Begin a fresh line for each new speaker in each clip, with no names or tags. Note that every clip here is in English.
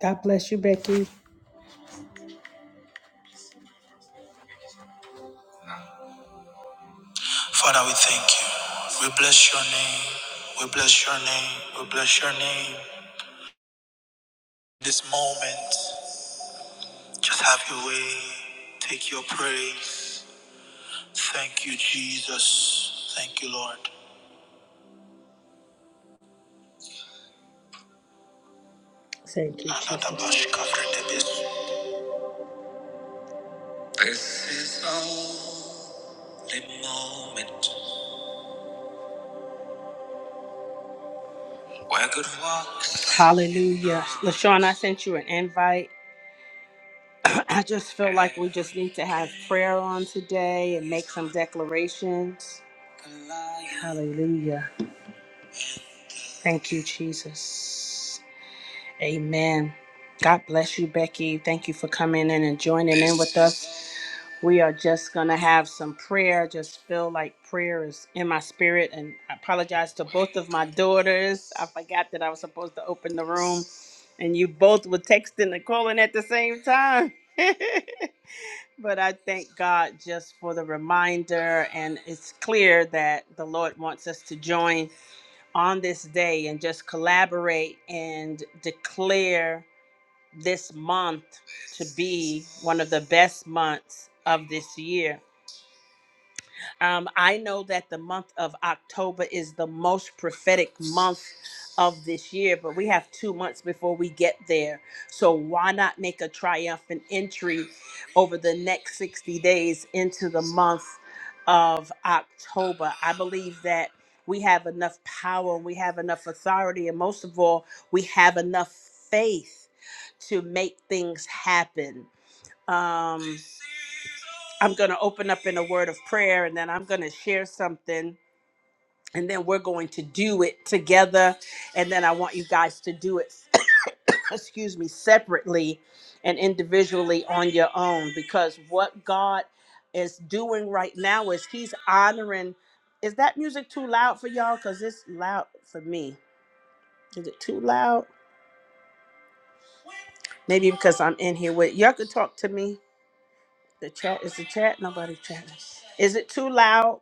God bless you, Becky. Father, we thank you. We bless your name. We bless your name. We bless your name. This moment, just have your way. Take your praise. Thank you, Jesus. Thank you, Lord. Thank you, Jesus. This is all moment where good works. Hallelujah. LaShawn, I sent you an invite. I just feel like we just need to have prayer on today and make some declarations. Hallelujah. Thank you, Jesus. Amen. God bless you, Becky. Thank you for coming in and joining in with us. We are just going to have some prayer. Just feel like prayer is in my spirit. And I apologize to both of my daughters. I forgot that I was supposed to open the room, and you both were texting and calling at the same time. But I thank God just for the reminder, and it's clear that the Lord wants us to join on this day and just collaborate and declare this month to be one of the best months of this year. Um, I know that the month of October is the most prophetic month of this year, but we have two months before we get there. So why not make a triumphant entry over the next 60 days into the month of October? I believe that we have enough power we have enough authority, and most of all, we have enough faith to make things happen. Um, I'm going to open up in a word of prayer and then I'm going to share something and then we're going to do it together. And then I want you guys to do it, excuse me, separately and individually on your own because what God is doing right now is He's honoring. Is that music too loud for y'all? Because it's loud for me. Is it too loud? Maybe because I'm in here with y'all. Could talk to me. The chat is the chat. Nobody chatting. Is it too loud?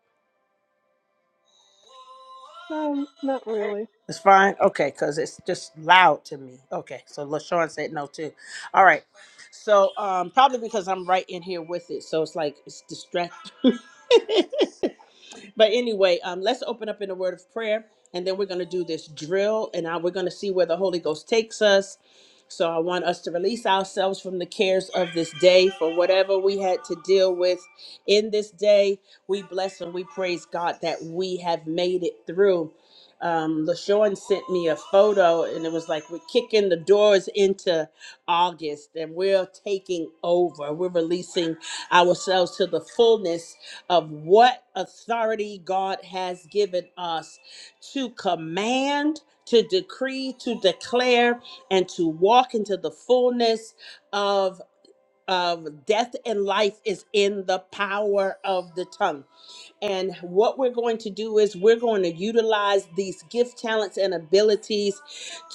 Um, not really.
It's fine? Okay, because it's just loud to me. Okay, so LaShawn said no too. All right. So um probably because I'm right in here with it. So it's like it's distract but anyway, um, let's open up in a word of prayer, and then we're going to do this drill, and I, we're going to see where the Holy Ghost takes us. So I want us to release ourselves from the cares of this day, for whatever we had to deal with in this day. We bless and we praise God that we have made it through. Um, LaShawn sent me a photo, and it was like we're kicking the doors into August, and we're taking over. We're releasing ourselves to the fullness of what authority God has given us to command, to decree, to declare, and to walk into the fullness of of death and life is in the power of the tongue. And what we're going to do is we're going to utilize these gift talents and abilities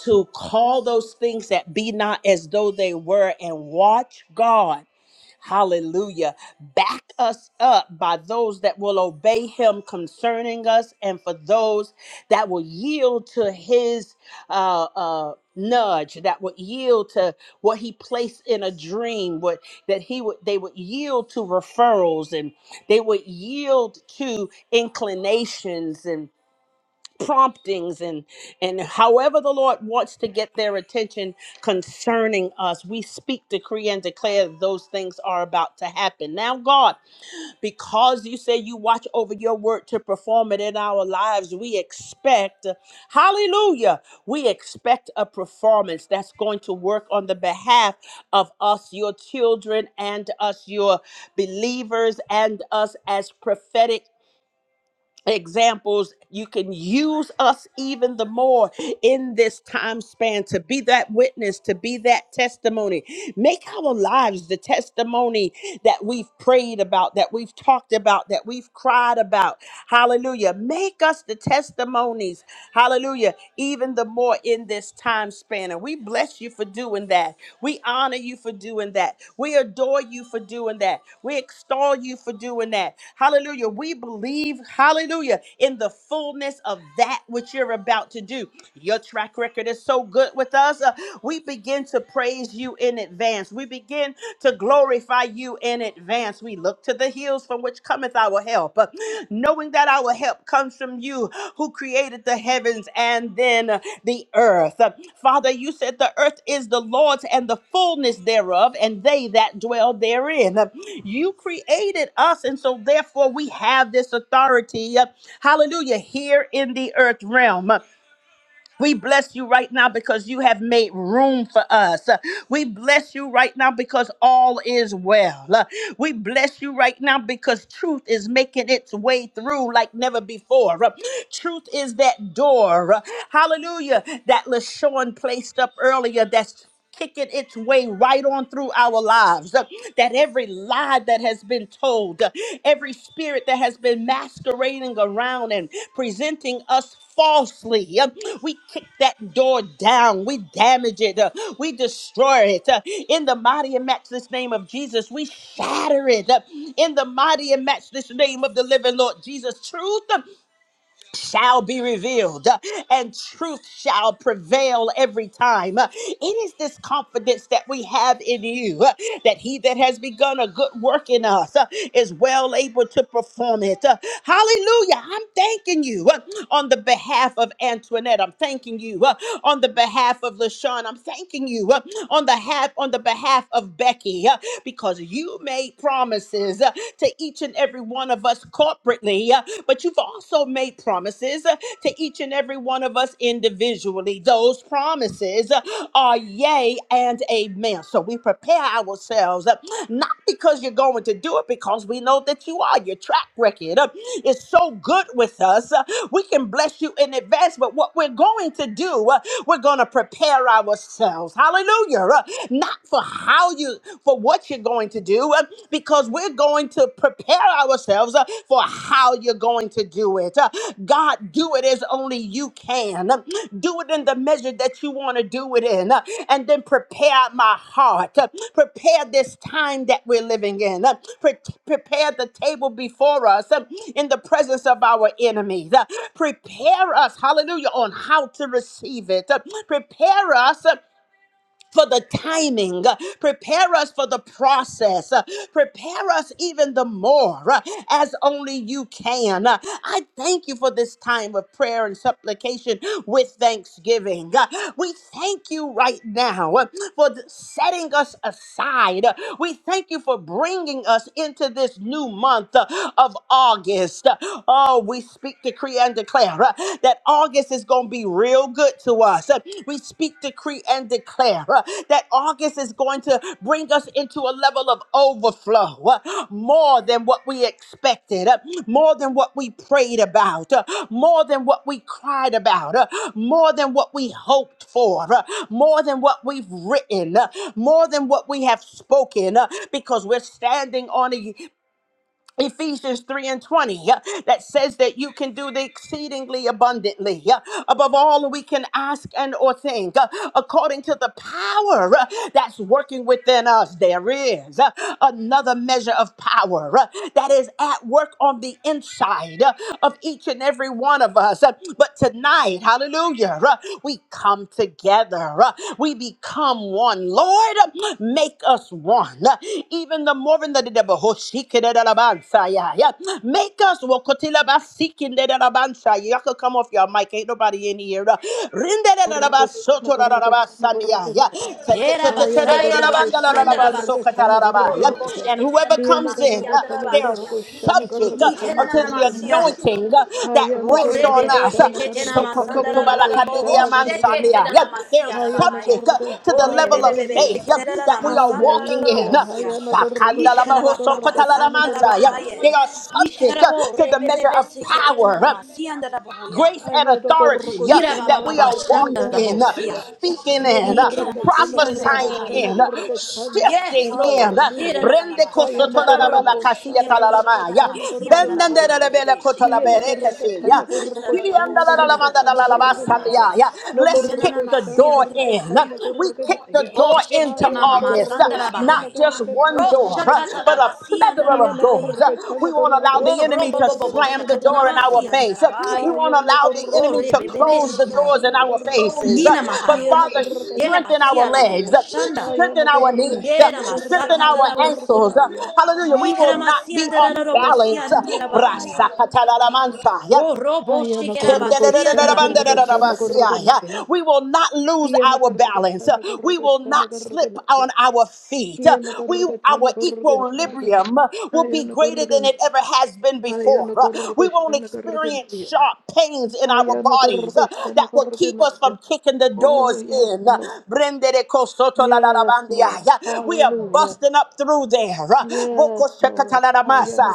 to call those things that be not as though they were and watch God Hallelujah. Back us up by those that will obey him concerning us and for those that will yield to his uh, uh, nudge, that would yield to what he placed in a dream, what that he would they would yield to referrals and they would yield to inclinations promptings and and however the lord wants to get their attention concerning us we speak decree and declare that those things are about to happen now god because you say you watch over your word to perform it in our lives we expect hallelujah we expect a performance that's going to work on the behalf of us your children and us your believers and us as prophetic examples you can use us even the more in this time span to be that witness to be that testimony make our lives the testimony that we've prayed about that we've talked about that we've cried about hallelujah make us the testimony testimonies. Hallelujah. Even the more in this time span. And we bless you for doing that. We honor you for doing that. We adore you for doing that. We extol you for doing that. Hallelujah. We believe, hallelujah, in the fullness of that which you're about to do. Your track record is so good with us. Uh, we begin to praise you in advance. We begin to glorify you in advance. We look to the hills from which cometh our help, knowing that our help comes from you who created the heavens and then the earth. Father, you said the earth is the Lord's and the fullness thereof, and they that dwell therein. You created us, and so therefore we have this authority, hallelujah, here in the earth realm. We bless you right now because you have made room for us. Uh, We bless you right now because all is well. Uh, We bless you right now because truth is making its way through like never before. Uh, Truth is that door, uh, hallelujah, that LaShawn placed up earlier that's kicking its way right on through our lives. Uh, That every lie that has been told, uh, every spirit that has been masquerading around and presenting us falsely, uh, we kick that door down. We damage it. uh, We destroy it. Uh, In the mighty and matchless name of Jesus, we shatter it. Uh, In the mighty and matchless name of the living Lord Jesus, truth. uh, shall be revealed uh, and truth shall prevail every time. Uh, It is this confidence that we have in you uh, that he that has begun a good work in us uh, is well able to perform it. Uh, Hallelujah. I'm thanking you uh, on the behalf of Antoinette. I'm thanking you uh, on the behalf of LaShawn. I'm thanking you uh, on the half on the behalf of Becky uh, because you made promises uh, to each and every every one of us corporately, uh, but you've also made promises uh, to each and every one of us individually. Those promises uh, are yea and amen. So we prepare ourselves, uh, not because you're going to do it, because we know that you are. Your track record uh, is so good with us. uh, We can bless you in advance, but what we're going to do, uh, we're going to prepare ourselves. Hallelujah. uh, Not for how you, for what you're going to do uh, because we're going to prepare ourselves uh, for how you're going to do it. Uh, God, do it as only you can. Um, Do it in the measure that you want to do it in. Uh, And then prepare my heart. Uh, Prepare this time that we're living in. Uh, pre- Prepare the table before us um, in the presence of our enemies. Uh, Prepare us, hallelujah, on how to receive it. Uh, Prepare us. uh, for the timing. Uh, Prepare us for the process. Uh, Prepare us even the more uh, as only you can. Uh, I thank you for this time of prayer and supplication with thanksgiving. Uh, We thank you right now uh, for th- setting us aside. Uh, We thank you for bringing us into this new month uh, of August. Uh, Oh, we speak, decree, and declare that August is going to be real good to us. Uh, We speak, decree, and declare uh, that August is going to bring us into a level of overflow, uh, more than what we expected, uh, more than what we prayed about, uh, more than what we cried about, uh, more than what we hoped for, uh, more than what we've written, uh, more than what we have spoken, uh, because we're standing on it Ephesians 3 and 20 uh, that says that you can do the exceedingly abundantly uh, above all that we can ask and or think uh, according to the power uh, that's working within us. There is uh, another measure of power uh, that is at work on the inside uh, of each and every one of us. Uh, But tonight, hallelujah, uh, we come together, uh, we become one. Lord, uh, make us one. Uh, Even the more than the devil, make us wokotila basikinde da da bansa. Y'all could come off your mic. Ain't nobody in here. Uh,
Hallelujah. Hallelujah.
Rinderelalabasotoralabasandia. Yeah. Te- te-
Hallelujah.
te-
Yera
te- te- da
Hayana
da
basaya
da da
ra
ba
Gurga
da da da da
bashanda ra
ba
basia.
sokata
O robo
and
sheke te na
whoever
na na
comes in,
masia
uh,
na
they are
basia.
subject uh,
Ite na na
unto
na
the
masia.
anointing uh, that
O
rests on
rebebe
us. Uh,
sheke te na masanda ra ra ra ra bo te
Sokotokobalakadidiyamansania.
na
Yeah,
na
They are
masia ra bahaya.
subject uh, to
O
the level
rebebe
of
bebe
faith
sheke
uh,
te na na na
that we are
masanda ra ra
walking
ra
in.
ro
Uh,
sia. Ishe kara ba
Shana
ba ba
Gurga Tana
sanda ra
Sakandalabahosokotalalamansa. Yeah,
bahaya.
They
Gurgadaya.
are
Ishe
subject
kara
uh,
bo
to the
rebebe
measure
bebe
of
sheke te na na
power
masia na ra
grace
boya.
and
Ayada korroko
authority uh,
Ira ba
shanda
ba
that
ba
we
ba
are
karraka tanda
shanda
walking
ra bo
korraka
in, uh,
naya.
sia.
speaking
Hiyana
in,
Ike
uh,
na masia na
prophesying
shanda
in,
bahaya.
uh,
karraka
Yes,
shifting in.
Lord.
uh,
Hira
Hallelujah.
na na na
Brende
Hayana
masandararabo.
kosotolarabala
korroko shanda
Shikereri
karraka
kasiyatalarabaya,
tanda
shikaramasi
korraka
andarabo.
naya.
bendenderelebele
Rebe shikere.
Hiyana
kotolaberekesiya,
Ni shikararabo
shanda karraka
sandararari
tanda
shikarabahaya.
shiriandalalamandalalalabasandiyaya.
No
Let's
Itanana
kick
korroko
the
masi
shanda
door
karraka
in. uh,
andarabahaya.
tanda
We kick the
Oh,
door
shike
into
Hayana
mama
August. uh,
korroko
uh, not
shanda
masandarabahaya.
just
karraka
one
tanda
Oh,
door, uh, but a
shatatarabasi
plethora of
Hallelujah.
doors. Uh,
andarabahaya.
We won't allow the
Oh,
enemy
robo
to
bobo
slam the door in our
shakatanamasi
face.
andara
Uh, We
bahaya.
won't allow the
Oh,
enemy to
rebe bebe
close the doors
shikai.
in our faces. Uh,
Nina
But
Mahaya.
Father,
Yela
strengthen our
Basia Labo
legs, Uh,
Shanda.
strengthen our knees, Uh,
Dera
strengthen
Masata
our
Tarabosi.
ankles. Uh, Hallelujah. We will not
Ikaramasian
be off balance. Uh,
Darabosia Dira Bahaya.
Rasakatalamansa.
O
Oh,
Robo
yeah.
We
Shikerabasian Darabohos.
will not lose our balance. We will not slip on our feet. We, our equilibrium will be greater than it ever has been before.
Hayana
We won't
Korrokoshana
experience
Korroganaya.
sharp pains in our
Hayana
bodies that
Korrokoshana
will keep us from
Korroganaya.
kicking the
Oh,
doors
yes,
in.
Lord. Yes, Lord.
We are
Hallelujah.
busting up through there.
Yes,
Where
Lord. Hayana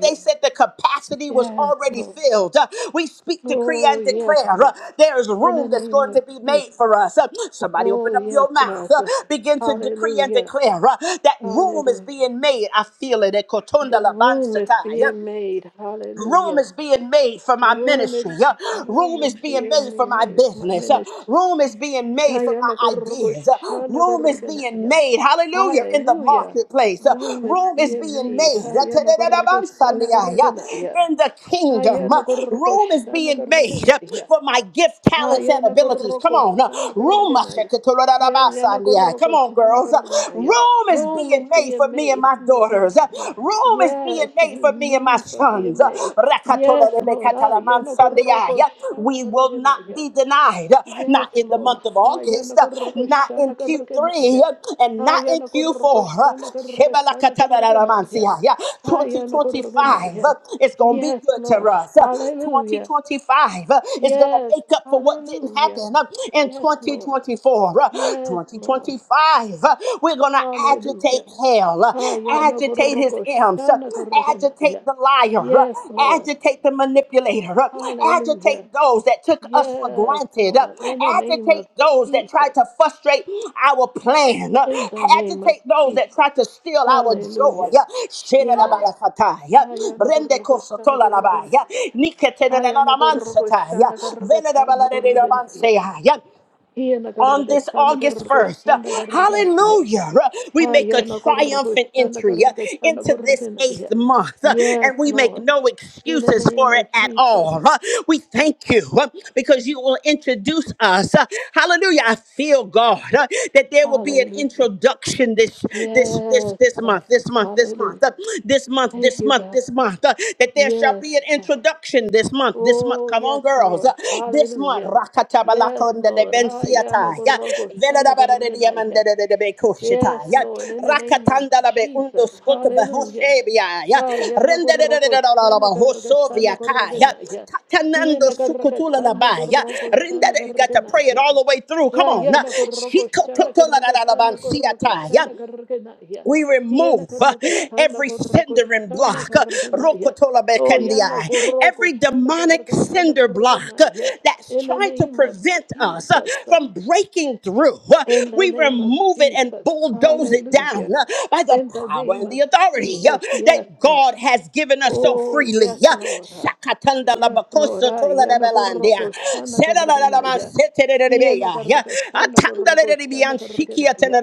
they said the capacity was
Yes,
already
Lord.
filled. We speak, decree,
Oh,
and
yes,
declare
Lord.
there is
In the
room that's
name
going
of
to be made
Jesus.
for us. Somebody
Oh,
open up
yes,
your mouth.
Lord.
Begin to decree and
Hallelujah.
declare that room is
Hallelujah.
being made. I feel it.
The room is being made.
Room
Hallelujah.
is being made for
The
my
room is
ministry. Uh,
room
Room
is
is being made for
being
my
made for my
business. Uh,
ministry.
Room is being made for my ideas. Uh, Room is being
Hayanagorgoshanagorganaya.
made, hallelujah, in the
Hallelujah.
marketplace. Uh,
Room is
Room is
being
being
made.
made uh, tadadadabansaniya,
Hayanagorgoshanagorganaya.
uh, in the kingdom. Uh, Room is being made uh,
Hayanagorgoshanagorganaya.
for my gift, talents, and abilities. Come on. uh, Room.
Hayanagorgoshanagorganaya.
Mashakatorodadabasaniyah. Come on, girls. Uh,
Hayanagorgoshanagorganaya.
Room is
Room
being
is
made
being
for me and
made.
my
for Me and
daughters
my
years. Uh,
family.
Room is
Yes,
being made for me and my
rooms are
sons.
being
Uh,
made. Yes, Lord.
Rakatolerebekatalamansandiai. Uh, We will not
Hayanagorgoshanagorganaya.
be denied. Uh, Not
Yes,
in the
Lord.
month of
Haya
August, uh, not
nakurrukusha
in Q3,
nakurrukanaya.
uh, and not
Haya
in Q4. Uh,
nakurrukusha nakurrukata nakurrukanaya.
Shebelakatalaramansiai. Uh,
Haya
2025 uh,
nakurrukanaya.
is going to be
Yes,
good to
Lord.
us. Uh,
Hallelujah.
2025 uh, is going to
Yes.
make up for what didn't
Hallelujah.
happen uh, in
Yes, Lord.
2024. Uh,
Yes, Lord.
2025 life. Uh, We're going to agitate
Hallelujah.
hell, uh,
Haya
agitate his imps,
nakurrukusha
uh, agitate
nakurrukanaya.
the liar, uh,
Yes, Lord.
agitate the manipulator, uh,
Hallelujah.
agitate those that took us for
Yes,
granted, uh,
Lord. In the name
agitate
of
those that tried
Jesus.
to frustrate our plan, uh,
In the name of
agitate those that
Jesus.
tried to steal our joy.
Hallelujah.
uh,
Yeah.
Shenalabalakataya,
Hayana gorgoshana
Brendekosotolalabaya,
gorganaya. Hayana
Niketenelalamansetaya,
gorgoshana gargatana gorganaya.
Venerabaladidabanseyaya
Hiana
on this
gargatana
August 1st. Uh,
gorgoshana garganaya.
Hallelujah. Uh, We make a
Hayana
triumphant
gorgoshana
entry uh,
gargatana
into this
gorganaya.
eighth month uh,
Yes,
and we make
Lord.
no
In the
excuses
name
for it
of
at
Jesus.
all. Uh, We thank you uh, because you will introduce us. Uh, Hallelujah. I feel God uh, that there will be an
Hallelujah.
introduction this this this
Yes,
this
God.
month, this month, this
Hallelujah.
month, uh, this month,
Thank
this
you,
month,
God.
this month, uh, that there shall
Yes,
be an get
God.
introduction this month. This month,
Oh,
come on,
yes,
girls. Uh,
Lord.
This month,
Hallelujah. Yes,
Rakatabalakunda de
Lord.
Benciata, yeah. Veladabada de Diamanda
Hayanakorokoshanakaraganaya.
de de
Yes,
Becushita, yeah.
Lord, in the name of
Rakatanda la be undo
Jesus.
scotaba
Hallelujah.
Hosebia, yeah. Rende de de de de la la Hosovia, yeah.
Hayanakorokoshanakaragatanakoraganaya.
Tatanando Sukutula la ba, yeah. Rende de, you got to pray it
Hiyanakarakatanakorokoshanakaraganaya.
all the way through. Come on. uh,
Yana koroko shanda
Shikototola la
koroko
la la
tanda koroko
Banciata, yeah.
shanda koroko na ya.
We
Yana
remove uh,
koroko tanda
every
koroko
cindering
shanda
block, uh,
koroko na ya.
rokotola
Oh yana
bekendiai,
koroko
every
shanda
demonic
koroko tanda
cinder
koroko
block
na
uh,
ya.
that's
In the
trying to
name of
prevent us uh,
Jesus.
from breaking through. Uh,
In the
We
name of
remove it and
Jesus.
bulldoze it down
Hallelujah.
uh, by the
In the
power
name
and the
of
authority uh,
Jesus. Yes,
that
God.
God has given us so
Oh,
freely.
yes,
Uh,
Lord. Ah,
Shakatanda
Yes, Lord. Ah,
labakosotola
yana
lebelandia.
koroko shana
I
kargena ya. Hiena kargatana koroko shana kargena ya.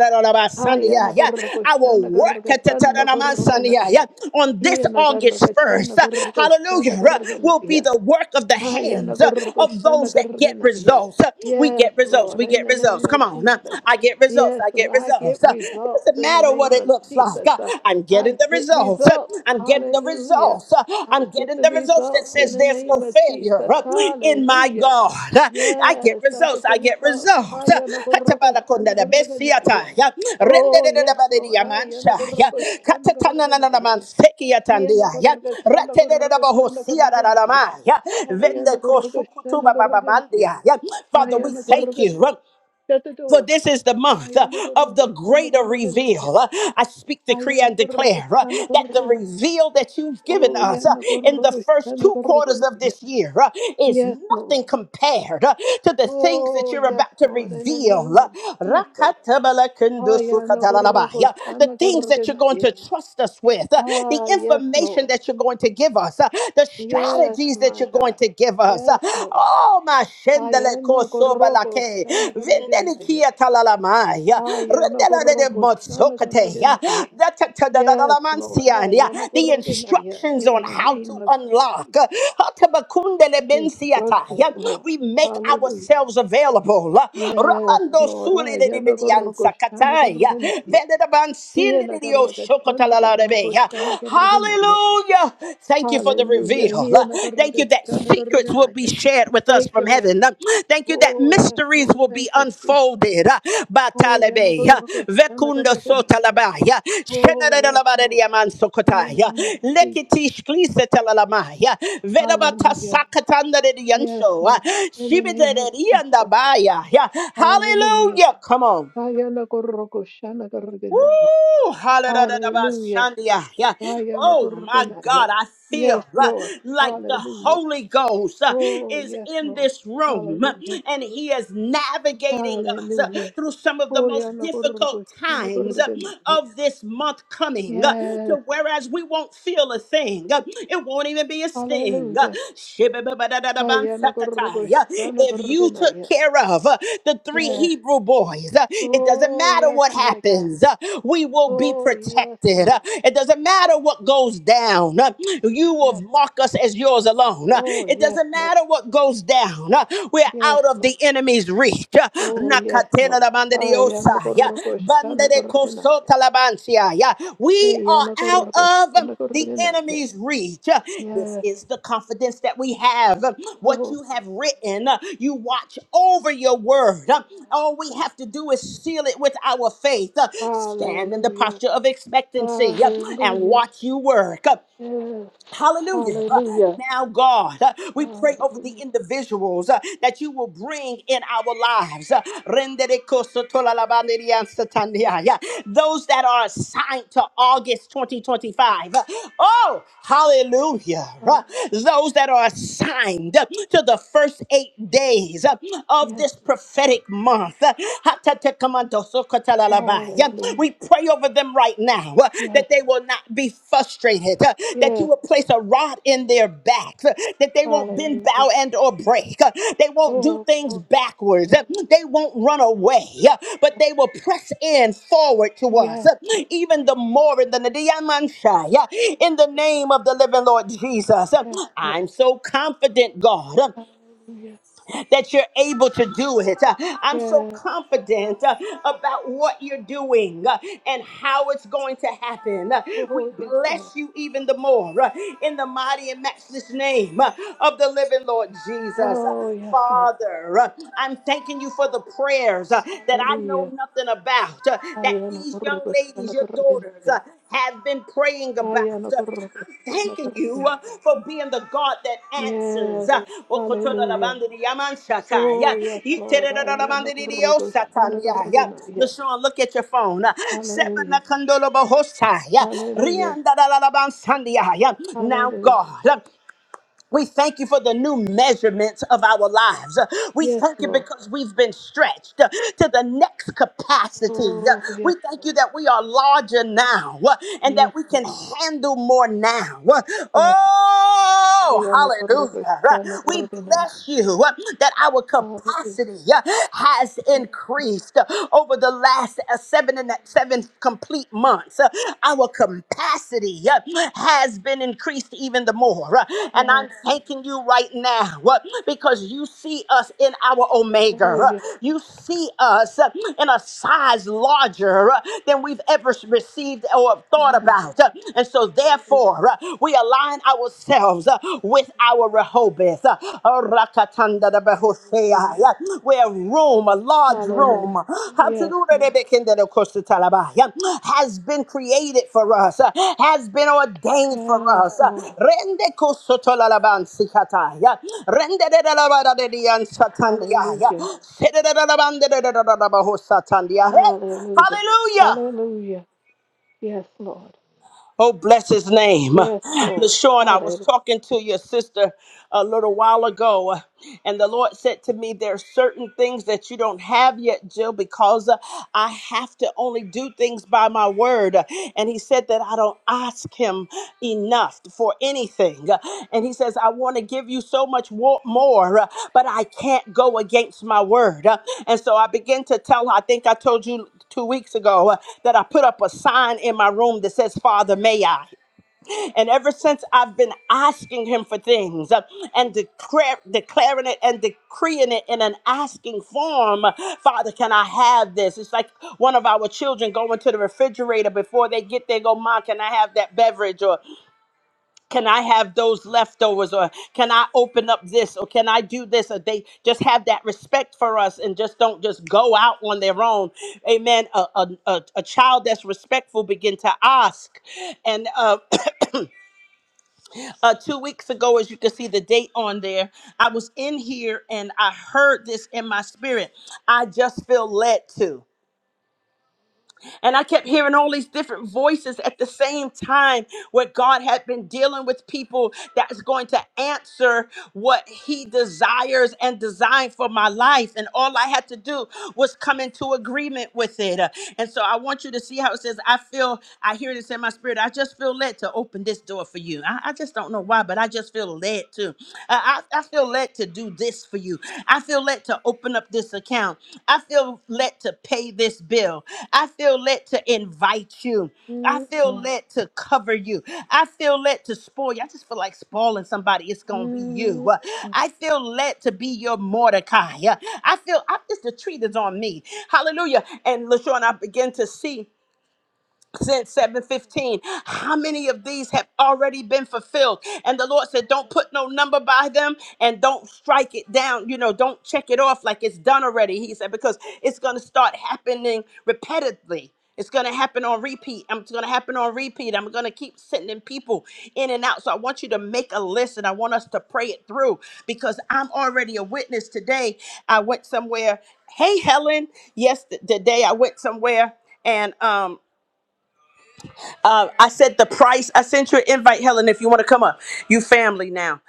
Hayana koroko
will
shana
work
kargatana korogena ya.
on this
Hiena
August
kargatana
1st.
koroko shana
Hallelujah. Will be
kargena
the work of the
Aya
hands
nagorgo
of
shana
those that get
yeah.
results. We
Yes,
get results.
Lord,
We
in
get
the
results.
name
Come
of
on.
Jesus.
I get results.
Yes,
I get
I get
results. It
results
doesn't
in the
matter what
name
it
of
looks like.
Jesus. Uh,
I'm getting
I
the
get
results results. uh,
results.
I'm getting the
Hallelujah.
results. uh,
I
I'm
get
getting
the
the results that
results in
says
the
there's no
name of
failure
Jesus.
uh, in my
Hallelujah.
God. Uh, I get
Yes, I
results.
get the
I get
results.
results. Uh,
Aya nagorgo shana
Hatabakondadabesiata,
yeah.
yeah.
Oh, yes, Lord. Aya
Rendedededabadediamansha, yeah.
nagorgo shana gorgana, yeah. Here
Katatananananamansekiatandia, yeah. Ratedededabahosiadadadama, yeah.
Ayana Gorgus and the Gorgonaya.
Vendekosukutubababamandia, yeah. Father, we
Ayana
thank
Gorgus.
you. uh,
Shut the
for
door.
this is the month uh,
Ayana
of the
Gorgus and the
greater reveal.
Gorgonaya.
Uh, I speak, decree,
Ayana
and
Gorgus
declare uh,
and the
that the
Gorgonaya.
reveal that you've given
Oh,
us uh,
Yana
in the
Gorgus
first
and the
two quarters of
Gorgonaya.
this year uh, is
Yes, Lord.
nothing compared uh, to the things that
Oh,
you're
yes,
about to
Lord. In the
reveal.
name
Uh,
of Jesus. Ayana
Rakatabalakundusukatalalabai.
Gorgus
Uh,
and
The
the
things that you're going to
Gorgonaya.
trust us with, uh, the
Ah, yes,
information
Lord.
that you're going to give us, uh, the
Yes,
strategies that
my
you're going
God.
to give forgivers.
Yes, Lord.
Oh, my
Ayana Gorgus
kosobalake.
and the
Vindeli
Gorgonaya.
kia talalamaya.
Ayana
Rendele de
Gorgus and the
motsokate.
Gorgonaya.
Da- ta- ta-
Yes, Lord. Ah,
The
yanagorgonaya.
instructions
In
on
the
how to
name of
unlock. uh,
Jesus.
Hatabakundele bensiata.
Instructions,
ya,
Lord.
We make
Hallelujah.
ourselves available. uh,
Yes,
Ramando
Lord.
suli
Ah,
de dibidianza katai.
yanagorgoshanagarganaya.
Vende bansin de dio shokotalalabe.
Hianagargatanagargoshanagarganaya.
Hallelujah. Thank you for the
Hallelujah.
reveal. Uh, Thank you that secrets will be
Hianagargashanagarganaya.
shared with us
Thank
from
you, Lord.
heaven. Uh, Thank you that
Oh, yes,
mysteries
Lord.
will be
Thank you, Jesus.
unfolded.
Oh,
Batalabe, vekunda
yanagorgoshanagarganaya.
sotalabaya,
Oh, yes, Lord.
shenadadalabadadiaman
In the
sokotaya,
name of Jesus.
lekitish klisetalalabaya,
Hallelujah. Yes,
vedabatasakatandadidiyansho,
Lord. In the name of Jesus.
shibidadadiyandabaya.
Hallelujah.
Hallelujah. Come on.
Kaya na koroko shana korgenaya.
Woo! Hallelujah.
Hallelujah.
Yeah.
Kaya na
Oh my
korgenaya.
God, I
Yes,
feel uh,
Lord.
like the
Hallelujah.
Holy Ghost uh,
Oh,
is
yes,
in
Lord.
this room uh,
Hallelujah.
and He is navigating us uh,
Hallelujah.
through some of the
Oh,
most
ya na
difficult
koroko shana
times uh,
korgenaya.
of this month coming. uh,
Yes.
To whereas we won't feel a thing, uh, it won't even be a sting.
Hallelujah. Kaya na koroko
Shibibibidadabansakataya.
shana
If you took
korgenaya.
care of uh, the three
Yes.
Hebrew boys, uh, it doesn't
Oh,
matter
yes,
what
my God.
happens, uh, we will be
Oh, yes,
protected. Uh,
Lord.
It doesn't matter what goes down, uh, you will
Yes.
mark us as yours alone. Uh,
Oh,
It
yes,
doesn't
Lord.
matter what goes down, uh, we're
Yes,
out of
Lord.
the enemy's reach. Uh,
Oh, yes, Lord. Ay,
Nakatenadabandadiosaya,
anakoroko shanakorogenaya.
Bandadekosotalaba- Yeah. We
Hey,
are out
anakoroko
of the
shanakorogenaya.
enemy's reach. Uh, This
Yes.
is the confidence that we have. Uh, What
Oh,
you have written, uh, you watch over your word. Uh, All we have to do is seal it with our faith. Uh, Stand in the
hallelujah.
posture of expectancy uh, and
Hallelujah.
watch you work.
Yes.
Hallelujah. Uh,
Hallelujah.
Now, God, uh, we pray over the
Hallelujah.
individuals uh, that you will bring in our lives. Uh, Yeah. Those that are assigned to August 2025. Uh, Oh, hallelujah. Uh,
Hallelujah.
Those that are assigned uh, to the first eight days uh, of
Yes.
this prophetic month. Uh,
Hallelujah.
we pray over them right now uh, that
Yes.
they will not be frustrated, uh, that you
Yes.
will place a rod in their back, uh, that they won't bend,
Hallelujah.
bow, and or break. uh, They won't do
Oh,
things
glory.
backwards. uh,
Hallelujah.
They won't run away, uh, but they will press in forward to us,
Yes.
uh, even the more in the Nadiyamanshai, uh, in the name of the living Lord Jesus. Uh,
Yes, Lord.
I'm so confident, God. uh,
Hallelujah.
that you're able to do it. Uh, I'm so
Yes.
confident uh, about what you're doing uh, and how it's going to happen. Uh, We
Oh, yes,
bless
Lord.
you even the more uh, in the mighty and matchless name uh, of the living Lord Jesus. Uh,
Oh, yes, Lord.
Father, uh, I'm thanking you for the prayers uh, that I know
Hallelujah.
nothing about, uh, that these young ladies, your daughters
Ayanakurrukushanakarakanaya.
uh, have been praying about. Uh, I'm thanking you uh,
Ayanakurrukushanakarakanaya.
for being the God that answers.
Yes,
Uh,
hallelujah. Oh, yes, Lord. Ayanakurrukushanakarakanaya.
LaShawn, look at your phone. Uh,
Hallelujah, hallelujah,
now,
hallelujah.
God. We thank you for the new measurements of our lives. Uh, We
Yes,
thank you
Lord.
because we've been stretched uh, to the next capacity. Uh,
Oh,
We
yes,
thank you
Lord.
that we are larger now uh, and that
Yes,
we can
Lord.
handle more now. Uh,
Yes, Lord.
Oh, hallelujah. Uh, We
Ayanakurrukushanakarakanaya.
bless you uh, that our
Hallelujah.
capacity uh, has
Yes, Lord.
increased uh, over the last uh, seven and that seven complete months, uh, our capacity uh, has been increased even the more. uh, and
Yes.
I'm thanking you right now uh, because you see us in our omega.
Oh,
uh,
yes,
you see us uh, in a size larger uh, than we've ever received or thought
Lord.
about. uh, and so,
Hallelujah.
therefore, uh, we align ourselves uh, with our Rehoboth. Jobeth, uh, Rakatanda de Behosea, yeah, where room, a large room,
Hallelujah. Yes,
Hatanuda de
Lord.
Bekende de Costa Talaba, yeah, has been created for us, uh, has been ordained for
Yes,
us. uh,
Lord.
Rende Kosotolalaban Sikata, yeah, Rende de la Lavada de Dian Satandia, yeah,
Hallelujah.
Sede de la Lavanda de la Bahos hey,
Hallelujah.
hallelujah.
Hallelujah. Yes, Lord.
Oh, bless his name.
Yes, Lord.
LaShawn, I
Hallelujah.
was talking to your sister a little while ago, and the Lord said to me, There are certain things that you don't have yet, Jill, because uh, I have to only do things by my word. And he said that I don't, ask him enough for anything. And he says, I want to give you so much wo- more, uh, but I can't go against my word. Uh, And so I begin to tell her, I think I told you two weeks ago uh, that I put up a sign in my room that says, Father, may I. And ever since I've been asking him for things uh, and declare, declaring it and decreeing it in an asking form, uh, Father, can I have this? It's like one of our children going to the refrigerator before they get there, go, Mom, can I have that beverage? Or can I have those leftovers? Or can I open up this? Or can I do this? Or they just have that respect for us and just don't just go out on their own. Amen. A, a, a, a child that's respectful begin to ask. And uh, Uh, two weeks ago, as you can see the date on there, I was in here and I heard this in my spirit. I just feel led to. And I kept hearing all these different voices at the same time where God had been dealing with people that's going to answer what he desires and designed for my life. And all I had to do was come into agreement with it. Uh, And so I want you to see how it says, I feel, I hear this in my spirit. I just feel led to open this door for you. I, I just don't know why, but I just feel led to. Uh, I, I, I feel led to do this for you. I feel led to open up this account. I feel led to pay this bill. I feel led to invite you. I
Mm,
feel
mm,
led to cover you. I feel led to spoil you. I just feel like spoiling somebody. It's gonna be you.
mm,
Uh,
mm.
I feel led to be your Mordecai. Uh, I feel I, this the treat is on me. Hallelujah. And LaShawn, I begin to see said 715 how many of these have already been fulfilled and the lord said don't put no number by them and don't strike it down you know don't check it off like it's done already he said because it's going to start happening repetitively it's going to happen on repeat i'm going to happen on repeat i'm going to keep sending people in and out so i want you to make a list and i want us to pray it through because i'm already a witness today i went somewhere hey helen yes th- today i went somewhere and um uh, I said the price. I sent you an invite, Helen, if you want to come up. You family now.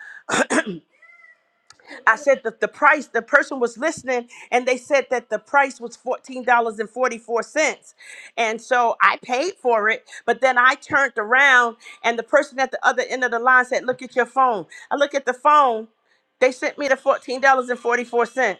I said that the price, the person was listening and they said that the price was $14.44. And forty-four cents. And so I paid for it, but then I turned around and the person at the other end of the line said, Look at your phone. I look at the phone. They sent me the $14.44.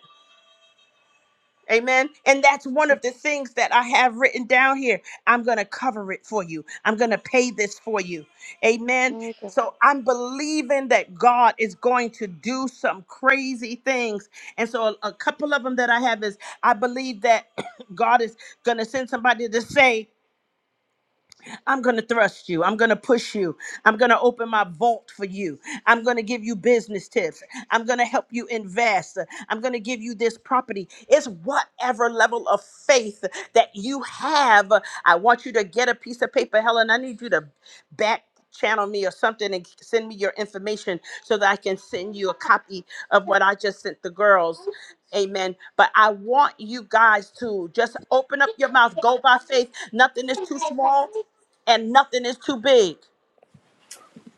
Amen. And that's one of the things that I have written down here. I'm going to cover it for you. I'm going to pay this for you. Amen.
My God.
So I'm believing that God is going to do some crazy things. And so a, a couple of them that I have is I believe that God is going to send somebody to say, I'm going to thrust you. I'm going to push you. I'm going to open my vault for you. I'm going to give you business tips. I'm going to help you invest. I'm going to give you this property. It's whatever level of faith that you have. I want you to get a piece of paper, Helen. I need you to back channel me or something and send me your information so that I can send you a copy of what I just sent the girls. Amen. But I want you guys to just open up your mouth, go by faith. Nothing is too small, and nothing is too big.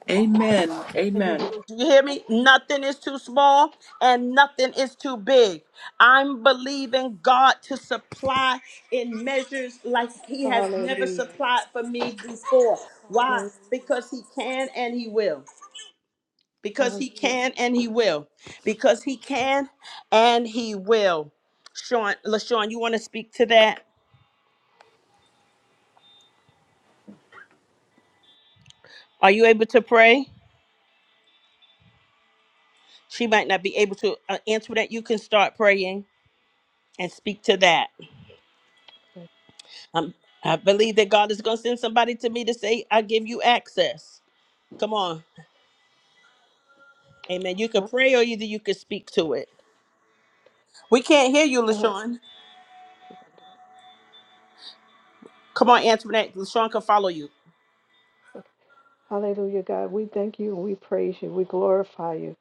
Amen. Amen.
Do you hear me? Nothing is too small and nothing is too big. I'm believing God to supply in measures like He has never
Hallelujah.
supplied for me before. Why?
Hallelujah.
Because He can and He will. Because He can
Hallelujah.
and He will. Because He can and He will. Sean, LaShawn, you want to speak to that? Are you able to pray? She might not be able to uh, answer that. You can start praying and speak to that. I'm, I believe that God is going to send somebody to me to say, I give you access. Come on. Amen. You could pray or either you could speak to it. We can't hear you,
Oh,
LaShawn. Come on, Antoinette. LaShawn can follow you.
okay. Hallelujah, God. We thank you and we praise you. We glorify you.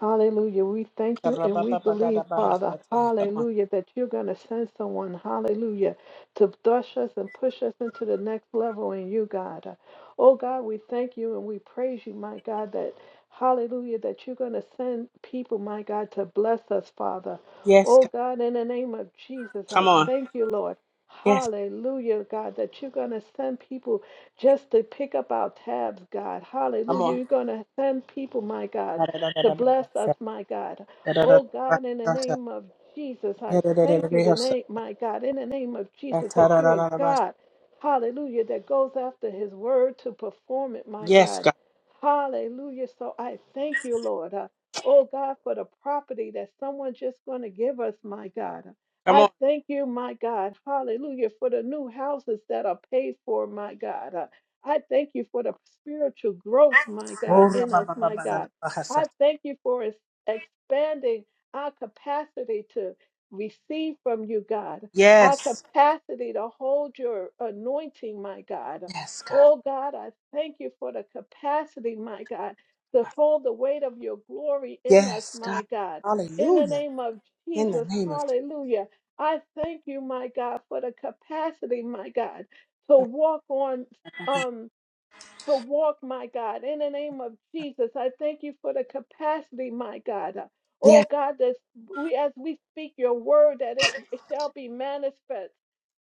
Hallelujah. We thank you and we believe, Father,
Ka-ra-ba-ba-ba-da-da-ba-ha-sa-tai. Come on.
hallelujah, that you're going to send someone, hallelujah, to push us and push us into the next level in you, God. Oh, God, we thank you and we praise you, my God, that, hallelujah, that you're going to send people, my God, to bless us, Father.
Yes.
Oh,
God.
God, in the name of Jesus,
Come
I
on.
thank you, Lord.
Yes.
Hallelujah, God, that you're going to send people just to pick up our tabs, God.
Come
Hallelujah.
on.
You're going to send people, my God, to bless
Da-da-da-da-da-ba-ha-sa.
us, my God. Oh, God, in the
Da-da-da-da-ba-ha-sa-tai.
name of Jesus, I thank you
Da-da-da-da-da-ba-ha-sa.
tonight, my God, in the name of Jesus, that you are
Da-da-da-da-da-ba-ha-sa.
God. Hallelujah. That goes after his word to perform it, my
Yes,
God.
God.
Hallelujah. So I thank you, Lord. Uh, oh, God, for the property that someone's just going to give us, my God.
Come on.
I thank you, my God. Hallelujah. For the new houses that are paid for, my God. I thank you for the spiritual growth, my God, in us, my God.
Oh-ra-ba-ba-ba-ba-da-da-ba-ha-sa.
I thank you for ex- expanding our capacity to receive from you, God, our
Yes.
capacity to hold your anointing, my God.
Yes, God.
Oh, God, I thank you for the capacity, my God, to hold the weight of your glory in us,
Yes, God.
my God. In the
Hallelujah.
name of
In the
Jesus,
name of
hallelujah. I thank you, my God, for the capacity, my God, to walk on. Um, to walk, my God, in the name of Jesus. I thank you for the capacity, my God. Uh,
yes,
Oh God, that we as we speak your word, that it it shall be manifest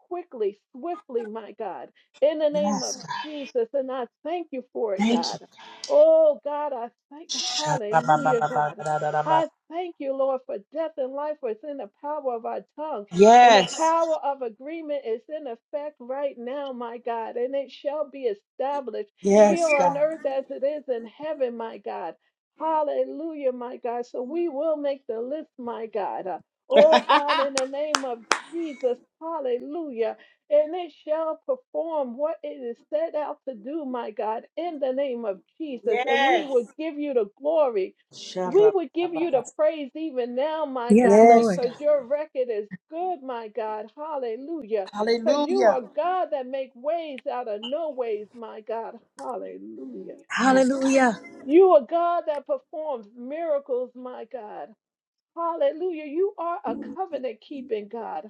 quickly, swiftly, my God, in the name
yes,
of
God.
Jesus. And I thank you for it,
Thank you.
God. Oh God, I thank hallelujah, God.
Sha-ra-ba-ba-ba-ba-da-da-da-ba.
I thank you, Lord, for death and life was in the power of our tongue. And the
Yes,
power of agreement is in effect right now, my God, and it shall be established
yes,
here on
God.
earth as it is in heaven, my God. Hallelujah, my God. So we will make the list, my God. Uh, Oh God, in the name of Jesus, hallelujah. And it shall perform what it is set out to do, my God, in the name of Jesus. And we
yes.
will give you the glory. We would give you
Sha-ra-ba-ba-ba.
the praise even now, my
Yes,
God,
Yes,
Lord.
because
God.
your record is good, my God. Hallelujah. Because you
Hallelujah.
are God that make ways out of no ways, my God. Hallelujah. Mm.
Yes, God.
Hallelujah.
You are God that performs miracles, my God. Hallelujah. You are a covenant keeping God.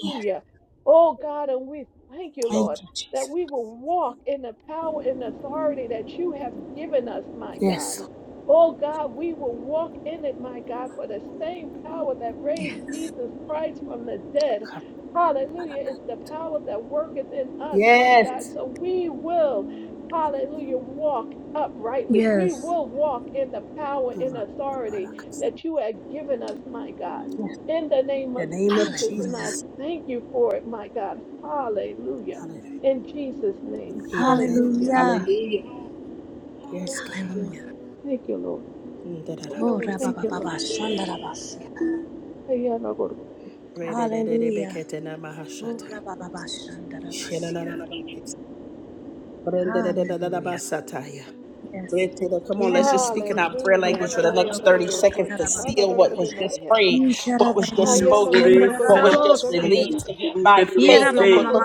Yes.
Oh God, and we thank you,
Thank
Lord,
you,
that
Jesus.
we will walk in the power and authority that you have given us, my
Yes,
God.
Lord
Oh God, we will walk in it, my God, for the same power that raised Jesus Christ from the dead.
God.
Hallelujah. It's the power that worketh in us, my
Yes.
God. So we will, hallelujah, walk uprightly. We
Yes.
will walk in the power and authority
Yes.
that you have given us, my God, in the
In
name
the
of
name of
Jesus. And I
Hallelujah.
Jesus.
thank you for it, my God. Hallelujah.
Hallelujah.
In Jesus' name,
Amen.
hallelujah.
Hallelujah.
Hallelujah. Yes, God.
Hallelujah.
Hallelujah.
Thank you, Lord.
Mm, da da da ba
Oh,
Oh, thank you,
rabababa, shandarabasia.
Lord.
re de de de
Hallelujah. Oh,
Re-de-de-de-de-be-ke-te-na-ma-ha-sha-tai.
rabababa, shandarabasia. Hallelujah. Yes.
Come on, let's
Yena
just speak in our
mama.
prayer language
Hallelujah.
for the next
Ndarararabo
30 seconds to
shakatarabasa.
seal what was just
Hayanagorogoshanagoroganaya.
prayed, what was just
Nisharararana.
spoken,
Inukure
what was just
Siandarararabosa.
released
senamasi,
Hayanagorogoshanagoroganaya.
by faith.
Yera mama
turukerese.
mama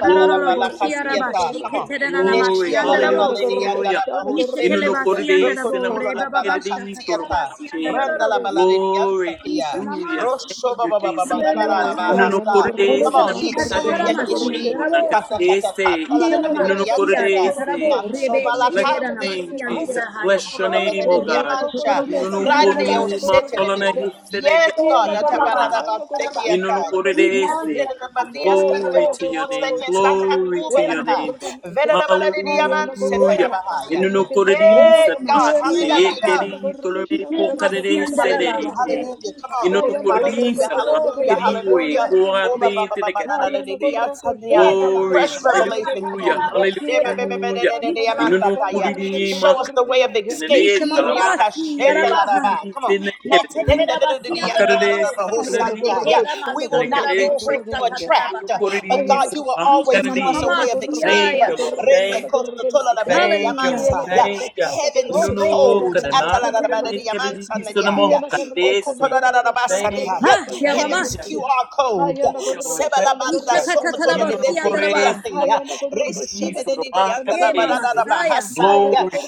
Glory to your
siara
name.
ba
Come on.
shiketerana
Glory.
masiandarabo sia.
Hallelujah.
Nishekele
Neshialalabalediandalabahusete.
ba
Inunukure
Hayanagorogoshanagoroganaya.
siandarabo re baba basha
senamahakere,
kataraba
Rokotolalabalakasiyata.
turumahake.
siandarararabo
Hallelujah.
sia.
Glory.
Nishe
Randalabaladiyantakiya.
mama
Hallelujah.
si.
Thank you, Jesus.
Thank you,
Yela
Lord.
Inu
bahaya.
no
Roshobabababababababahasa.
korede
Come
ese
Orobo
na
on.
shikatatara
kadri pro e Inunukorese namakari proe
Nisuriakishi.
Hayanagorogoshanagorogatanagoroganaya.
masiandarabo sa.
konakarese.
Nishe
Hiana
mama sia
garragatana
Katakatakatalaradadidiyantaka,
Inunukorese.
gorrogo
tatarabo
shana
rebe
Bless
garragatana
shekererana
your
Natsobalakati,
name, Jesus.
gorroganaya.
masiandira haya.
Bless your name, O
Hayana
Oro
God.
gorrogo
Rukutukutulolabadadidiyamancha,
shototorobo
Inu
shana
no
siandaraba
garragatana
korede ma
si.
Randeyosetelebe.
solana
gorroganaya.
Inunukori masolana
Yes,
Orobo
God.
Hiana
re baba
hisenekeri
basha
garragatana
kataraba
gorrogo
you know
si.
no
Atabaradabatekiyatai.
shana
go
garraganaya.
say,
Ikatarana
Oh
Nandedadabandiyaski,
glory
yana
to
15
masiandarabo
your
more
name,
gorrogo
seconds.
shana
glory to your
garragatana
Rema
Lakatubalaka,
name,
gorroganaya. Hayana
hallelujah.
gorrogo
Masela
shana
Baha,
You
Vedadabaladidiyamansetarabahaya.
know no go to
garraganaya.
the
Hey,
say,
Ora
God.
Hiana
Masila
Mahate,
Hallelujah.
Baha,
garragatana
Keri,
gorrogo
Tolome,
shana
Ikela
Pokare,
garragatana
Masiandara
Hallelujah,
Baha,
gorroganaya.
Senete.
hallelujah. Come
You
on.
know no
Ora
Hayanda
go to the
gorgo
Hallelujah,
say,
shanda
Rosandara,
hallelujah,
gorgo
Mahakeri,
chanda
Oe,
hallelujah.
gorgo
Oh, ba,
nasha.
ba,
Koape,
ba, ba, ba, na, na, na, na,
Tenekade,
Hayanda
na,
gorgo
na, na.
E
shanda
Baba,
gorgo
glory,
Fresh
chanda gorgo
revelation. Come on.
nasha.
hallelujah,
Fresh- eh,
Hiyanda
Sakatarabosia,
gorgo
hallelujah.
chanda
Ikela
You
gorgo
know no
shanda
go to
gorgo
Masiandara,
the
chanda
Show us
Makare,
the
gorgo
way of
nasha.
escape.
Senete,
Misha
Hmm.
Mamamasi,
Talabaki,
Yarabaha,
Come on. Not
Keri,
Yetetera Basiandara Bosi,
Hayanda
Senekade.
yeah, yeah.
gorgo
Ikela
We
shanda
will
gorgo
not
Masandara
be
chanda
Nicaragua,
Boho,
tricked
gorgo
or
nasha.
Tatatara
trapped.
Bahaya,
But
Hayanda
God,
Corinthians,
you
gorgo
will
Misha
always give us
Macarani.
a way
Hayanda
of
gorgo
escape.
Thank
shanda
you,
Mamamasi,
Lord.
gorgo
Thank
chanda
you.
gorgo nasha.
Thank you,
Hallelujah.
Lord.
Hiyanda
yeah
gorgo
Thank you.
chanda
Oh,
heaven's
gorgo
Inunu
shanda
codes.
rebebebe,
gorgo
kadama
chanda
sheketena
gorgo
masia.
nasha.
kadidi
Atalarabadadiamansanadiya.
Yes,
sunamo kadesi. Thank
Okotorarabasaniya.
you,
Ha,
Lord.
ya
Thank
Heaven's
you.
mamasi.
QR code.
Thank you, Lord. Thank
Sebalabanda
you. Inunu
Ishakatatalabasi
sokotolodebende
kore
andaraba.
kiyate.
sunama kadidi sunama
Ye
kadesi.
mamasaya.
Resibededidiandalabararabahasa.
Glory.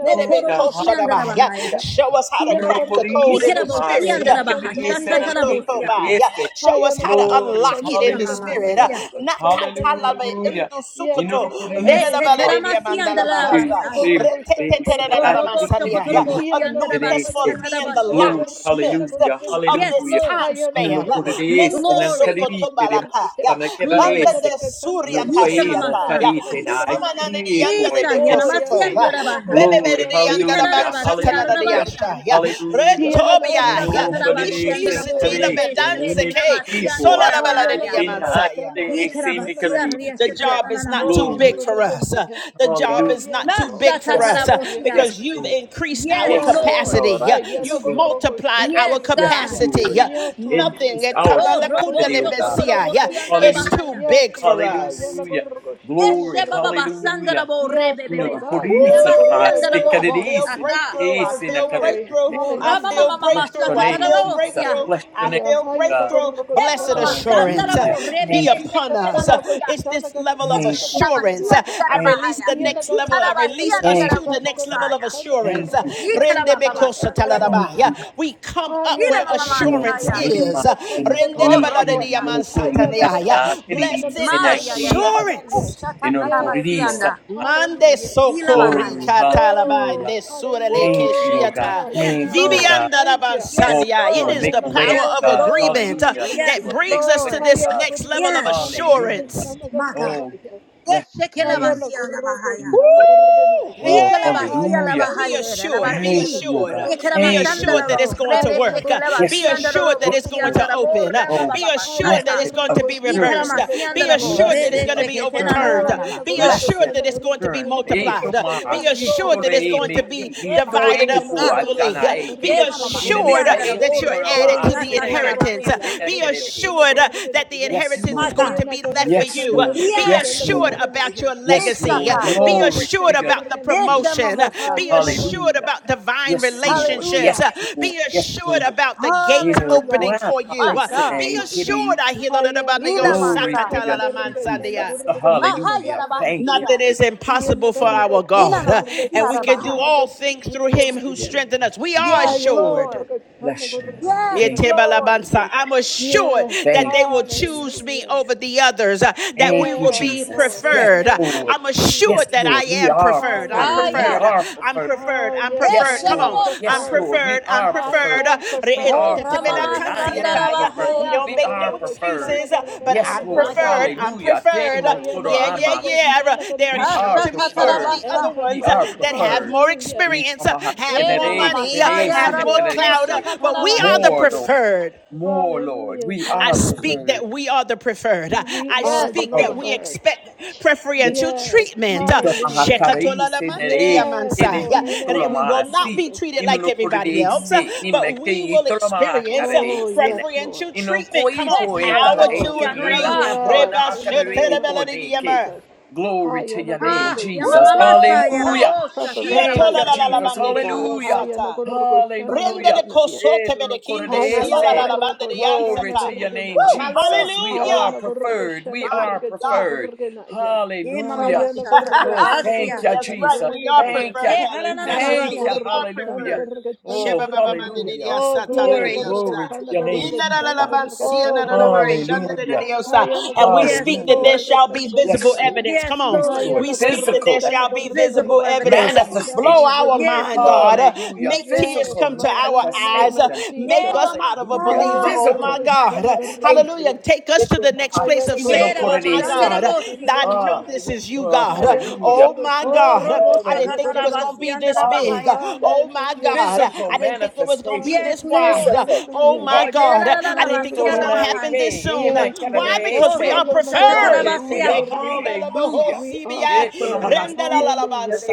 Dokoromosi andarabahaya.
Yeah.
Show us how to crack the code
Inorokorisa
in the
namaha,
Ikerabosi
spirit.
andarabaha.
sinkerere senale
Shatatalabosia.
Mendestotoba.
kerese.
Show us how to
Glory,
unlock it in
Isha
the spirit.
hallelujah,
mamasia.
Nakatalabe
hallelujah.
indusukoto.
Lord, in the
E
name
Inoroporisa
tetelamasi
do
of
andarabasaya.
them what it is that
O
I
Jesus.
robo
speak to you
Oh,
what
yeah.
shokotorobosi
it
Anoint us
andarabashi
is that
Oh,
for being the
tatarabashia.
glory
locksmiths
hallelujah
of
Yes,
this
hallelujah
Lord.
time
no no
span.
por esse não
Glory.
carite de mata na quer
Vanda
Glory.
esse
de
no
suria
Isha
pai mo
mamasa.
kasiaka.
caite na
Samanani
espiri
yanda
poi
de
Isa,
bekosoto.
Yanamasian Yarabahai.
Bebe
glory
bebe yanda da
hallelujah
Itarabasi,
bansatana da di
hallelujah
Arabasa.
asha. ya
hallelujah
No
no
Mosha
Retobia.
no
ya
por
Katarabasi and
Nishki
esse
Rabo,
sitila
carry
Rebe
carite
Shete,
bedanse
me
ke.
caite
Namasian
Sola
poi
la bala de
Yarabahaya.
tem na
yamansaya.
esse me
Ikarabasia,
The
carite
job is not too
Riashakatanamasia.
big
glory
for us. Uh, The job
Hallelujah.
is
yes,
not too
Lord.
big
Lasha
for
Yes,
us uh,
Lord.
Hallelujah.
Tatarabosia.
yes,
because you've
Lord.
increased our
Yes,
Yes,
Yes,
Lord.
Lord.
capacity.
Lord.
Uh,
I
Yes,
You've
Lord.
yanagorgo
multiplied
shanda
our
Yes,
Yes,
God.
gorganaya.
capacity. Uh,
Lord.
Yes, Lord.
Nothing
Increase
eh,
our
I
Oh,
tabala
Robo
capacity,
yanagorgo
kundale
oh God.
shanda
besia, yeah,
Shokotorobosia and
gorganaya.
it's too
Rabahaya.
Hallelujah.
Yes,
big for
Lord. I
us.
Hallelujah.
yanagorgo shanda
Glory.
Eshe Baba
gorganaya.
Hallelujah.
Basandarabo,
Yes,
Rebe
No,
Bebe
no,
Lord. I
Shete,
Purisa
Nabasian
Namaste
Ooh, I
Rabo,
yanagorganaya.
feel
Kadidis in
Shata.
breakthrough. I
Oh,
Ace in a
feel
glory.
breakthrough.
Kadidis.
Oh,
I feel
Hallelujah.
Bless
Rabamamamamasha
your
breakthrough. I
name,
feel
Jesus.
Tatarabosia.
breakthrough.
Bless your
I
name,
Hallelujah.
feel
oh
I
God.
breakthrough.
yanagorgo
Eh,
Blessed
mama
shanda
masanda
assurance
gorganaya.
uh,
rabo
Hallelujah.
be
Thank
rebebe
you,
I
upon
Jesus.
sheketera
us. Uh,
yanagorgo
masia.
It's this level of
Thank
shanda
you,
Eshikera
Jesus.
assurance.
masia
Uh,
gorganaya.
ndiara
I release
bahaya.
Thank you,
the
Yanda
Jesus.
next level.
gorga
Itara
I
chanda
release
masia
us
gorga
Thank
ndiara
to
you,
the
Jesus.
chanda
next level
gorga
of
bohosaya.
chanda
assurance.
thank
Uh,
you,
gorgo
Jesus.
shanda
Ikara
Rende
baba
gorga
bekosa
chanda
masanda
Thank
rabo
gorga
you,
sa.
Jesus.
talarabaya.
naya.
We come up
Ina
where
Hayanda
mama
gorgo
No
assurance
masaya.
shanda
Kahima
is. Uh,
gorga chanda
Rende de
Oh,
gorga
Senekite,
balade
robo
naya.
sa.
diaman
no
Hayanda
Korita,
sataneaya.
gorgo shanda
Teridi,
Blessed
gorga
Ma
chanda
ya ya ya.
gorga
Senekite,
Uf,
naya.
assurance.
shata
in
tara
Yes,
masia
Orkorisa.
Lord.
nda.
Mande
Hallelujah.
Ila
soko
bahaya.
Glory,
rika talaba
Oh,
hallelujah.
nesurele
Thank you, oh
hallelujah.
Woo!
God.
keshiata
Hi,
Yes,
Thank you,
God,
oh
I
Lord.
God.
vibianda
thank you.
Oh,
Yes,
rabansandia.
you
It
will
Oh,
Lord.
is
make
the
a
yanda
way,
power
oh
Yes,
of
gorgo
God.
shanda
Lord.
agreement uh,
Hallelujah.
gorga
Yes,
You
that
will
naya.
make
brings
a
us
way,
to
Lord.
this
oh
Hayanda
God.
next level
gorgo
of
Yes,
shanda gorga
Hallelujah.
assurance.
shanda
my
gorga
God.
Oh,
naya.
bless
Yes,
your
shekela
name.
Hayanda
la
gorgo
bahaya.
Jesus.
shanda gorga
Woo!
naya.
Oh,
Risha la
Hey!
basia,
Haya
la
na
hallelujah.
Be
gorgo
bahayera la Ishalabasi alabahayera
assured,
shana
be
Thank
gorgo
labasi.
you, oh
shana
assured,
God.
Yekera
gorgo
be
na
Thank
ya.
you,
masanda
oh
la
assured that
God.
it's
lo
going to
rebe
Haya na
work. Uh,
shekela
gorgo
Be
basi
Yes,
shana
Lord.
andara
assured
lo
gorgo
that
Yes,
it's
shana
bosia
going
Lord.
da
to
la
gorgo na
open. Uh,
ya.
borra ba andara bo reba
Oh,
Be
baba
Haya
assured
na
that
bashata.
it's
blessed
going to
gorgo
be
assurance.
shana
masia
reversed. Uh,
gorgo
masi
Be
shana
andara bo
gorgo
assured
na
that it's
rebe
Blessed
going
ya.
to be
shekete na na
assurance,
na
Oh
overturned.
na
Uh,
na
ya na
Be
masa.
gorgo
assured
blessed
that
shana
it's
gorgo
going to be
assurance.
na
E
gorgo
multiplied. Uh,
toma
shana
Be
Yes
gorgo
aqui,
Lord.
assured
shana
that
tole
it's
e
gorgo
going to
me
na ya.
be
ki, e
E
to
baba
divided
e
Haya
up
na
po
basa.
gorgo
equally. Uh,
atana
shana
e
Be
ki.
E
gorgo
mama
shana
Ine ne
masi
gorgo
assured
ka
na
andara
e
ya.
that
bo
ti
you're
dona
reba
Oh
added
ma
to
ya
the
na
inheritance
asine
la
kele
gorgo
inheritance.
e
Uh,
basia.
shana
sine
Be
kele
gorgo
e
shana
assured
se.
uh,
gorgo na
that the
ya.
Yes,
inheritance
My
is going
Lord.
Hiya
God.
to
na
be left
gorgo
for
Yes,
shana
you. Uh,
Lord.
gorgo
Be
Yes.
Yes,
shana
assured
Lord.
gorgo na
about
ya.
your
Yes,
yes,
legacy. Uh,
Lord.
Haya
shaka.
na
Be
gorgo
Glory
assured
to
shana
your
about the
gorgo na
yes,
name,
promotion.
Jesus.
Uh,
mamosa.
Be
ya.
assured
Hallelujah.
about divine
Yes, Lord. Yes,
relationships.
Hallelujah.
Uh,
Lord.
Be
Yes,
assured
Lord.
about the gates
Ine no
Hallelujah.
opening
kwa
for
pa
you.
My
e
Uh,
God.
Be
sine
Kurgana, Yeah,
assured,
e
I hear the little
Hayana
bundle go,
Kurgo,
Glory
Inamasa.
to
Tana
your name,
Kurga, Tana
"Sakatalamansandia."
Jesus.
Kurga, Tana
Hallelujah.
Kurgana,
Thank
yeah.
you.
Nothing
Mahayarabasia.
Lord.
is impossible
Iana
for
Mm,
Kurga,
our
Tana
God, Uh,
Kurga,
and we
Yes,
can
Tana
Lord.
do
Yinanasiarabahaya.
all
Kurga, Tana
things through Him
Kurgana,
Yes,
who
yeah.
Lord.
strengthens
Bless
us. We
your
are
name.
Yes,
Hayana
assured.
Lord.
Kurga, Tana
Bless your
Kurga,
name.
Yes,
Tana
Thank,
Kurgana,
Lord.
yeah.
I'm assured
Yeah,
that
thank
they
you,
will
Jesus.
choose me
hallelujah.
over the others, uh, that we
Thank you,
will
Yes,
be
Jesus.
Lord, in
Yes,
the
preferred. Uh,
name of
Lord.
I'm
Yes,
assured
Jesus.
that I
Lord. We
am
are
preferred. I'm
preferred. We
Hallelujah.
preferred.
Aya.
Uh,
are
I'm
preferred.
preferred.
Oh,
I'm
yes,
Yes,
preferred.
Yes,
I
Come
am
on.
Lord.
I'm
Shebosa.
Yes,
preferred.
Lord. We
preferred. I'm
are
I
preferred.
preferred.
am
We
Oh,
are
preferred.
Uh,
Ramama
preferred. I
Hallelujah.
am preferred.
Oh,
we
Sandarabahaya.
don't
We
yana
make
are
no
gurrugo
preferred.
shana
excuses, uh,
gurruga
but
tana
Yes,
I'm
My
Lord.
gurruga
preferred.
God.
nahe.
I'm
Hallelujah.
preferred.
Hi,
Demo todo
yana
Yeah, yeah,
gurrugo
amaki.
yeah. Uh,
shana
They're
We
gurruga
are
counting me over
I
the
preferred.
am
other
Ashakatarabasa.
We
ones uh,
are
preferred.
that have
preferred.
more
Hallelujah.
Ee
experience, uh,
kamaha
have
Eh,
more
Mama
Yes.
tenere
money, uh,
kerere
Masaya
have
sene
more
Hallelujah.
kerere
Raboho
clout, uh,
se.
but we are the
Shakataramasi.
More,
Hallelujah.
Lord.
preferred.
More, Lord.
Hallelujah.
We
I
are
Hallelujah.
speak that
preferred.
we are the preferred. Uh,
We
I
are
Yes,
the
speak that
Lord.
we
preferred.
expect
Yes.
preferential
Yes.
treatment. Uh,
Ito
Hallelujah.
mahakarei senere
Yes,
Shekatolalamandiriyamansai. Uh,
Lord.
keneni
In the
tolo
and We
name of
will not
mahasi
be
Jesus.
treated like
inuno korede
everybody else,
se
uh, but
imeke
we will
itolo
experience uh,
mahakarei
Oh, yes,
sene
Lord.
preferential
ino
treatment.
koi
Come on,
po
Yes,
Yes,
etana
power
Lord.
to
Shalabosi
ete e la
agree.
Andaraba.
po
Yes,
na
in the
akarei
name
po
of
neke
Rebashotelebelelidiyama.
Jesus.
Glory to
Haya
your name,
nagorgo
Ah,
Woo!
shana
Jesus.
Yamama Masaya
garganaya.
Come on.
Hallelujah.
Rabo
Thank
Preferential
you,
Shakatarabasia.
Jesus.
treatment, God.
Hallelujah.
Haya
Shiatolalalalabandiridiosata.
nagorgo shana
Rende de
Hallelujah.
garganaya.
Eh,
kosote
dolo
bedekinde
My
Haya
siya la la
correse.
Lord.
la bande
nagorgo
de
Glory
shana
yansata.
to your name,
Woo!
My
garganaya.
Lord.
Jesus. We
Haya
are
Hallelujah!
nagorgo
preferred. We
shana
are
My
gargatana
God.
preferred.
garganaya.
Yeah, mama
Hallelujah.
Haya
masha
nagorgo
Oh,
shana
thank
tatarabasia.
you,
That's
gargatana
right.
Jesus.
We are
garganaya.
Thank you.
preferred,
Yeah,
Helen. That's right.
Haya
Thank you.
We
harananamasia.
nagorgo
are
shana
Hallelujah.
preferred.
gargatana
Oh,
garganaya.
hallelujah.
Oh,
Hiya
Hey,
glory.
glory to
nagargatana
your name,
gargatana
Jesus.
Oh,
gargatana
glory.
garganaya.
Hallelujah.
Hayana
And we
Yes,
speak
Gorgashana
that there
Hallelujah.
Lord.
shall
Gorgatana
be visible
Yes, Lord.
Gorganaya.
evidence. Come
Yes,
on.
Yes,
Lord.
Lord.
We
Hayana
speak that
Physical
there
Gorgashana
shall be
Gorganaya.
visible
Visible
evidence.
There
evidence.
shall
Blow
be
manifestation.
our
visible
Yes,
mind, God.
Lord.
excellence.
Hallelujah.
Make tears
Yes,
Physical
come to
Lord,
our
in the name
eyes.
of
manifestation.
Make
Yeah,
Jesus.
us
mama
out of a
Hallelujah.
believer.
saya.
Hayana
Oh my
Physical
God.
Gorgashana
God.
manifestation.
Hallelujah.
Gorganaya.
Take us to
Eto
the next place
Hayana
of
mahasine no
Yeah,
saying, Oh my
Gorgashana
korerese.
God,
Gorgatana
rabashandarabosi.
I know
Ah,
this
Gorganaya.
is you,
ah,
God.
Hayana
hallelujah.
Oh my
Gorgashana
Oh,
God, I
robosha
didn't
Gorgatana
think it
Hallelujah.
was going to
katarabasi
Gorganaya.
be this big.
andarabahaya.
Hallelujah.
Oh my
Hallelujah,
God,
Physical
I
Jesus.
didn't think it was going to be
manifestation.
this
Yes,
Hallelujah,
wide.
Lord.
Physical.
Oh
hallelujah,
my
Yeah,
God,
Hallelujah.
I didn't think it
tadadadadadabasia
was
hallelujah,
going to happen
labahaya.
this soon.
Yes,
Why?
Lord.
Because
Oh,
we are
robosha
preferred.
tatarabasia.
Hayanagoragoshanagoraganaya.
Hallelujah.
We are preferred. Hallelujah.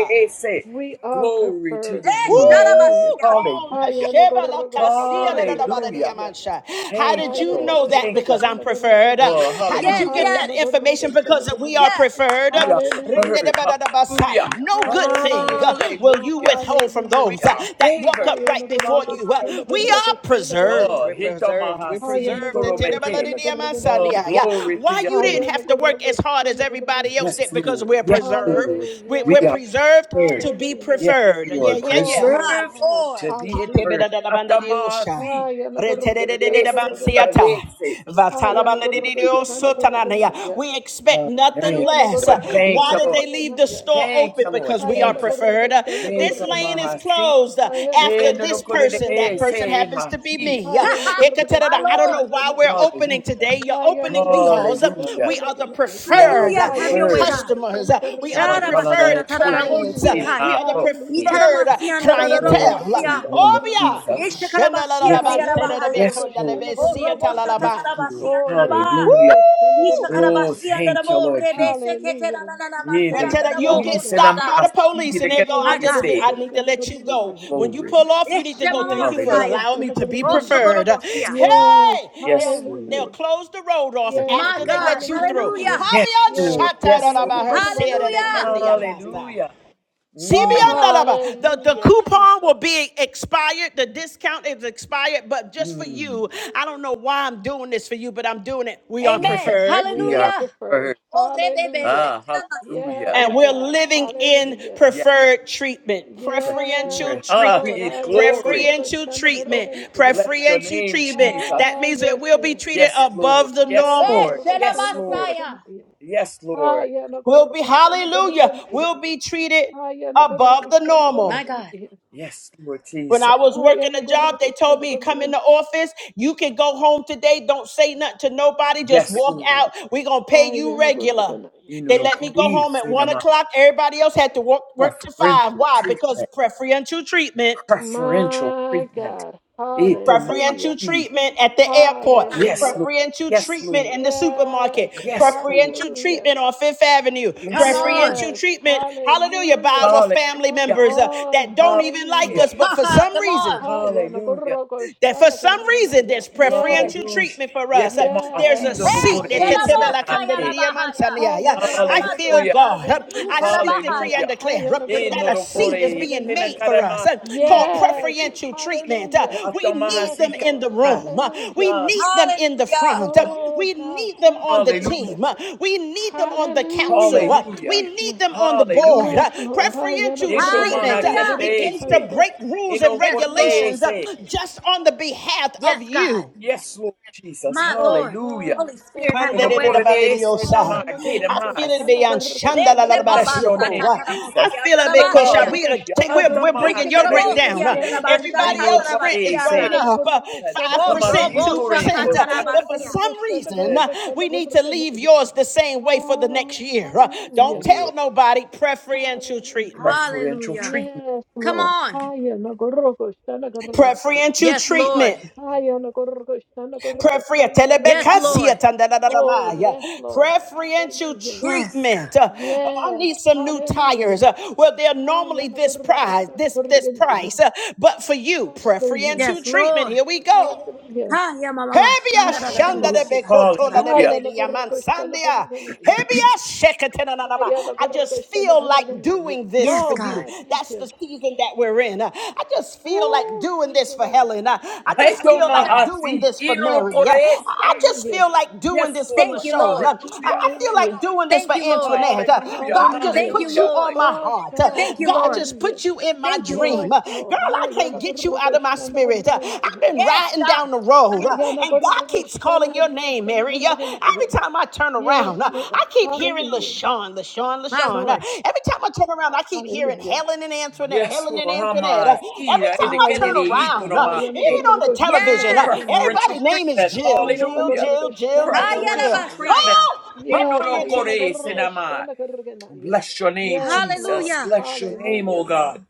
We are
Glory to
preferred.
your
Eh,
Woo!
name.
Hallelujah.
sharabasia.
Come
Hallelujah.
on,
Hallelujah.
Sheba la Casilla da da da ba da dia
Hallelujah.
Hallelujah.
mancha. How
Thank
did
you,
you
Lord.
know that?
Thank you.
Because I'm preferred.
Oh,
How did
Yes,
you
yes,
hallelujah.
get that
yes.
information? Because we are
Hallelujah.
Yes.
preferred.
We are
Rinde de
preferred.
ba da da ba sa.
Hallelujah.
No good thing uh, will you
Hallelujah.
withhold from those
We
Hallelujah.
those uh,
are
that walk
favored.
up right before you. Uh, we
Hallelujah.
are preserved.
Oh,
We're
Hayanagoragoshanagoraganaya.
preserved. We're
hitamahasi
preserved. The
tolomeke.
tenability of my son,
Oh,
Hayanagoragoshanagoraganaya.
yeah, yeah.
glory to
Why
your
you didn't
name,
have to
Jesus.
work as hard as everybody
Hayanagoragoshanagoraganaya.
else
Yes,
did? Because
Lord.
we're
Yes,
preserved.
Lord.
We're,
We
Hallelujah.
we're
are
preserved
preferred.
to be
Hallelujah.
Yes,
preferred. Yeah,
Lord.
yeah, yeah.
Oh
My
Preserved
God.
Lord.
to be
Hallelujah.
preferred.
Ketebedadadabandadiosha.
Atamahasi.
Haya nagorgoshana
inunukurese
Retedededededabansiata.
gorgonaya.
nakarese.
Haya
Glory to your
nagorgoshana
name. Jesus.
Vatalabandadidiosotananaya.
gorgonaya.
We expect
Oh,
nothing
thank
Haya
you,
less.
Lord. Thank
Why
nagorgoshana
you,
did
Lord.
they leave the
gorgonaya.
store
Thank
open?
you, Lord.
Because we
Haya
are
Thank you.
preferred.
nagorgoshana
Make
This
a
lane is
gorgonaya. Haya
mahasi.
closed after
En lo
this
corre
person. That person
say
Hayanagorgoshanagorganaya. Hayanagorgoshanagorganaya.
en
happens to be
haki.
Haya
me. Yeah. Hekaterada.
My
I don't know
Lord.
why we're
Hayanagorgoshanagorganaya.
opening
Hallelujah.
today.
Hayanagorgoshanagorganaya. Haya
You're opening
Jesus.
because uh,
Hallelujah.
we are the
We are
preferred
Hayanagorgoshanagorganaya.
uh,
Hallelujah. Have your way,
preferred.
God.
customers. Uh, We are the
Hayanagorgoshanagorganaya.
Matalala
Yarabashata
preferred
tadadabo
e
clients. Uh,
Hallelujah.
sin
shikai.
We are the
apo.
Hallelujah.
preferred uh,
Itaramasianda
Haya
Glory
clientele.
to
dadadabosia.
your name,
Obia.
Hayanagorgoshanagorganaya.
Jesus.
Yeshakarabasianda
Yes,
Haya na
yarabahaya.
yes,
gorgo shana
Lord.
Oh, robo
gorgonaya.
shata
Yes,
Shendalalalabanserebekondelebesiatalalaba.
Lord.
Oh,
tadabasianda
yana
rabai.
Hallelujah.
gorgo shana
Woo!
Oh,
gorgonaya.
Ishakarabasianda
thank you,
rabo
Lord
rebe
Jesus.
shekete na
Hallelujah.
na na na
En
They
lo
Ah,
tell
masianda
that you'll
rabo
yes,
get
God.
stopped by
hoshata.
the police and they
corre
go, I
Haya
My
se
na
just,
God.
Say
gorgo
I need to
shana
let you go.
gorgonaya.
When you
Glory.
pull off, you need to
Yeshe
go.
Haya
Thank
na
you for
Hallelujah.
gorgo
masaya.
allowing me
shana
to be
Oh,
gorgonaya.
preferred.
shokorobosia.
Yes,
Hey,
Yes,
they'll, they'll
hallelujah.
Lord.
close the road off
Yes,
Yes,
My
after they
Lord.
God.
let you through.
hallelujah.
Hallelujah.
Yes,
Pabian
Yes,
Lord. Yes,
shatarada
haya
ba
na
Lord.
her sere
gorgo shana
Hallelujah.
kendi
gorgonaya.
abasta.
Hallelujah.
Oh
Mm,
CBN,
God.
the, the
Hallelujah,
coupon will
Jesus.
be expired. The discount is expired, but just for
mm.
you, I don't know why I'm doing this for you, but I'm doing it. We are
Yes,
Amen.
preferred.
We
we
are
are
Hallelujah.
preferred.
preferred.
Oh rebebe
Hallelujah.
Ah,
shekelamasi.
hallelujah.
Yes,
And we're
God.
living in
Hallelujah.
Yes,
preferred treatment, preferential
preferred.
Yes,
Ah,
Lord.
treatment,
in
Ah, yana
glory.
gorgo
preferential
shana
Oh,
treatment,
gorgana. Yeah.
Bless your
preferential
name,
treatment.
Jesus.
That
Ah,
means that
yes,
we'll be
yeah.
treated
Yes, Lord.
above the
Ah,
Yes,
yana
Eh,
Lord.
normal.
gorgo
Yes,
shana
Lord.
gorgana.
Shelabasaya.
Yeah.
Yes,
Ah,
Lord.
yana
We'll be,
gorgo shana
hallelujah,
gorgana. Yeah.
we'll be treated
Ah, yana gorgo
above the
shana
normal.
My
gorgana.
God.
Yeah.
Yes, Lord
When I
Jesus.
was
Ah,
working
yana
a job,
gorgo
they told
shana
me, come in
gorgana.
the office. You can go home today. Don't say nothing to nobody. Just
Yes,
walk out.
Lord.
we going to pay
Ah,
you
yana
regular.
gorgana. Yeah.
You know,
They
no,
let me go
we
home at one
in my
o'clock. Everybody else had to work, work to five.
preferential
Why?
treatment.
Because preferential treatment.
preferential
My
treatment.
God. Hallelujah.
Preferential
Itomasi.
treatment at the airport,
Yes, Lord.
Hallelujah.
preferential
Yes,
treatment
Lord.
in the
Yes.
supermarket,
Yes, Lord.
preferential
Hallelujah.
treatment on Fifth Avenue,
Come
Yes, Lord.
on.
preferential
Yes,
treatment, hallelujah, by our
hallelujah.
family
Come
Hallelujah.
members uh,
on,
that don't even
Hallelujah.
like
hallelujah.
us, but
Ha
for
ha.
some
Come
reason
on.
Haya no
Hallelujah.
gorro go
That for
shana
some
gorgena
reason
ya.
there's
Yes,
preferential
Hallelujah.
treatment for us. Uh, There's a
Yetomasi
yes,
do
Eh,
seat that
kore
hallelujah.
Shelabosaya
senate.
Rabahaya.
Yeah.
Haya no
I
gorro go
feel
Hallelujah.
Shamamasata.
shana
God. Uh, I
gorgena ya.
speak, decree,
Yitarabahaya.
and
Hallelujah.
declare
Haya
uh,
no gorro
that
Eno
go
A
a
do
seat
shana
seat.
is
kore
being
gorgena
made
ya.
for us
senakarama
uh,
tino
called
Yes,
kore.
preferential treatment. Uh,
hallelujah.
We need
Yes,
them
Atomasi
in the
Lord,
the
karama.
room. We
hallelujah.
Ah,
need them in the
Hallelujah.
front.
ah,
Oh
We
God,
need them
thank you,
on the
Jesus.
Hallelujah.
team. We need them on the council.
Hallelujah.
We
Hallelujah.
Thank you.
need them on the board.
Hallelujah.
Yes, Lord.
Preferential treatment
Hallelujah.
begins to
Itomahakerese.
Ayanagorogoshanagorogotanagor-
break rules and
Yes, Lord.
regulations
Inokorese.
just on the behalf of
Yes, God.
you.
Yes, Lord Jesus.
My
Oh,
Lord.
Hallelujah.
God.
Holy Spirit,
Thank you,
have your
Lord.
way.
Inokorese
Pandedededabandediosa. I feel it
namakeremasi.
beyond
Eh,
Bless your name,
Ayanagorogoshanagorogotanagoroganaya.
shebabasata
Shandalalabasioko. I
Jesus.
feel it because
taramosia.
we are
Hallelujah.
ta- we're, we're bringing your rent
Ishikarabosi
down. Uh,
Hatamakerese.
andarabasha
Everybody
Ayanagorogoshanagorogotanagorogashanagoroganaya.
else rent is going
tatarabasiara.
Inokorese.
up uh, five
Oh,
percent,
robo
two
Ayanagorogoshanagoroganaya.
percent.
Hamavitorepota.
But for
shakatarabasia.
some reason,
Eh,
uh, we need to leave
Ayanagorogoshanagorogotanagoroganaya.
yours the same way for the next
Ah,
year. Uh, Don't
hallelujah.
Lord,
tell nobody preferential
Hallelujah.
treatment.
preferential
Hallelujah.
treatment.
Yes,
Come
Lord.
on.
Ayanagorogoshanagoroganaya.
Preferential
Yes, Lord.
treatment.
Ayana koroko, shana
Prayer
koroko,
free
shana
Yes,
koroko.
telebekasia
Lord.
Oh,
tandadadadamaya.
yes, Lord.
preferential
Hallelujah.
Yes,
treatment.
God.
Uh, I
Yes.
need some new tires.
Hallelujah.
Uh, well, they're normally
Hallelujah.
this price, this this price, Uh, but for you,
Hallelujah.
preferential
Yes,
treatment.
Lord.
Here we go.
Hallelujah.
Ha, ya mama ma
Hebia shanda de
Hallelujah.
shandarabasi
bekotola de
Hallelujah.
atatarabasi.
bede de
Ayana
yaman
koroko, shana
sandia.
koroko.
Hebia sheketena na na ma.
Ayana
I
koroko,
just
shana
feel like
koroko.
doing this
Yes,
for
Oh,
you.
God.
God, thank
That's the
you.
season that we're in. Uh, I just feel like
Oh,
doing
thank
this
you,
for
Lord.
Helen. Uh, I just feel like
Hallelujah.
doing
Etomahasi.
this for Mary. Yeah.
Inokorese.
I I just
Hallelujah.
feel like doing
Yes,
this for
Thank
Lord.
you,
LaShawn. Uh,
Lord.
Hallelujah.
I I feel
Hallelujah.
like doing this for
Thank you, Lord.
Antoinette. Uh,
Hallelujah,
God just
Hallelujah.
Thank you,
put you
hallelujah.
on
Lord.
my
Oh,
heart. Uh,
God.
Thank you,
God
Lord.
just
Hallelujah.
put you in my
Thank you,
dream.
Lord.
Yes,
Uh,
Lord.
Girl, I can't get you out of my spirit. Uh, I've
Ha-ya-na-gurru-gu-sha-na-gurru-gu-na-ya.
been
Yes,
riding
ah,
down the road uh, and God keeps calling your name, Mary. Uh,
Ha-ya-na-gurru-gu-sha-na-gurru-gu-na-ya.
Every time I turn
Yes,
around, uh,
Lord.
I keep hearing
Hallelujah.
LaShawn, LaShawn,
my
LaShawn. Uh,
Lord.
Every time I turn around, I keep hearing
Hallelujah.
Helen and Antoinette,
Yes,
Helen and
Lord,
Antoinette.
Hamas,
Uh, Every
Ida,
time
Ah,
I turn
yes,
Kennedy,
Lord.
around, uh,
Itonomai,
even on the television, uh,
Yes.
Ha-ya-na-gurru-gu-sha-na-gurru-gu-na-ya.
preferential
everybody's name is
treatment,
Jill, Jill,
hallelujah.
Jill, Jill,
Ha,
Jill,
ya
Jill.
Preferential
Ha-ya-na-gurru-gu-sha-na-gurru-gu-na-ya.
treatment.
rabasaya.
Oh,
Yes,
preferential
Inorokore
treatment,
senama.
ha-ya-na-gurru-gu-sha-na-gurru-gu-na-ya.
Bless your name,
Yes, Lord.
Jesus.
Hallelujah.
Bless your name, oh
Hallelujah.
God.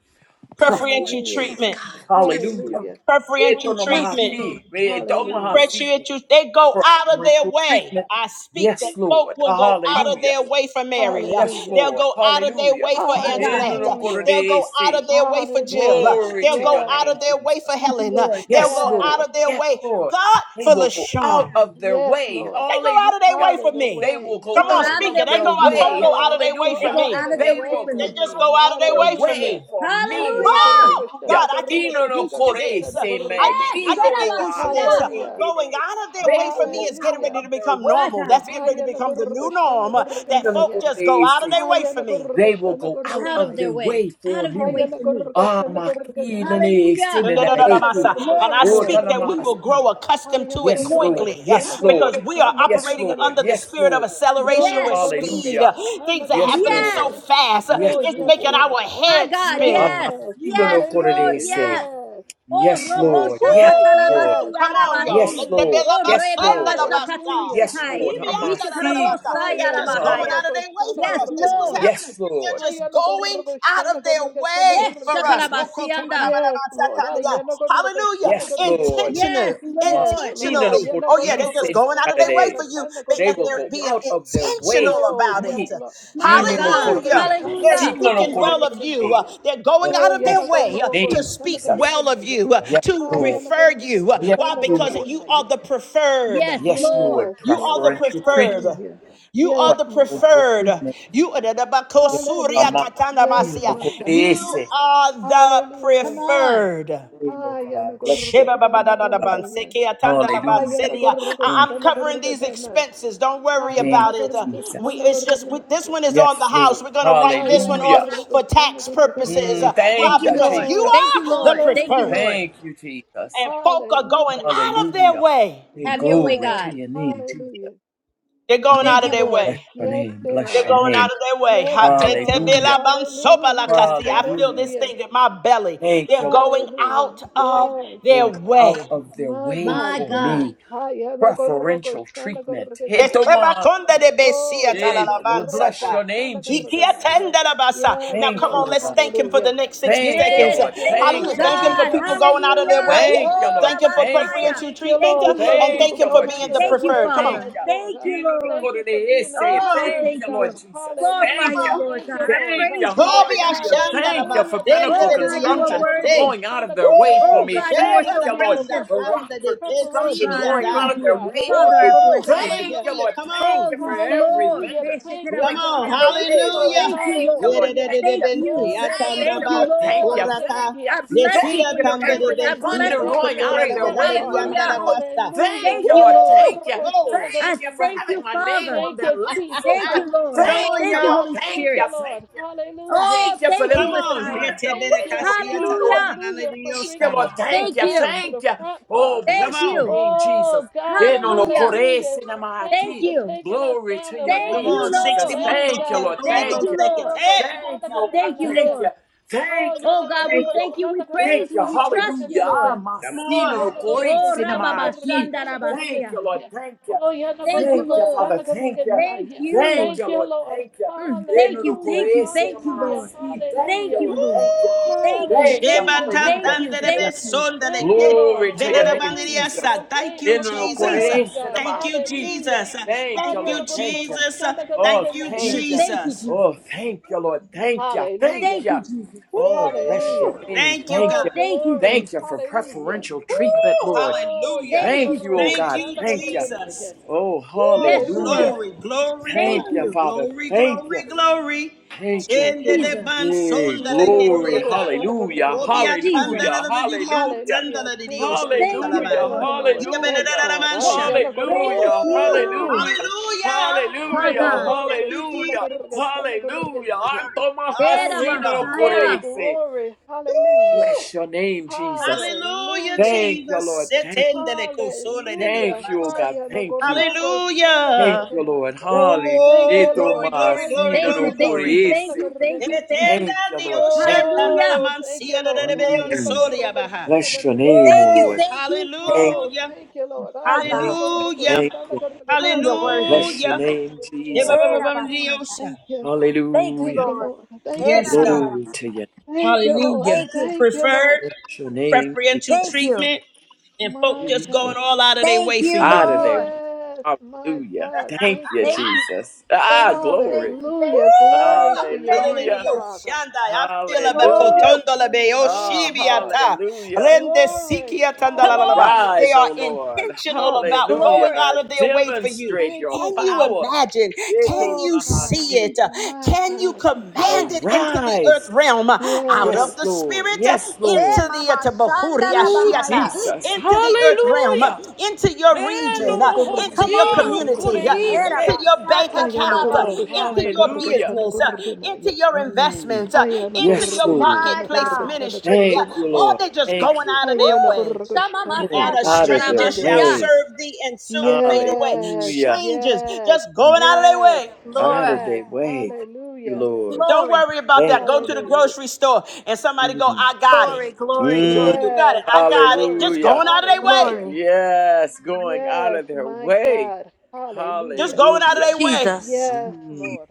preferential
Preferential
Hallelujah.
Yes,
treatment,
God.
treatment,
Bless you,
hallelujah.
Hallelujah.
Lord.
preferential
Bless
treatment.
you, Lord.
Etonomahaki,
Hallelujah.
etomahasi.
Appreciate you. They go out of their
Preferential
way.
treatment.
I speak that
Yes,
folk
Lord,
will go out of
hallelujah.
their way for Mary. Uh,
Yes,
Hallelujah.
they'll
Lord,
go out of their
hallelujah.
way for
My God.
Antoinette. Uh,
Hallelujah.
they'll
Inonokore
go out
se.
of their way for Jill. Uh,
Hallelujah.
Glory
they'll
to
go
your
out
Yes,
of
name,
their
Jesus.
way for
Thank you,
Helen. Uh,
Lord.
they'll
Yes,
go
yes,
out
Lord.
of their
Yes,
way,
Lord.
God,
They
for
will go out
LaShawn.
of their
yes,
way.
Lord.
They go
Hallelujah.
out of their
Out
way for
of the
me.
They will
way.
They
go
Come
go
on,
out
out
Hallelujah.
of
speak it.
of
their
They
way
their
go
for
out,
me.
folk
Out
way.
go out
of
of their
they
way
go
They
for
Hallelujah.
go
out of
me.
out of
their
their
They
way
will
way
for
They
me.
for
go
just
me.
out
go
of
out of their
their
way for
Hallelujah.
way
me.
for me.
Hallelujah.
Oh
Hallelujah.
Hallelujah.
God, I can get
Ino no
used to
kore
this.
se
I
me,
get I
Yes,
kilo
can
no
get used
wa
to this.
Sherabasia.
poe
Hallelujah.
te
Going
ne.
out of their
They
way for
will
me
go
is getting
Hallelujah.
ready
out
to
of their
become
My
way
normal.
for
God.
That's getting
me.
ready to become the new
Papa,
norm
my,
uh, that
ino no
folk
kore
just go
de
out of
se.
their way for me.
They will go out
Out of
of
their
their
Hallelujah.
way.
way
Out
for
of their
me.
way for me.
Ah,
Hallelujah.
makilene
Hallelujah.
And
sinada eke.
I
Glory,
Oh,
Lord.
speak that we will grow
talamahasi.
accustomed to it
Yes,
Glory.
Lord.
quickly uh,
Yes, Lord.
because we are
Yes,
operating
Lord.
under the
Ayanagargasanagorganaya.
Yes,
spirit of
Lord.
Oh,
acceleration
Yes.
with speed.
Hallelujah.
Uh, Things are
Yes,
happening so
Yes.
Lord.
Yanagargasanagarganaya.
fast, uh,
Yes,
Oh,
it's
yes,
making
Lord.
Lord.
our
My
head
God,
spin.
yes,
Amakino
Yes.
no
yes, Lord,
Hallelujah.
Amakilonokorodese.
yes.
Yes.
Oh,
Yes,
Robo
My
Lord. Yes,
God.
Lord.
Woo!
Shakatalabasi
Yes.
Come on, y'all.
Yes,
Arabasi.
Let the
Hallelujah.
Lord.
bell
Oh,
about
Yes,
thunder
Reme
the
Lord.
basta.
Shakati
Hallelujah.
Yes,
Ishikai.
He
Lord.
be
Hallelujah.
under the the
Hamasi.
basta.
ishakarabosai,
They just
God.
going
Sayarabahaya.
out of their way for
Yes,
us. That's what's
Lord.
Ayanagargasanagarganaya.
happening.
Yes,
They're
Lord.
just going out of their way
Yes,
for us.
Ayanagargasanagarganaya.
Okoto bala
Shakarabasianda.
bala
Yes,
basta
Lord.
tanda Hallelujah.
Yes,
Ayanagargasanagarganaya.
Lord.
Yes,
Intentional
Yes,
Lord.
Lord.
Masina
Ah,
no
intentionally.
ya no,
Oh yeah, they
gorro,
just
koriise
going out of
koshana,
their way
gorro,
makarere.
for you,
koshana,
They-
gorro,
They
and
will
they're
go
genaya.
being
out of their way
intentional
to
Oh,
about
yes,
it.
me.
Lord. Ah,
My
ya
Inu
no,
no
gorro,
God.
kore,
Hallelujah.
koshana,
They're
gorro,
Hallelujah.
masina no
speaking
koshana,
well
gorro,
of you.
koriise.
Uh,
genaya.
They're going out
Oh,
of
ya
their
no,
Bless your
way uh,
gorro,
to
name,
koshana,
speak
gorro,
Jesus.
well of
genaya.
you, uh,
Yes,
to
Ah, ya
Lord.
no,
refer
gorro,
you. Uh,
Yes,
Why?
koshana,
Because
gorro,
Lord.
you are
genaya.
the preferred.
Yes,
Yes,
Lord.
Lord.
Yes,
You are the
Lord.
Preferential
preferred.
treatment.
Hallelujah.
You are
Yes,
the
my God.
Preferential
preferred.
treatment.
You are the
Yes, Ama.
Hallelujah.
Katana
Yes,
Inu no
Masia.
my God.
You
koriise.
are the
Come
Hallelujah.
on.
preferred.
Amen,
Ah, ya no,
God.
gorro,
Bless your name,
koshana, gorro,
God.
genaya. Ah, ya no,
Hallelujah.
gorro,
I-
Thank,
am
koshana,
covering
gorro,
these expenses. Don't worry
thank you,
about it. Uh,
Jesus.
we it's just we, this
Hayanagargashanagaraganaya.
one is on
Yes,
the
Lord.
house. We're gonna write this one
Hallelujah.
off for tax purposes.
Hayanagargashanagaraganaya.
Uh,
Mm,
why?
Thank
thank
you,
you,
Because
Lord.
you
Yes,
Jesus.
Thank you,
are the
Lord. Thank you,
preferred,
hallelujah,
Lord.
Thank you, Jesus.
and folk are going
hallelujah,
out of their
Hallelujah.
way.
Hey,
Have your way,
glory
yes,
to
God.
your name, Jesus.
hallelujah,
They're going
Mm,
out
Thank
of
you,
their
hallelujah.
Lord.
Bless
way.
your
Yes,
name.
they
Bless
They're
are.
your
going out
name.
of their way.
Yes,
Ha- te-
they
te-
are.
be la
Hallelujah.
ban- so ba la
Hallelujah,
kasi. I feel
Hallelujah.
this
hallelujah,
thing in my belly.
Thank
They're
you, Lord,
going
hallelujah.
out
that
of
Yes,
you're
their
going out
way.
of their
my
way
God,
My
for
God.
yes.
me. Preferential treatment. Hey,
Hayanakorokoshanagorokenaya.
Tomar.
Etebakonde de
Oh,
besia
yeah,
Hey, bless
Nagoroko
talalabansata.
your name,
Ikia
Jesus.
Shanagaraganaya. Yes,
Now,
Thank
come
you,
on,
Lord,
let's
Lord.
thank him for
hallelujah.
the next 60
Thank you,
Yes,
seconds.
Thank
Lord.
you,
thank
Thank
Lord.
you,
Hallelujah.
you,
Thank him for
God.
people
Jesus.
going out of
Hallelujah.
their
Hallelujah.
way.
Thank you,
Oh,
Lord.
Thank him for
Thank
Hallelujah.
you.
Rabasaya.
preferential
Thank you,
treatment.
Thank
uh,
Lord,
you,
for
And
Lord.
thank
people
Thank
him
you,
for
going
Lord
out
being the
of their
Jesus.
Thank you,
way
preferred. Come on.
for
Thank
us,
Father.
Lord.
Thank
Uh,
you,
you.
Lord.
thank you for being a
Inurukurudeyese.
Come
Oh, I
on.
Thank
preferred
thank
you,
you.
God.
Lord
Lord.
Jesus.
Come
Glorify
Thank
Hallelujah.
you.
you,
on.
Lord
Thank
God.
you,
I
Lord.
Thank
Uh,
you.
praise you,
Glory
Lord God.
Hallelujah.
ashanda la
Thank you for
hallelujah. Thank
bastende
Pinnacle
Oh,
you.
de de
God, you are
dianta
Construction
worthy.
se.
going out of their way for
Oh,
Woo!
me.
Hayabagorugoshanagoruganaya.
God, you are
Thank
Sheba
Thank
so
da
you,
you
Lord,
for
kanda
gracious.
for
preparation,
kanda de
Rockford
Oh,
Construction
preparational
God, I
going
kesibiata.
out
thank
of
treatment,
their
you.
God.
way for
Father, I
me.
Woo!
bless you.
Hayabagoruganaya.
Thank you,
Hallelujah.
Lord.
Come
Thank
Oh,
on.
you for
yes,
every
Lord.
Hallelujah.
vendor
Thank you,
Come
going out
on,
God.
of their
Thank you,
way, Lord.
Lord.
hallelujah.
Thank you,
Thank you,
Lord.
Lord.
Hallelujah.
Thank you.
Thank
Yeredededebente,
Oh,
you.
yeah.
Thank you,
Thank you,
Lord.
yatandabasi,
Thank
Lord.
you.
korata,
Thank you.
I bless you
Thank
Thank
nesia
you
for
you
for
your
for
mercy.
taking
every
us
I
from the
tandarebente,
bless
thunder
you
back
for
going
your
to the
out
rokotola
of
grace.
their
front,
way for
Father.
me,
Hallelujah.
Lord.
labenalediandarabasa.
Hallelujah.
Thank
Thank
you,
you,
Lord.
Lord.
Woo!
Thank you.
Glory.
I
Thank you for
thank you,
having my name
Father.
on
Thank
their
you,
lips, oh
Jesus.
Thank
God.
you, Lord.
Come
Thank
on,
Oh,
you,
Thank you,
Lord.
y'all.
God.
Holy
Thank
Thank
you.
you,
Spirit.
Thank
Lord.
you.
Hallelujah.
Oh,
Thank you for
thank
them
you,
Come
going
Oh,
on.
God.
Messiah.
out of their
Thank
way
you.
for
Yetebedekashia
me, Lord.
Hallelujah.
Hallelujah for
Thank you,
bringing
Lord.
us
tanadadadadadiyosaya.
from the
Thank
Thank
you.
back
you.
to the
Thank you.
front,
Oh,
Father.
Come
Thank
bless your
on.
you.
name, Jesus.
Oh, God.
Hallelujah.
Hallelujah. Thank you
Thank
for
you.
taking us
Glory
down
to
the
your
Thank
more
Come
name,
than
you,
on.
enough
60
Jesus.
Lord.
more
lane,
Thank you,
seconds.
God.
Lord.
Holy
Thank
Hiya
Ghost
Thank you.
you,
seconds.
Lord.
nagoroko
Hey!
Thank
shanda
you, oh God.
Thank you,
goroganaya.
Thank
Lord.
you.
Oh,
Thank you,
yeah,
Oh,
Lord.
God, we
Thank you.
thank you. We
shanda
Thank
praise you.
you.
We
gorogatanda
trust you,
Hallelujah. Ah,
Lord.
goroganaya.
Come
Oh,
on.
yeah,
Masino glory
Oh,
shanda
cinema aquí.
gorogatanda
Thank
Rababashandarabasia.
you, Lord.
goroganaya.
Thank you.
Oh, yeah,
Thank you,
Thank you,
Lord.
Father.
shanda
Thank you.
Thank
goroganaya.
Thank
you.
Thank
you,
you,
Lord.
Lord.
Thank you.
Mm, thank
Eno no
you,
Hallelujah,
thank
kore
you, thank you,
cinema
hallelujah,
Lord.
asi. Thank
Thank
you,
hallelujah.
you,
Lord.
Lord.
Thank you.
Woo!
Thank you,
Thank you.
thank you,
Hallelujah.
thank
Hallelujah.
you,
Thank
thank
you.
Hallelujah.
you.
Thank you,
Shebatatandelebesundeleke.
Lord.
Glory to your
Woo!
name,
Hallelujah
Jesus.
for them
Venerabandiriasa. Thank
paying
you,
In
off
no
our
Thank
Jesus.
corere
bills,
you.
essere
God.
Thank you,
mahaki.
Hallelujah.
Jesus.
Thank
Thank
you,
you,
Lord. Thank you.
Jesus.
Oh,
Thank you,
Hallelujah.
Mm,
thank you.
Thank you,
Jesus.
Jesus.
Oh, thank you, Lord. Thank you. Thank
Thank
you.
you, Jesus.
Oh, bless your
Hallelujah.
Woo!
name.
Thank you,
Thank
God.
Oh,
you.
Thank you,
glory.
Thank
Jesus.
you for
Hallelujah.
preferential treatment,
Woo!
Lord.
Oh,
Hallelujah.
Thank you,
Thank you, oh
Jesus.
Thank
God.
you,
Thank you.
Jesus.
Oh,
Woo!
Yeshua.
hallelujah.
hallelujah.
Glory, glory,
Thank
Thank you,
glory,
you,
Father.
glory,
Thank you.
glory, glory.
I
Thank you.
thank you,
Chendele
Jesus.
ban
Yay,
sonda le
glory,
ketiata.
hallelujah,
Lord.
Obia
Jesus.
tandala
hallelujah,
la didian
hallelujah,
Hallelujah.
tandala di
Thank you
Dios
that
tu
it's
Thank
like a
you,
catalaba.
hallelujah,
Lord.
domino
Ida
effect,
hallelujah,
benedala la
God. Ah,
mancha.
yanagorogo,
Thank
hallelujah,
Woo!
you,
hallelujah.
shanagorogenaya.
Hallelujah!
Ah,
my
Hallelujah,
God.
Oh, thank
yanagorogo,
you,
hallelujah,
Jesus.
hallelujah.
My
shanagorogetanagoregenaya.
Antoma
God,
Ah,
Era
my
yeah.
hasino
God.
yo
Oh,
Messiah.
korerese.
glory. Hallelujah.
Woo!
Bless your name, Jesus.
Hallelujah,
Hallelujah.
Thank you, Lord.
Jesus.
Thank you.
Setendele kosole de di la
Thank
Hallelujah.
you, oh
Ah,
mancha.
God. Thank you.
yanagorogo,
Thank
Hallelujah.
you, Lord.
shanagorogenaya.
Hallelujah.
Thank
Oh,
you,
Thank you,
Lord.
glory, glory,
Ah,
glory,
Thank you,
glory,
Lord.
yanagorogo,
thank you,
glory.
thank you, thank you,
shanagorogenaya.
thank you.
Thank you, Lord.
Hallelujah.
Oh, thank you, Lord. Ah,
Mm.
yanagorogo,
Bless your name, O
Thank
shanagorogenaya.
you,
Woo,
Lord.
thank you, thank
Thank
you,
Oh,
thank
hallelujah,
you.
thank you, Lord. Ah,
My
you,
yana
God.
thank you,
kororoko,
hallelujah,
thank
shana
you.
kororoko,
Mm,
chana
you're worthy.
kororoko.
Bless your
hallelujah.
Yes.
name, Jesus.
Eh,
Oh,
da, ba, sa,
God,
da.
thank you.
Thank you,
Thank
Hallelujah.
you,
Lord.
Lord.
Eh,
Thank
la,
you,
Yes,
la, la,
Jesus.
God,
la, la.
Glory to you.
Thank you, Lord.
hallelujah.
Thank you.
Thank you,
Preferred,
Lord.
Bless your name,
preferential
Thank
Jesus.
you.
treatment, and folk
My
Thank
just
God.
going
you.
all out of their
Thank
way for
you,
Out
you.
of there.
Lord.
Yes, my
Hallelujah.
God. Thank
Thank you,
you.
Thank you.
Jesus.
Thank
Ah,
you. Thank
glory.
you.
Woo!
Thank
Hallelujah.
you. Thank
Glory
you.
to
I
your
feel
Thank
it
name,
in
you.
the
Hallelujah.
Father.
Oshanda. I feel it
Hallelujah.
Glory
Woo!
Bekotondo
to
lebe
your
Ah,
name, Father.
Yoshibiata.
hallelujah.
Rende
Glory.
Sikiatanda la
Come
la la ba.
on.
Hallelujah.
They
Arise, O
are
Lord.
intentional
Thank you,
about
God.
going
Glory.
out
Hallelujah.
of their way for you.
Demonstrate
Thank
your
you,
Can you
God.
power.
imagine? Can
Yeton
Oh,
you
God.
see
mahasi.
it?
My
Can you
God.
command
Yes.
it into the earth
Arise.
realm? I
Yes.
of
Yes,
the
Lord.
spirit uh,
Yes,
into
Eh,
Lord.
the uh,
mama, shanda, da,
Ooh,
bahaya.
Jesus.
into the earth realm, uh,
Hallelujah.
into your
Neno
region, uh, into
Come
your
on.
mohosino
community, uh,
Eh,
Yanagorgoshanagorganaya.
da, ba,
into
koreise.
your
sa,
bank
ta, ta, da,
account, uh,
ba,
Oh,
sia.
into your
hallelujah.
business, uh, into
Hayanagorgoshanagorgatanagorganaya.
your
Mm.
investments, uh, into
Yes,
your
Lord.
My
marketplace
God.
ministry.
Thank
uh,
you,
Hayanagorgoshanagorgatanagorganaya.
Or
Lord.
they just
Thank
going
you.
out of their
Woo!
way
Shama, ma,
for
sa,
Going
and a
ta,
out
ta,
of
da,
their
stranger
ba,
shall
sia.
Hayanagorgoshanagorgatanagorganaya.
way.
serve thee and soon fade away.
Yes,
Hallelujah.
Strangers
yes,
just
Mm.
going out of their
yes,
way.
out
Lord.
of
yes.
their way. Thank you,
Hallelujah.
Lord.
Don't
Glory,
worry about
Thank
that. Go
you,
to the
Hallelujah.
Lord.
grocery store and somebody go,
Mm.
I got it.
glory, glory,
What you
Mm,
mean
glory,
you got it?
Yes.
I got it. Just
Glory.
hallelujah.
going out of their way.
Hallelujah.
glory.
Yes, going out
Yes,
of their
my
way.
God.
Just
Hallelujah.
going out of
Hallelujah.
their way.
Jesus,
Yes,
Mm.
Lord.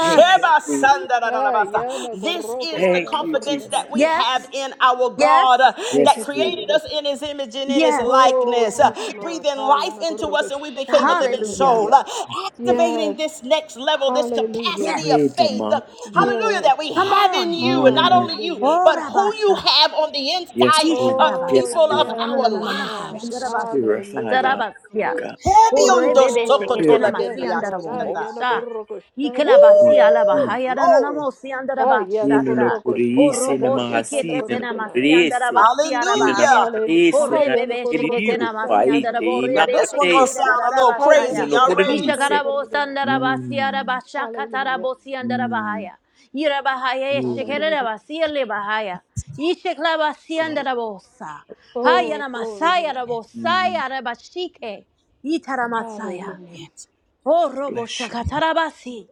Thank you, Jesus.
Sanda da da da
Ah,
basta.
yeah, no,
This
goroko,
is the
Thank
shanda,
you,
confidence
Jesus.
gorgana,
that we
yeah.
have
Yes,
in our God
yes,
uh,
Thank
that
Yes,
you,
created
Lord.
us
Jesus.
in his image and in his
yes.
Oh,
likeness, uh,
Mm,
yes, Lord.
breathing
Ah, yeah,
life
no,
into
goroko,
us, and we became a
shanda,
living
gorgana,
Hallelujah.
soul.
yeah.
uh,
Yes, Lord.
Activating
Yes.
this next level, this
Yes.
Hallelujah.
capacity of
Wait a
faith, uh,
moment. Mm.
hallelujah, that
Yes.
we
Come
have in
on.
you, and not
Mm.
only you,
Hallelujah.
Oh,
but who you
Rabasa.
have on the
Yes,
inside
Lord.
of
Oh,
Yes,
Ishakarabasa.
people of
Lord.
yes,
our
my
Tataranananamosi.
God.
lives.
Andarabasa.
Purify
Hallelujah.
thou me, O
Tatarabasia.
God.
Heavy
Oh,
on those
rebebe
Oh,
sheketena
Purify
Sokotola
yes,
masi
bende
Lord. Ah,
me,
andarabo.
yasikata.
yeah, no,
O
Sha.
goroko,
Woo!
shanda,
Ikalabasi
gorgana, yeah.
God.
alabahaya
Glory.
nananamosi
Ah, yeah, no,
Nino no
andarabashata.
goroko,
Oh,
shanda,
kuriisi na
robo
mahasi na
shiketetena
gorgana,
masi
yeah.
kuriisi.
andarabasi
Nino
Hallelujah.
na
arabahaya.
Hallelujah.
kuriisi
Orre
na
Hayana
bebe
koroko
şekete
kiriu
namasi
kwa
shana
Orebebe şeketena masiyandara
ite
Now
ima
garganaya.
borebe
this one gonna
şekeleyda
kuriisi.
sound a little crazy.
Nino
Hayana
rarabasaya.
no
Y'all
koroko
ready?
shana
kuriisi.
İşakara bosandara
garganaya.
basiyara
Mm,
başa katara
Hallelujah.
bosiyandara
mm,
bahaya. İra bahaya
glory,
şekelere
Hallelujah.
basiyerle bahaya. İşekla
glory.
basiyandara bosa.
Oh,
Hayana
glory,
masaya
Lord.
Mm,
rabosaya rabashike. İtara masaya.
Hallelujah.
Yes.
O robo
bless you.
şakatara basi.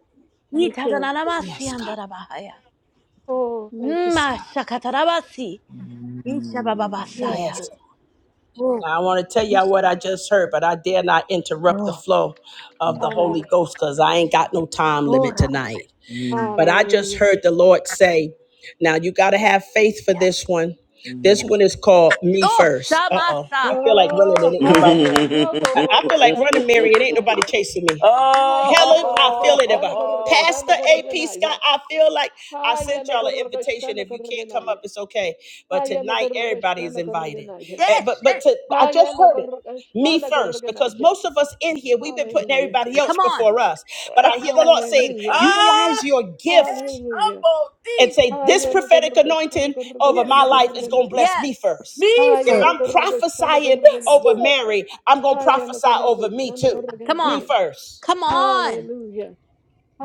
Thank
İtara
you.
Yes, God.
nanamasiyandara bahaya.
Oh, thank you,
Mm,
Yes,
Jesus.
Ma
God.
şakatara basi. İşe baba
Mm,
Yes,
basaya.
Yes.
Lord.
Now I want to tell y'all what
Oh,
I just heard, but I dare not interrupt the
Oh,
flow of
mm,
the
Hallelujah.
Holy Ghost because I ain't got no time
oh,
limit
Ra-
tonight. But I just
Hallelujah.
heard the Lord say, now you gotta have faith for
yes.
this one.
mm.
This one is called Me
Oh,
First. Uh-oh.
Shamasa.
I feel like running it
Oh,
ain't nobody.
hayana
I I
koroko
feel like
shana
running, Mary. It ain't nobody
garganaya.
chasing
oh,
me.
Hayana
Helen, I
koroko
feel it
shana
about Pastor
gargachana
AP Scott.
garganaya.
I feel like I sent
Hayana
y'all an
koroko
invitation.
shana
If you can't come up,
garganaya.
it's okay. But
Hayana
tonight,
koroko
everybody is invited.
shana
Eh, But
Yes.
but
yes.
to, I just heard it. Me first, because
Hayanagaragashanagaraganaia.
most of us in here, we've been putting
Hallelujah.
everybody else
Come on.
before us. But I hear the Lord saying,
Hallelujah.
utilize
ah,
your
hey,
gift
Hallelujah.
humble
and
thief.
say, This prophetic anointing over
Yes,
my
Lord.
life is going to
Hayanagaragashanagaragashanagaraganaia.
bless
Yes.
me first.
Me
If
first.
I'm prophesying
Yes,
over
Hayanagaragashanagaraganaia.
Lord.
Mary, I'm going to prophesy over me too.
Come
Me
on.
Hayanagaragashanagaraganaia.
first.
Come on.
Hallelujah.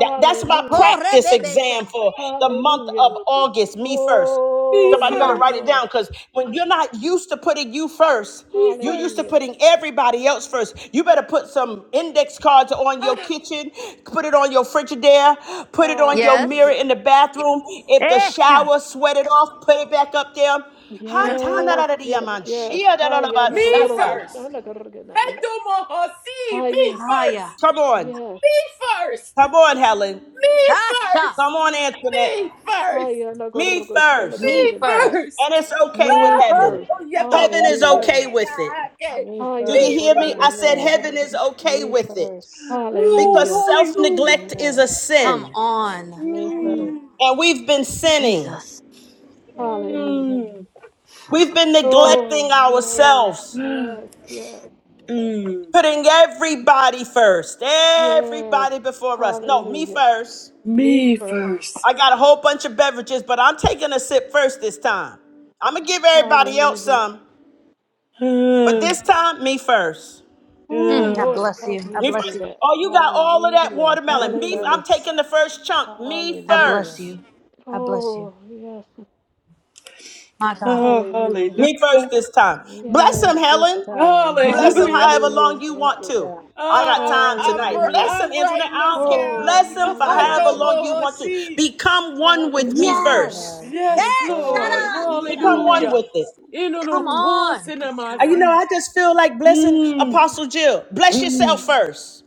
That, that's my
Oh,
practice exam
Rebebeshe.
for the month of
Hallelujah.
August, me first.
Me
Oh,
Somebody
Come
yes,
better
on.
first.
write it
Lord.
down because when you're not used to putting you first,
Me
you're used to
first.
Hallelujah.
putting everybody else first. You better put some index cards on your
Ah,
kitchen, put it on your Frigidaire, put it on your
Yes.
mirror
Hallelujah.
in the bathroom. If the
Esha.
shower sweat it off, put it back up there. Ha, ta,
My
na,
Yes,
da, da,
God.
dee, ya,
yes,
man.
yes.
Shia, da, da, da, ba,
me
sa, ta.
first.
Hayanagaragashanagaraganaia.
Hector see me
Haya.
Aya.
first.
Come on.
Yes.
Me first.
Come on, Helen.
Me
Asha.
Come
first.
on,
Me
Antoinette.
first.
Haya
Me
nagorgo
Me
first.
Me
shanagorganaya.
first.
And
first.
it's okay with
Ah,
Me
Oh,
heaven.
first.
Me
Heaven is
Hallelujah.
okay
Yatomohosina.
with
first.
it.
Me
Do
Haya
Me
you
first.
hear me?
nagorgo
I
first.
said
Amen.
heaven is
shanagorganaya.
okay
Me
with it
first.
Oh,
because
Hallelujah.
self
hallelujah.
neglect is
Amen.
a
Come
sin.
on.
Me
Mm,
first.
Mm.
And we've been sinning,
Jesus.
hallelujah.
Mm.
we've been neglecting
Oh, yes,
ourselves,
yes, yes, yes,
Mm.
putting everybody first,
yes.
everybody before us. No, me
Hallelujah.
first.
Me
Me
first.
I
first.
got a whole bunch of beverages, but I'm taking a sip first this time. I'm going to give everybody else
Hallelujah.
some, but
Ah,
this time, me first.
Oh,
Mm, I
yeah.
Lord,
bless
help
you. I
me
Me
to
bless
do
first.
you.
that.
Oh, you got all of that
Hallelujah.
watermelon.
Me
Me, I'm
Hallelujah.
first.
taking the first chunk. Me
I
Hallelujah.
bless
first.
you. I bless you.
Oh, yes.
My God.
Oh,
Hallelujah.
Me
hallelujah.
first this time.
Me
Bless
Yes.
him,
first this
Helen.
time.
Bless him
Hallelujah.
however
Hallelujah.
long
Hallelujah.
you
Thank
want
you,
to.
God.
I
Oh,
got
I'm
time
I'm
tonight.
Hallelujah.
Bless him,
I'm
Antoinette.
writing
I
this
don't care.
Oh,
down.
Bless him for
Hallelujah,
however
hallelujah,
long you want to.
Jesus.
Tomohosi.
Become one with me
Thank you,
hallelujah,
first.
God.
Yes.
Me
yes,
Esha.
Lord.
first. Seek
hallelujah.
Become
it, I
one
Hallelujah.
with it.
must seek
Come
Mm.
on.
this,
And you
Lord.
know,
Inonokosinamasi.
I just feel like blessing
Mm,
Apostle Jill. Bless
mm.
yourself first.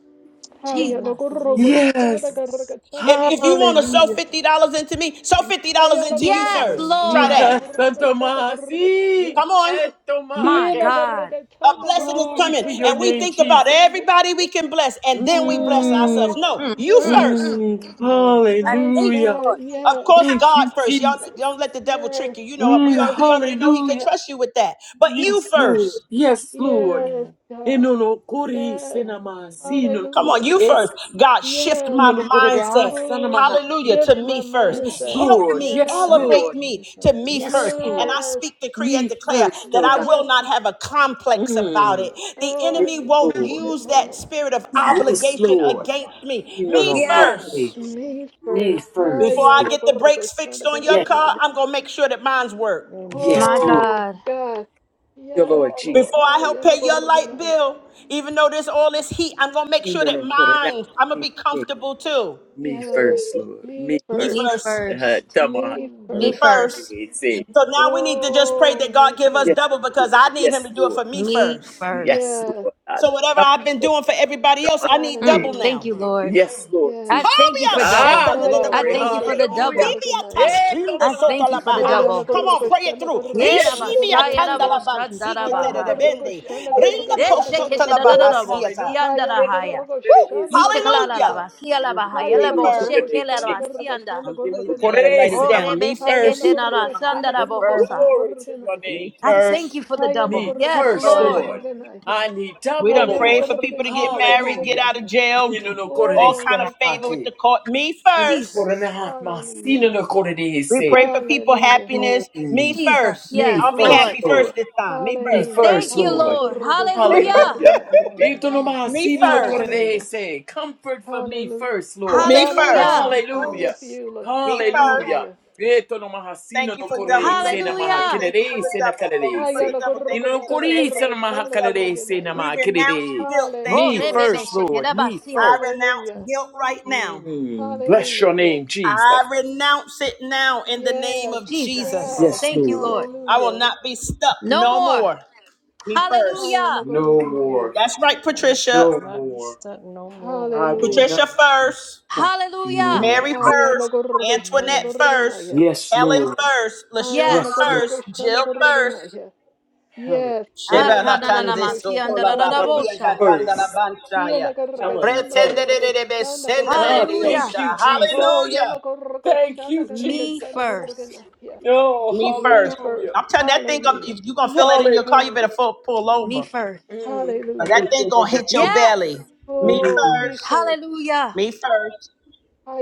Haya no
Jesus.
korroko
Hallelujah,
shana
Yes.
Jesus.
korrakatana
If, if you want to sew
Hallelujah.
korrakanaya.
$50 into me, sew
Yes.
$50
Haya na
into you
Yes,
korroko
first. Try
Hallelujah,
shana
that.
Santo
Lord.
Jesus.
korrakatana
Santomasi.
korrakanaya.
Come on.
My
Hiena
Etomake.
God.
A
korrakatana
blessing is
korroko
Glory
coming,
to
shana
and
your
we
name,
think
korrakatana
about
Jesus.
everybody we
korrakanaya.
can bless, and then we bless ourselves.
Mm,
No,
Oh,
Mm,
you
mm,
yes,
first.
mm.
mm.
Me first.
I
my
thank you,
Hallelujah.
God,
Lord.
Of
yes,
course,
Thank
God
you,
first. Y'all
Jesus.
don't let the devil
yes,
trick you. You know what? We
Mm,
are. He already know he can
hallelujah.
trust you with that. But you
Yes, Lord.
first.
Yes, Lord.
Amen.
yes, God,
Enolo kori
yes,
senama
Hallelujah,
sino
Come on,
hallelujah.
you
Jesus.
first.
yes.
God, shift
Yes,
my
Inolo kore de
mindset.
asana
Oh,
Hallelujah.
mahasi.
shift
To me
my
first.
Yes,
Shift
mindset.
my
Help
Lord.
me,
Yes,
Yes,
mindset to
elevate
Lord.
me
me
to
first,
me
God.
Yes,
first. And
Lord.
I
yes,
speak, decree, and
Me
declare
first,
that
oh
I
God.
First
will
yes.
not have a complex about
Mm.
it. The
Oh, I
Yes,
enemy won't
receive
Lord.
thing is
it,
use that
Lord.
prayer.
spirit of
Yes,
Yes.
obligation
Lord.
against me. Me
Inolo
Me
kore
Yes.
de.
first.
first.
Me
me
first.
Before
first.
Aya
I
Amen.
Lord.
na
get the
gorgo
brakes fixed
shana
on your
gorgo
Yes,
na
car,
ya.
I'm going to make sure that mine's work.
yes,
Amen.
My
Lord.
Oh,
God.
God.
Your
Yes,
Lord Jesus.
Lord.
Before I help
Aya na
pay your
gorgo na
light
ya.
bill, even though there's all this heat, I'm going to make sure that
Inolo kore de
mine, I'm going to be
asina.
comfortable too.
Me
Yes,
first, Lord.
me
Me
Me
first.
first.
Me
first.
Uh,
first.
come on.
Me
Mm,
Me
me
No,
first.
what do
first.
first.
we say?
So now we need to just pray
Oh,
that God
me
give us
Yes,
first.
double
Lord.
because I need him to
Yes,
do it
Lord.
for me
Me
first.
first.
Yes,
Yes.
Lord. I
So whatever
love
I've been
you.
doing for
mm,
everybody
Come
else,
on.
I need
Hey.
double
Mm,
Hallelujah.
thank
now.
you, Lord.
Yes, Lord
I
Yes.
Jesus.
thank you
Hobia
for double.
Ah,
shetana de
Aya na
I
glory.
thank
bakose.
you
gorgo
for the
shana
Hallelujah.
double.
gorgo
Vibia
na ya.
Hey,
taskin
come
de
I
on. I
soto
thank
see
you
you.
for the
What do
Hayana
double.
Come
we
on,
say?
pray it
Gorgoshana
through.
Yeah,
Yes,
Gorgoshana
Lord
Rishibia
rabasai,
Jesus.
tanda
Gorganaya.
la
raboshan,
Ah,
Hayana
de
darabahai.
bende.
hallelujah,
Gorgoshana
Rinda
hallelujah.
Gorgoshana
kosota la
Gorganaya.
Oh,
Desheketeradadadabo,
hallelujah.
Hayana
Eh, no, no, no, no, no,
Woo!
no, no,
Gorgoshana
no.
Hallelujah.
Gorganaya.
Yishekalalaba,
Mm,
sialabahaya,
Me
Hayana
Glory
lebo,
to
first.
your name,
Gorgoshana
shekelaba,
Jesus.
sianda.
Gorgatana
I'm
Mm, no,
waiting. I
no,
gotta
Gorganaya.
write it
Oh,
no, no,
down.
Rebe
Me
no,
Hayana
Shekete
first.
no, no,
Nara,
no.
Gorgoshana
Sandara
Me first.
Bohosa.
Gorgatana
Glory to your
Gorganaya.
Me
name,
I
Jesus.
first.
thank you for the
Hayana
double.
Me
Yes,
first,
Gorgoshana
first.
Lord.
Lord.
Gorganaya.
I need
We
double,
done
Hayana
prayed
Lord.
for people to get
Gorgoshana
married, get
Hallelujah.
out of
Gorganaya.
jail,
Mm, no,
g-
no, no, no,
all
Oh,
no,
kind of
no,
yes,
favor
Lord.
with
no.
the court. Me
Mm,
first.
no, no,
Jesus.
no, no,
Hallelujah.
no, no, no, no, no,
We
no,
pray
no.
for people
Hallelujah.
happiness.
Mm,
Me
Jesus.
first.
Me
Yes,
I'll be
first,
Lord.
happy first
Lord
this time. Me
me
first.
Hallelujah.
Thank
first,
you,
Thank
Hayana
Lord.
you
Lord.
for the
Me
Gorgoshana
first.
Hallelujah.
double.
Hallelujah.
Gorganaya.
Hallelujah. God.
Me
Me
first.
Hallelujah.
first.
Itonomahasinanokorerehese. Comfort for me
Hallelujah.
first, Lord.
Me
LaShawn, I'm,
first.
Hallelujah.
I'm,
Me
I'm
Hallelujah.
with
first.
you. Lash-
Me first.
Hallelujah.
Hallelujah.
Thank you for double. Thank
Hallelujah.
Itonomahasinanokorerehese
you, Mary.
Hallelujah.
Thank you for the
namahakererehese
double. Thank you for
nakarerehese.
the
Ayana
double. Thank you,
koroko shana
Antoinette. Thank
koroko
you for the
tana
double.
koroko
Inokorisanamahakalerehese
na
We renounce
namahakerere.
guilt. Thank
Oh,
Me
you,
Hallelujah.
Rebebe
first,
LaShawn.
Lord.
Shekete
Me
Basia.
I
first.
renounce
Hallelujah.
guilt right now.
Mm, Bless your
Hallelujah.
name, Jesus.
I renounce it now in the name
Yes.
of
Jesus.
Jesus.
Yes.
Yes,
Thank you,
Lord.
Lord.
I will
Hallelujah.
not be stuck
No
no
more.
more. Me first.
Ayana
Hallelujah.
No
koroko na
more.
That's right,
I will
Patricia.
No
not be
more.
stuck no
I
more.
will
Hallelujah.
Patricia
not
Amen.
first.
stop. No.
Hallelujah.
more.
Mary
Ayana
first.
koroko shana
Amen.
Antoinette
koroko na
first.
Yes,
Ellen
Lord.
first. LaShawn
Yes,
Ayana
Yes.
Lord.
first.
koroko shana
Jill
koroko na
first.
Helen
Yes.
first.
Sheba la
Ayana
kande
koroko
soko
shana
la ba
koroko
Helen
na
Atananamasiandaradadabosha.
katanda la
first.
banchaya.
Yana
Helen
karrakatana
first.
Pretende de de de be
korrokoshana
sende de
Ah,
de
karrakanaya.
Hallelujah.
thank
yosha.
you, Jesus.
Oh,
Hallelujah.
yana
Thank
korrokoshana
you,
Me
karrakatana
Jesus.
first.
korrakanaya.
Oh,
Me
Me
first.
first.
hallelujah.
I'm telling you, that thing, gonna-
Hallelujah.
if you're going to feel that in your car, you better
Hallelujah.
pull, pull
Me
over.
first.
Mm.
Or that
Hallelujah.
Thank
thing
you,
going to
Lord.
hit your
Yes.
belly. Me
Oh,
Mm.
me
first.
first.
Hallelujah.
Me first.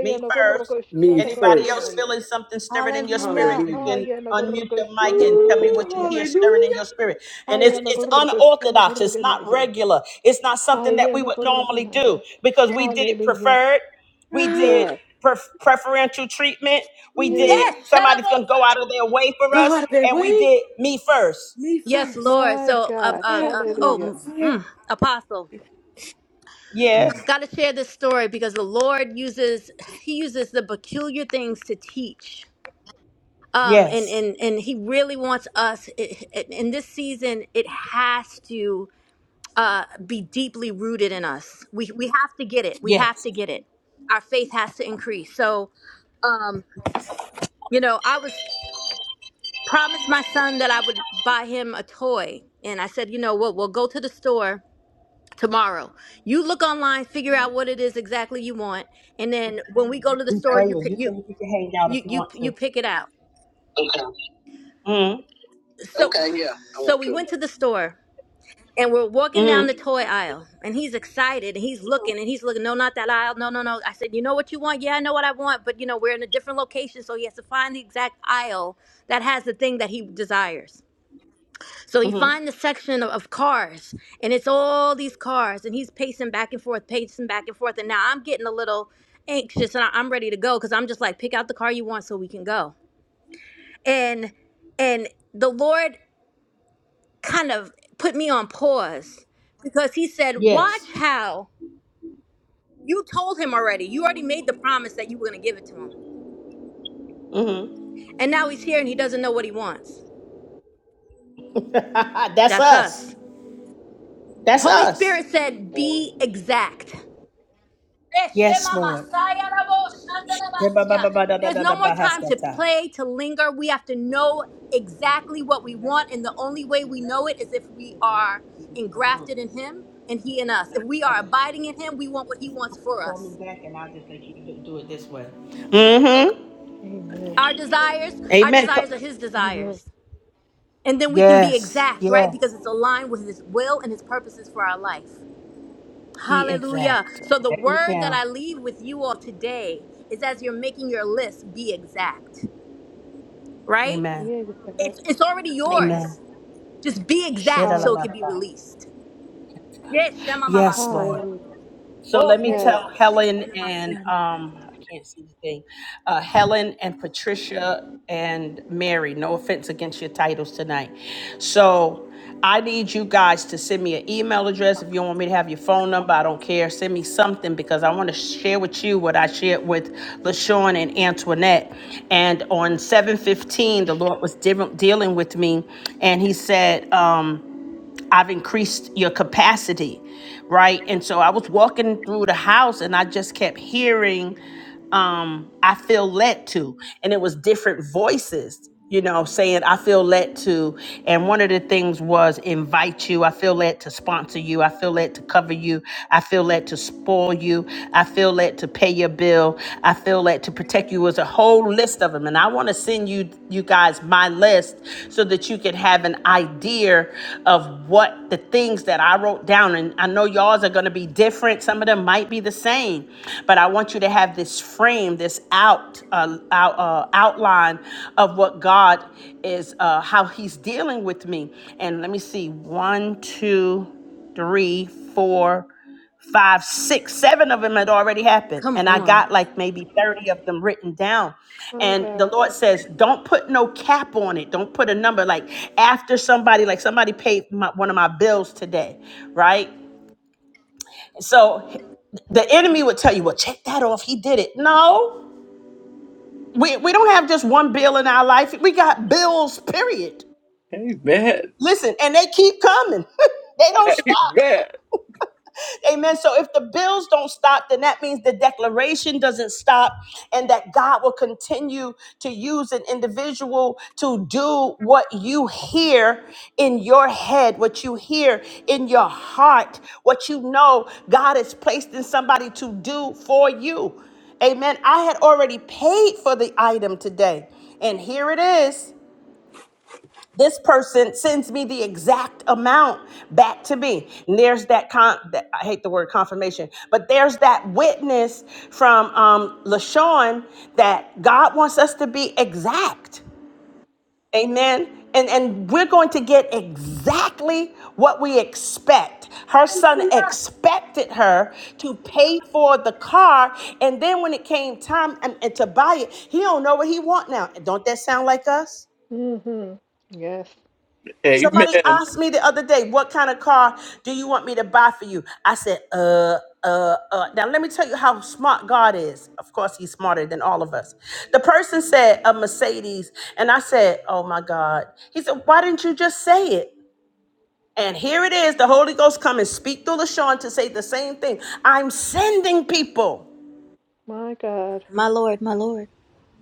Me first.
Me
korrokoshana
Anybody else
first.
korrakanaya.
feeling something stirring in your spirit?
Hallelujah.
You
Hallelujah.
can
Hayana
unmute your mic
korrokoshana
and tell me
Ooh,
what you
korrakanaya.
hear stirring in
hallelujah.
your spirit. And it's
Hayana
it's
korrokoshana
unorthodox. It's not
korrakanaya.
regular. It's not something that we
Hayana
would normally do
korrakanaya.
because we did
Hallelujah.
preferred. We
Ah,
did
Yes.
pref- preferential treatment. We
Yes.
mm.
did
Yes. Shut up,
somebody's gonna go
Osa.
out of their way for
Go
us,
out of their
and we
way.
did me first.
Me
Yes,
first.
Lord.
My
So, uh,
God.
uh,
Yes,
uh, oh,
Hallelujah.
mm,
Lord.
mm, Apostle,
Yes.
got to share this story because the Lord uses He uses the peculiar things to teach. Um, and
Yes.
and and He really wants us i- i- in this season. It has to uh, be deeply rooted in us. We we have to get it. We have
Yes.
to get it. Our faith has to increase. So, um, you know, I was promised my son that I would buy him a toy. And I said, you know what, we'll go to the store tomorrow. You look online, figure out what it is exactly you want, and then when we go to the
We
store, you
praying.
pick
You
you
can you can hang out if
you
you
you
want
you
to.
pick it out. So
Okay, yeah, I
so
want
we
to.
went to the store and we're walking down the
Mm-hmm.
toy aisle and he's excited and he's looking and he's looking, no, not that aisle, no, no, no. I said, You know what you want? Yeah, I know what I want, but you know, we're in a different location, so he has to find the exact aisle that has the thing that he desires. So he
Mm-hmm.
finds the section of, of cars, and it's all these cars, and he's pacing back and forth, pacing back and forth. And now I'm getting a little anxious, and I, I'm ready to go because I'm just like, pick out the car you want so we can go. And and the Lord kind of put me on pause because He said, watch
Yes.
how you told him already. You already made the promise that you were going to give it to him,
Mm-hmm.
and now he's here and he doesn't know what he wants.
That's
That's
us.
us.
That's
Holy
us.
Spirit said, be exact.
Yes,
Shema
Lord.
Masaya Rabo Shanda
Yeah, ba, ba,
Rabasia.
ba, ba, da, da,
There's
da, da,
no more
ba, ha,
time
sa,
to
ta.
play, to linger. We have to know exactly what we want. And the only way we know it is if we are engrafted in Him and He in us. If we are
Okay.
abiding in Him, we want what He wants for
Call me
us.
back and I'll just let you do do it this way. Mm-hmm.
Amen.
Our desires, our
Amen.
desires are
Co-
His
Amen.
desires. And then we can be
Yes.
exact, right?
Yes.
Because it's aligned with His will and His purposes for our life.
Be
Hallelujah.
exact.
So the
Write it
word that
down.
I leave with you all today is as you're making your list, be exact right?
Amen.
Being
It's
back.
it's already
Amen.
yours. Just be
Shit,
exact so it can be
Hallelujah.
released. Yes, Shema
Yes, Lord.
Masaya.
Hallelujah.
So
Oh,
let
hey,
me
baby,
Yes.
tell
baby, shake it
Helen
in my
and
sianda.
um, I can't see the thing. Uh, Helen and Patricia and Mary. No offense against your titles tonight. So I need you guys to send me an email address if you want me to have your phone number. I don't care. Send me something because I want to share with you what I shared with LaShawn and Antoinette. And on 7:15, the Lord was dealing dealing with me, and He said. Um, I've increased your capacity, right? And so I was walking through the house and I just kept hearing, um, I feel led to. And it was different voices, you know, saying, I feel led to. And one of the things was invite you. I feel led to sponsor you. I feel led to cover you. I feel led to spoil you. I feel led to pay your bill. I feel led to protect you. It was a holistic list of them. And I want to send you you guys my list so that you can have an idea of what the things that I wrote down. And I know y'all's are going to be different. Some of them might be the same, but I want you to have this frame, this out, uh, out uh, outline of what God is, uh, how He's dealing with me. And let me see, one, two, three, four five, six, seven of them had already happened.
come
And I
on.
got like maybe 30 of them written down.
My
And the
God.
Lord says, don't put no cap on it. Don't put a number like after somebody, like somebody paid my, one of my bills today, right? So the enemy would tell you, well, check that off. He did it. No, we, we don't have just one bill in our life. We got bills, period.
Amen.
Listen, and they keep coming. they don't stop.
Amen.
Amen. So if the bills don't stop, then that means the declaration doesn't stop and that God will continue to use an individual to do what you hear in your head, what you hear in your heart, what you know God has placed in somebody to do for you. Amen. I had already paid for the item today, and here it is this person sends me the exact amount back to me and there's that con that, i hate the word confirmation but there's that witness from um lashawn that god wants us to be exact amen and and we're going to get exactly what we expect her son
Hallelujah.
expected her to pay for the car and then when it came time and, and to buy it he don't know what he want now don't that sound like us
Mm-hmm. Yes.
Somebody
Amen.
asked me the other day, what kind of car do you want me to buy for you? I said, uh, uh, uh. Now, let me tell you how smart God is. Of course, he's smarter than all of us. The person said, a Mercedes. And I said, oh my God. He said, why didn't you just say it? And here it is. The Holy Ghost come and speak through LaShawn to say the same thing. I'm sending people.
My God.
My Lord, my Lord.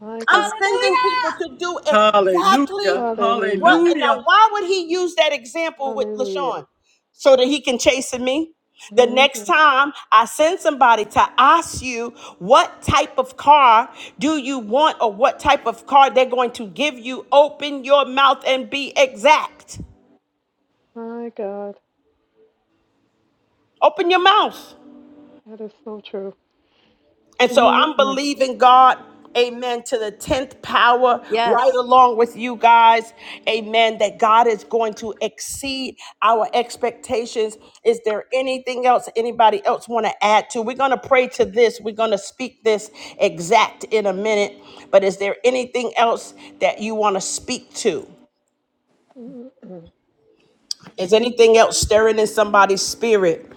My
I'm
God.
sending people to
Hallelujah.
do
Hallelujah.
exactly what.
Hallelujah.
Now,
Hallelujah.
why would he use that example with
Hallelujah.
LaShawn? So that he can chasten me? The next
Mm-hmm.
time I send somebody to ask you what type of car do you want or what type of car they're going to give you, open your mouth and be exact.
My God.
Open your mouth.
That is so true.
And so I'm
Mm-mm.
believing God, amen, to the 10th power, right
Yes.
along with you guys, amen, that God is going to exceed our expectations. Is there anything else anybody else want to add to? We're going to pray to this. We're going to speak this exact in a minute. But is there anything else that you want to speak to?
Mm-mm.
Is anything else stirring in somebody's spirit?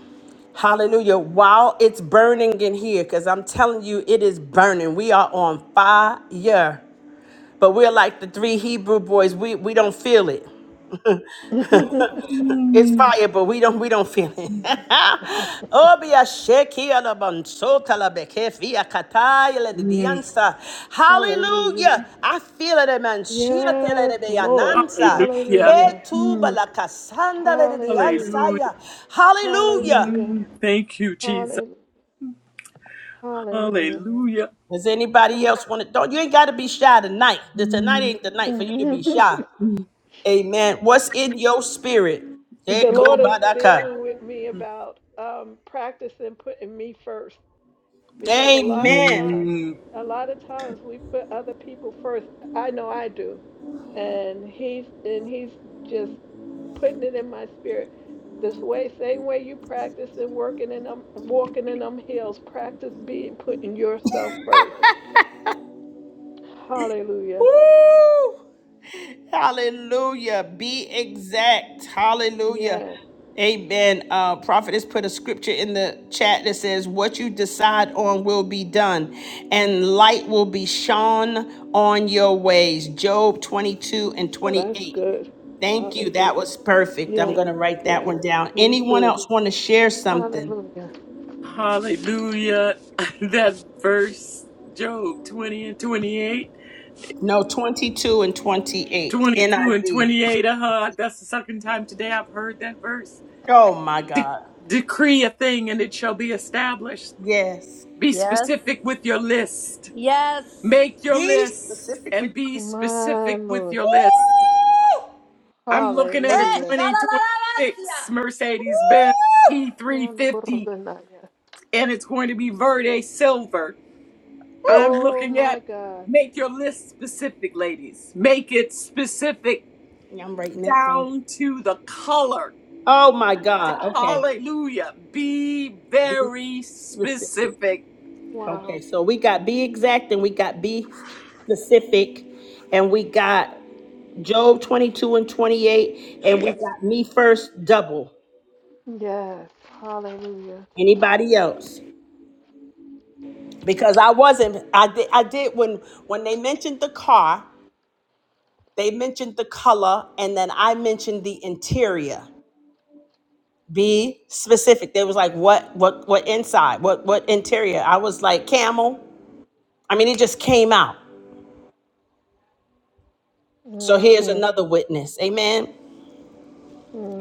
Hallelujah. While it's burning in here, because I'm telling you, it is burning. We are on fire. But we're like the three Hebrew boys. We we don't feel it. it's
Mm,
fire, but we don't we don't feel it. Obia shekia la bansota la bekefia kataya la
mm,
dianza.
Hallelujah.
Hallelujah. I feel it, man. Shia tele
Yes,
de
Lord.
beyananza.
hallelujah.
Hallelujah.
Vetuba
Mm,
la kasanda la
Hallelujah.
hallelujah.
dianza. Hallelujah.
Hallelujah.
Mm, thank you, Jesus.
Hallelujah. Hallelujah.
Hallelujah.
Does anybody else want to? Don't you ain't got to be shy tonight. The tonight
Mm,
ain't the night for you to be
Ah.
shy. Amen. What's in your spirit?
the Lord is
Tekobadaka.
dealing with me about um, practicing putting me first because a lot of times,
Amen.
mm,
a lot of times we put other people first. I know I do, and he's and he's just putting it in my spirit. This way, same way you practice and working in them, walking in them hills, practice being putting yourself first. Hallelujah.
Woo! Hallelujah. Be exact. Hallelujah.
Yes.
Amen. Uh, prophet has put a scripture in the chat that says, What you decide on will be done, and light will be shone on your ways. Job 22 and
Oh, that's
28.
good.
Thank you. That
Hallelujah.
was perfect. I'm going
Yes.
to write that
Yes.
one down.
Me
Anyone
too.
else want to share something?
Hallelujah.
hallelujah. That verse, Job 20 and twenty-eight,
No, 22 and 28.
twenty-two and
NIV.
28. Uh-huh. That's the second time today I've heard that verse.
Oh, my
De-
God.
decree a thing and it shall be established.
Yes.
Be
Yes.
specific with your list
Yes.
Make your
Be
list
specific
and
with
be
My
specific with
Lord.
your list. I'm looking at a
Eh,
Hallelujah.
2026
shalalalabasia.
Mercedes Benz E350,
Yanagorgunaya.
and it's going to be Verde Silver. I'm
Oh
looking
my
at
God.
make your list specific, ladies. Make it specific
Yeah, I'm writing it down.
down to the color.
Oh my God. Okay.
Hallelujah. Be
Be
very
specific.
specific.
Okay.
Wow.
So we got be exact and we got be specific and we got Job 22 and 28 and we got me first double.
Yes. Hallelujah.
Anybody else? Because I wasn't, I did, I did when, when they mentioned the car, they mentioned the color and then I mentioned the interior. Be specific. They was like, what, what, what inside? What, what interior? I was like, camel. I mean, it just came out. So here's
Mm-mm.
another witness. Amen.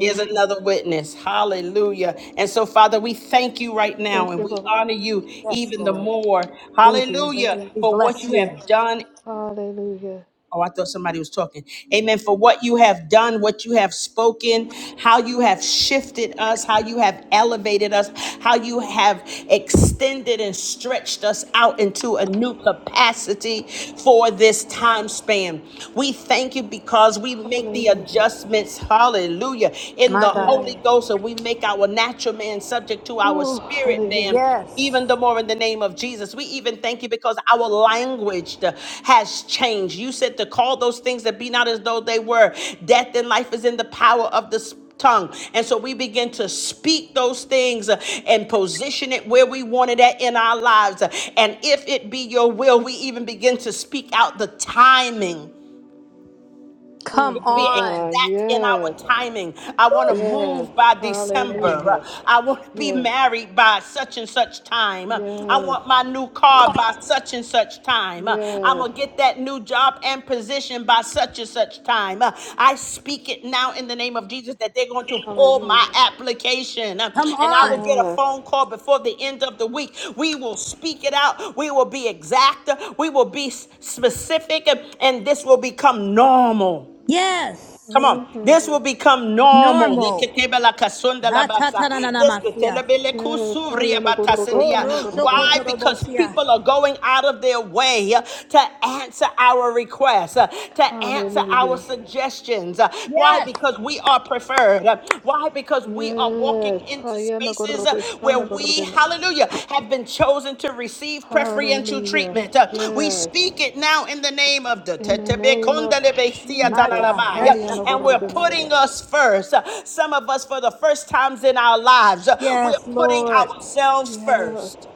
Here's another witness. Hallelujah. And so, Father, we thank you right
Thank
now and
you,
we
Lord.
honor you
Yes,
even the
Lord.
more.
Thank you.
Hallelujah.
We
Hallelujah.
For what
bless
you
you.
have done
Hallelujah.
Oh, I thought somebody was talking. Amen. For what you have done, what you have spoken, how you have shifted us, how you have elevated us, how you have extended and stretched us out into a new capacity for this
Yes.
time span. We thank you because we make the
Hallelujah.
adjustments, hallelujah, in
My
the
God.
Holy
Yes.
Ghost, and we make our natural man subject to our
Oh,
spirit man
hallelujah.
Yes.
even the more in the name of Jesus. We even thank you because our language uh, has changed. You said to call those things that be not as though they were. Death and life is in the power of the sp- tongue. And so we begin to speak those things uh, and position it where we want it at in our lives. And if it be your will, we even begin to speak out the timing
Oh
Come
be
my
on.
God.
exact in our
Yes.
timing. I want to
Yes.
move by December.
Hallelujah.
I want to be
Yes.
married by such and such time. I
Yes.
want my new car by such and such time. I'm
Yes.
going to get that new job and position by such and such time. I speak it now in the name of Jesus that they're going to pull my
Hallelujah.
application
Come
and I will
on.
get a
Yes.
phone call before the end of the week. We will speak it out. We will be exact. We will be s- specific and this will become normal.
Yes.
Come on.
Mm-hmm.
This will become normal.
Normal. Ha ta ta na na na masia.
Yes, Hayana
Oh,
Gorokoshana
Rosso
Why?
Gorgana.
Because
Cotorobosia.
people are going out of their way to answer our requests, uh, to answer our
Hallelujah.
suggestions. Uh, Why?
Yes,
Because we are preferred. Uh, Why? Because we are
Yes,
walking into
Hayana
spaces uh, where
Gorokoshana
we,
Gorgana.
hallelujah, have been chosen to receive preferential
Hallelujah.
treatment. Uh, We
Yes,
speak it now in the name of the
in the name of
my
Jesus,
God.
Tetebekondelebesiatanaramai.
Hayana
and we're
Eshakatarabasia.
Gorgana.
putting us first. Uh, Some of us, for the first times in our lives, uh, we're
Yes,
putting
Lord.
ourselves
Yes,
first.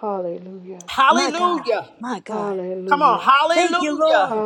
Hallelujah.
My God.
Hallelujah.
My God.
Come on,
Hallelujah.
Thank you,
hallelujah.
Lord.